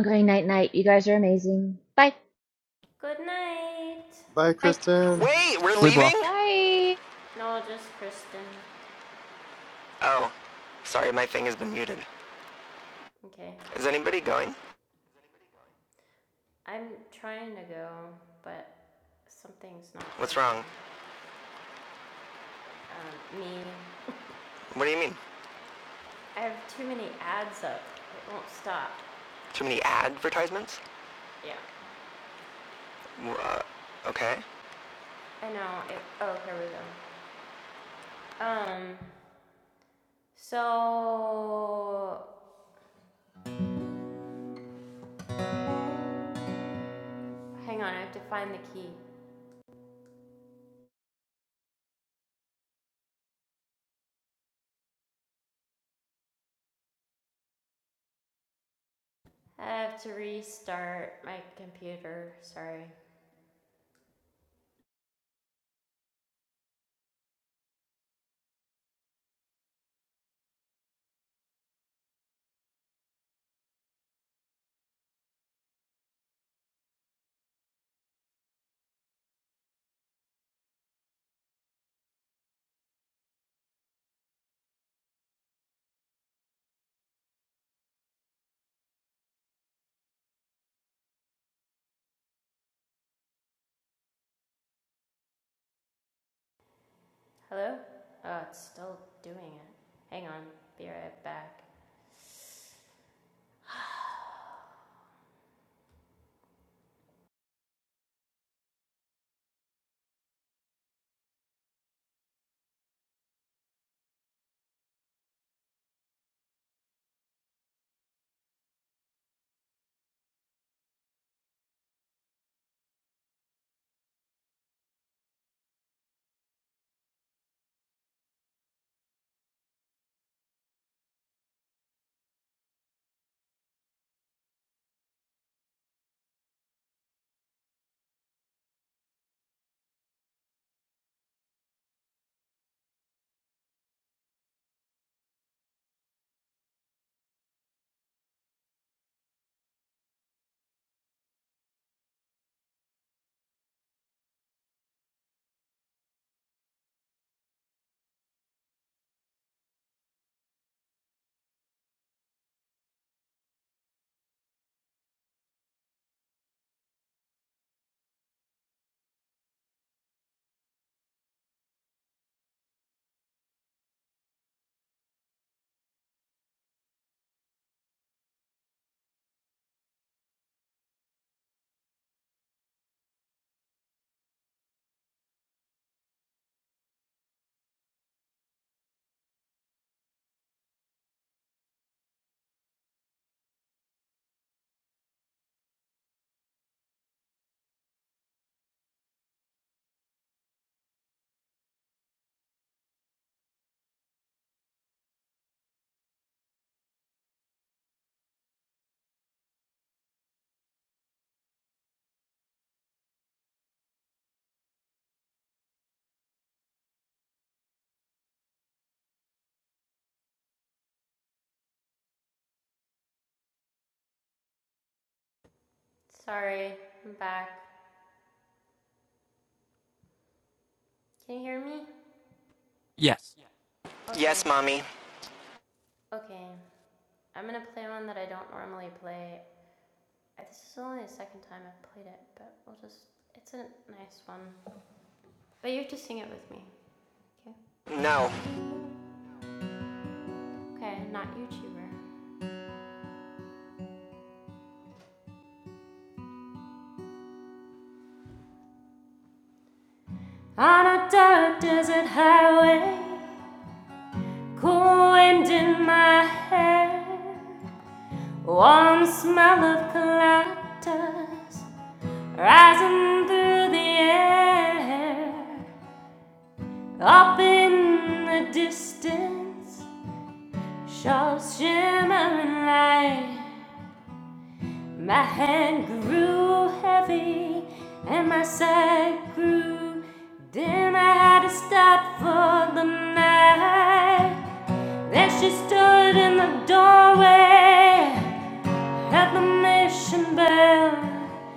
S23: going night night. You guys are amazing. Bye.
S1: Good night.
S27: Bye, Kristen.
S2: Wait, we're
S4: Sleep well.
S2: leaving?
S20: Bye.
S1: No, just Kristen.
S2: Oh, sorry, my thing has been muted.
S1: Okay.
S2: Is anybody going?
S1: I'm trying to go, but something's not
S2: What's
S1: working.
S2: wrong?
S1: Um, me.
S2: What do you mean?
S1: (laughs) I have too many ads up. It won't stop.
S2: Too many advertisements?
S1: Yeah.
S2: Uh, okay.
S1: I know. It, oh, here we go. Um, so hang on. I have to find the key. I have to restart my computer. Sorry. Hello? Oh, it's still doing it. Hang on. Be right back. Sorry. I'm back. Can you hear me?
S4: Yes.
S1: Okay.
S2: Yes, mommy.
S1: Okay. I'm gonna play one that I don't normally play. Uh, This is only the second time I've played it, but we'll just. It's a nice one. But you have to sing it with me. Okay.
S2: No.
S1: Okay, not YouTuber. On a dark desert highway, cool wind in my hair, warm smell of cactus rising through the air. Up in the distance, shall shimmering light. My hand grew heavy and my side grew dim. I had to stop for the night. Then she stood in the doorway at the mission bell.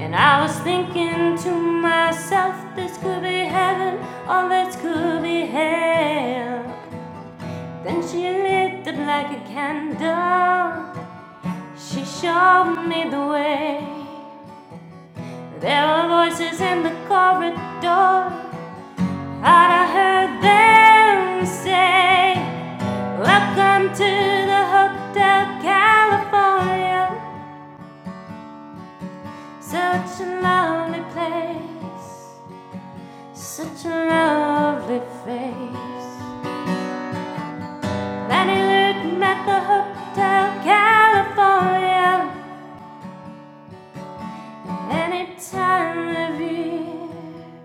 S1: And I was thinking to myself, this could be heaven or this could be hell. Then she lit up like a candle. She showed me the way. There were voices in the corridor, and I heard them say, Welcome to the Hotel California. Such a lovely place, such a lovely face. Lenny Luton at the Hotel California, any time of year.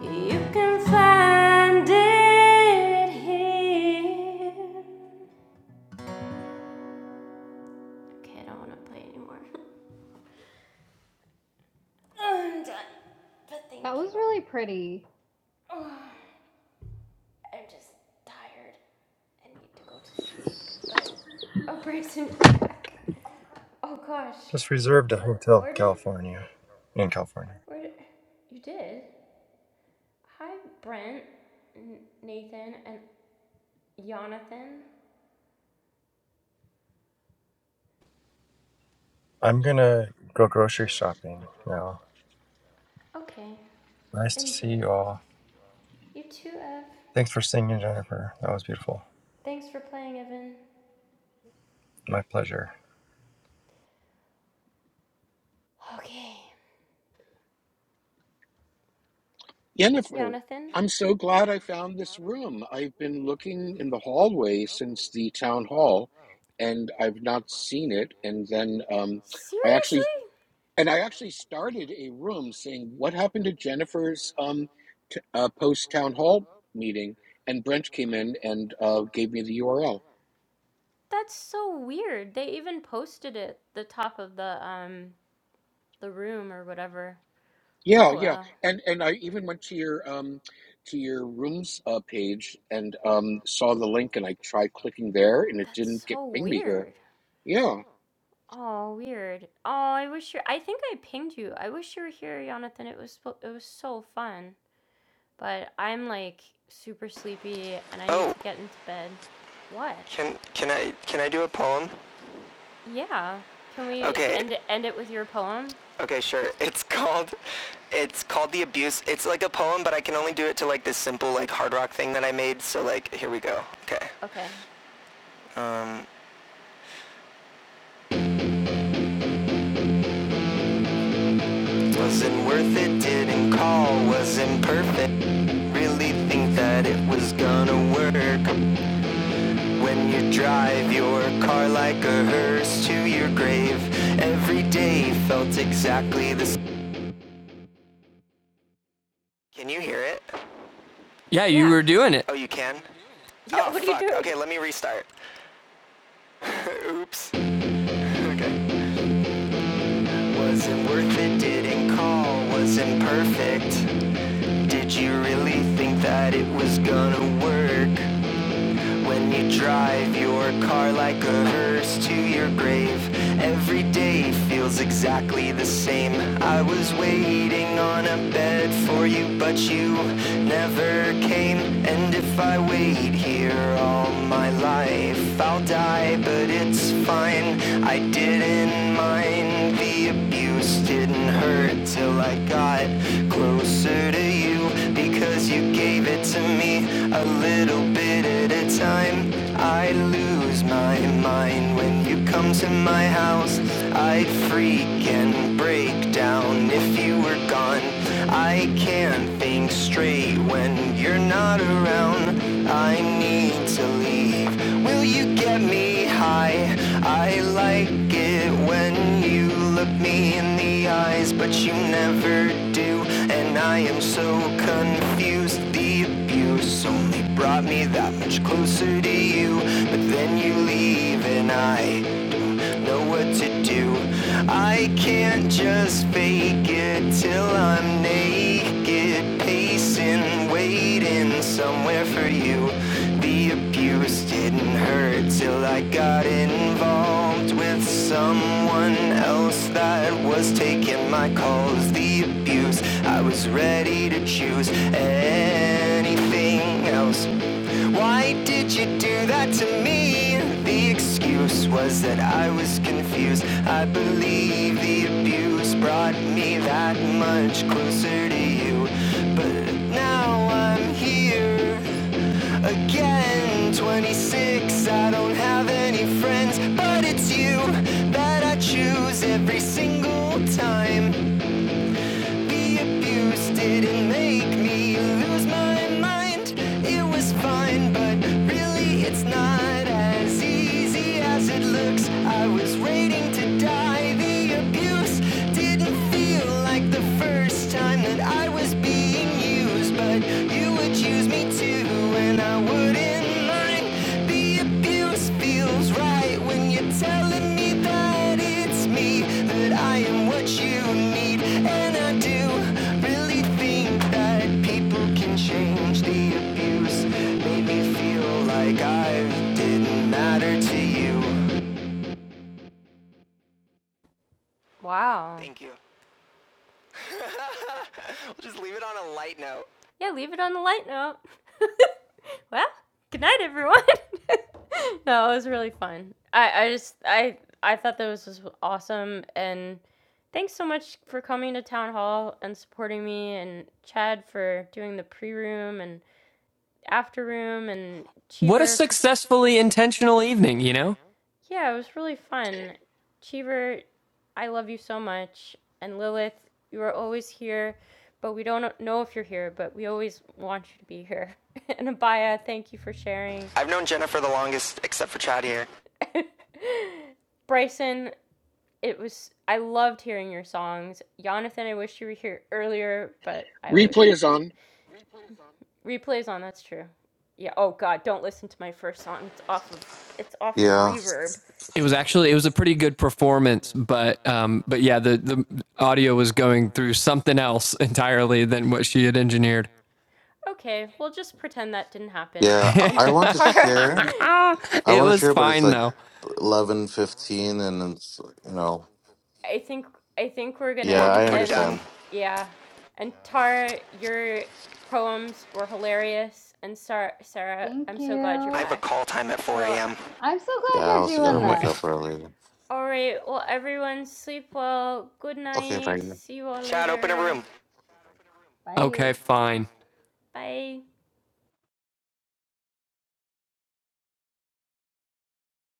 S1: You can find it here. Okay, I don't want to play anymore. (laughs) I'm done, but
S20: That
S1: thank
S20: was
S1: you.
S20: really pretty.
S1: (sighs) I'm just tired. I need to go to sleep, but a brace in your back. Oh gosh,
S27: Just reserved a hotel in
S1: where did
S27: California. In California.
S1: where did you did? Hi, Brent, Nathan, and Jonathan.
S27: I'm gonna go grocery shopping now.
S1: Okay,
S27: Nice to
S1: enjoy.
S27: see you all.
S1: You too, Ev.
S27: Thanks for singing, Jennifer. That was beautiful.
S1: Thanks for playing, Evan.
S27: My pleasure.
S1: Okay.
S29: Jennifer,
S1: Jonathan?
S29: I'm so glad I found this room. I've been looking in the hallway since the town hall, and I've not seen it. And then um, I actually and I actually started a room saying what happened to Jennifer's um, t- uh, post town hall meeting. And Brent came in and uh, gave me the URL.
S1: That's so weird. They even posted it the top of the um the room or whatever.
S29: Yeah,
S1: Oh
S29: yeah,
S1: wow.
S29: and and I even went to your um, to your rooms uh, page and um, saw the link, and I tried clicking there, and it
S1: That's
S29: didn't get
S1: so
S29: bring me here.
S1: weird.
S29: Yeah.
S1: Oh, weird. Oh, I wish you. I think I pinged you. I wish you were here, Jonathan. It was it was so fun. But I'm like super sleepy and I need
S2: Oh,
S1: to get into bed. What?
S2: can can I can I do a poem?
S1: Yeah. Can we
S2: Okay.
S1: end it, end it with your poem?
S2: Okay, sure. (laughs) It's called it's called The Abuse. It's like a poem, but I can only do it to like this simple like hard rock thing that I made. So like, here we go. Okay.
S1: Okay.
S2: Um, wasn't worth it, didn't call, wasn't perfect. Really think that it was gonna work when you drive your car like a hearse to your grave. Every day felt exactly the same. Can you hear it?
S4: Yeah, you
S1: Yeah.
S4: were
S1: (laughs)
S4: doing it.
S2: Oh, you can?
S1: Yeah,
S2: Oh,
S1: what are you
S2: fuck. Okay,
S1: doing?
S2: let me restart. (laughs) Oops. Okay. Wasn't worth it, didn't call, wasn't perfect. Did you really think that it was gonna work? when you drive your car like a hearse to your grave. Every day feels exactly the same. I was waiting on a bed for you, but you never came. And if I wait here all my life, I'll die, but it's fine. I didn't mind the abuse didn't hurt till I got closer to you because you gave it to me a little bit at a time. I lose my mind when you come to my house. I'd freak and break down if you were gone. I can't think straight when you're not around. I need to leave. Will you get me high? I like it when you look me in the eyes, but you never do. And I am so confused. The abuse only brought me that much closer to you. But then you leave, and I don't know what to do. I can't just fake it till I'm naked, pacing, waiting been somewhere for you. The abuse didn't hurt till I got involved with someone else that was taking my calls. The abuse, I was ready to choose anything else. Why did you do that to me? The excuse was that I was confused. I believe the abuse brought me that much closer to you. But now I I'm here again. 26, I don't have any friends, but it's you that I choose every single time be abused didn't make me lose my mind. It was fine, but really it's not as easy as it looks. I was waiting to die. The abuse didn't feel like the first time that I was being used, but you would use me too when I wouldn't mind. The abuse feels right when you're telling me that it's me, that I am what you need. And I do really think that people can change the abuse. Made me feel like I didn't matter to you.
S1: Wow.
S2: Thank you. We'll just leave it on a light note.
S1: Yeah, leave it on the light note. (laughs) well, good night everyone. (laughs) no, it was really fun. I, I just I I thought that was just awesome and thanks so much for coming to town hall and supporting me and Chad for doing the pre room and after room and
S4: What a
S1: Cheever for,
S4: successfully intentional evening, you know?
S1: Yeah, it was really fun. Cheever I love you so much. And Lilith, you are always here, but we don't know if you're here, but we always want you to be here. (laughs) and Abaya, thank you for sharing.
S2: I've known Jennifer the longest, except for Chad here.
S1: (laughs) Bryson, it was I loved hearing your songs. Jonathan, I wish you were here earlier, but I always
S29: Replay
S1: love
S29: is
S1: you.
S29: on.
S1: Replays on, that's true. Yeah, oh god, don't listen to my first song. It's off of it's off of
S16: Yeah,
S1: reverb.
S4: It was
S1: It's,
S4: actually it was a pretty good performance, but um but yeah, the the audio was going through something else entirely than what she had engineered.
S1: okay, we'll just pretend that didn't happen.
S4: (laughs)
S16: yeah.
S1: And
S16: I I
S1: (laughs)
S16: want to
S4: it
S1: Tara,
S16: share. I want to
S4: was
S16: share, but it's
S4: fine
S16: like
S4: though.
S16: eleven fifteen, and it's you know.
S1: I think I think we're
S16: Yeah,
S1: gonna
S2: We're,
S16: I
S2: we're
S1: end.
S2: done.
S16: understand.
S1: Yeah, and Tara, your poems were hilarious, and Sarah, Sarah,
S20: Thank
S1: I'm so glad you're
S2: I
S20: you.
S2: have a
S1: back.
S2: call time at 4
S1: So,
S2: a.m.
S20: I'm so
S16: Yeah,
S20: glad
S16: I
S20: you're
S16: also gotta
S20: doing
S4: Oh my.
S16: wake
S20: this.
S16: up early.
S1: all right, well, everyone, sleep well. Good
S16: Okay,
S1: night.
S16: bye.
S1: See you all
S2: Chad, open a room.
S1: later.
S4: Okay,
S20: Bye.
S4: fine.
S1: Bye.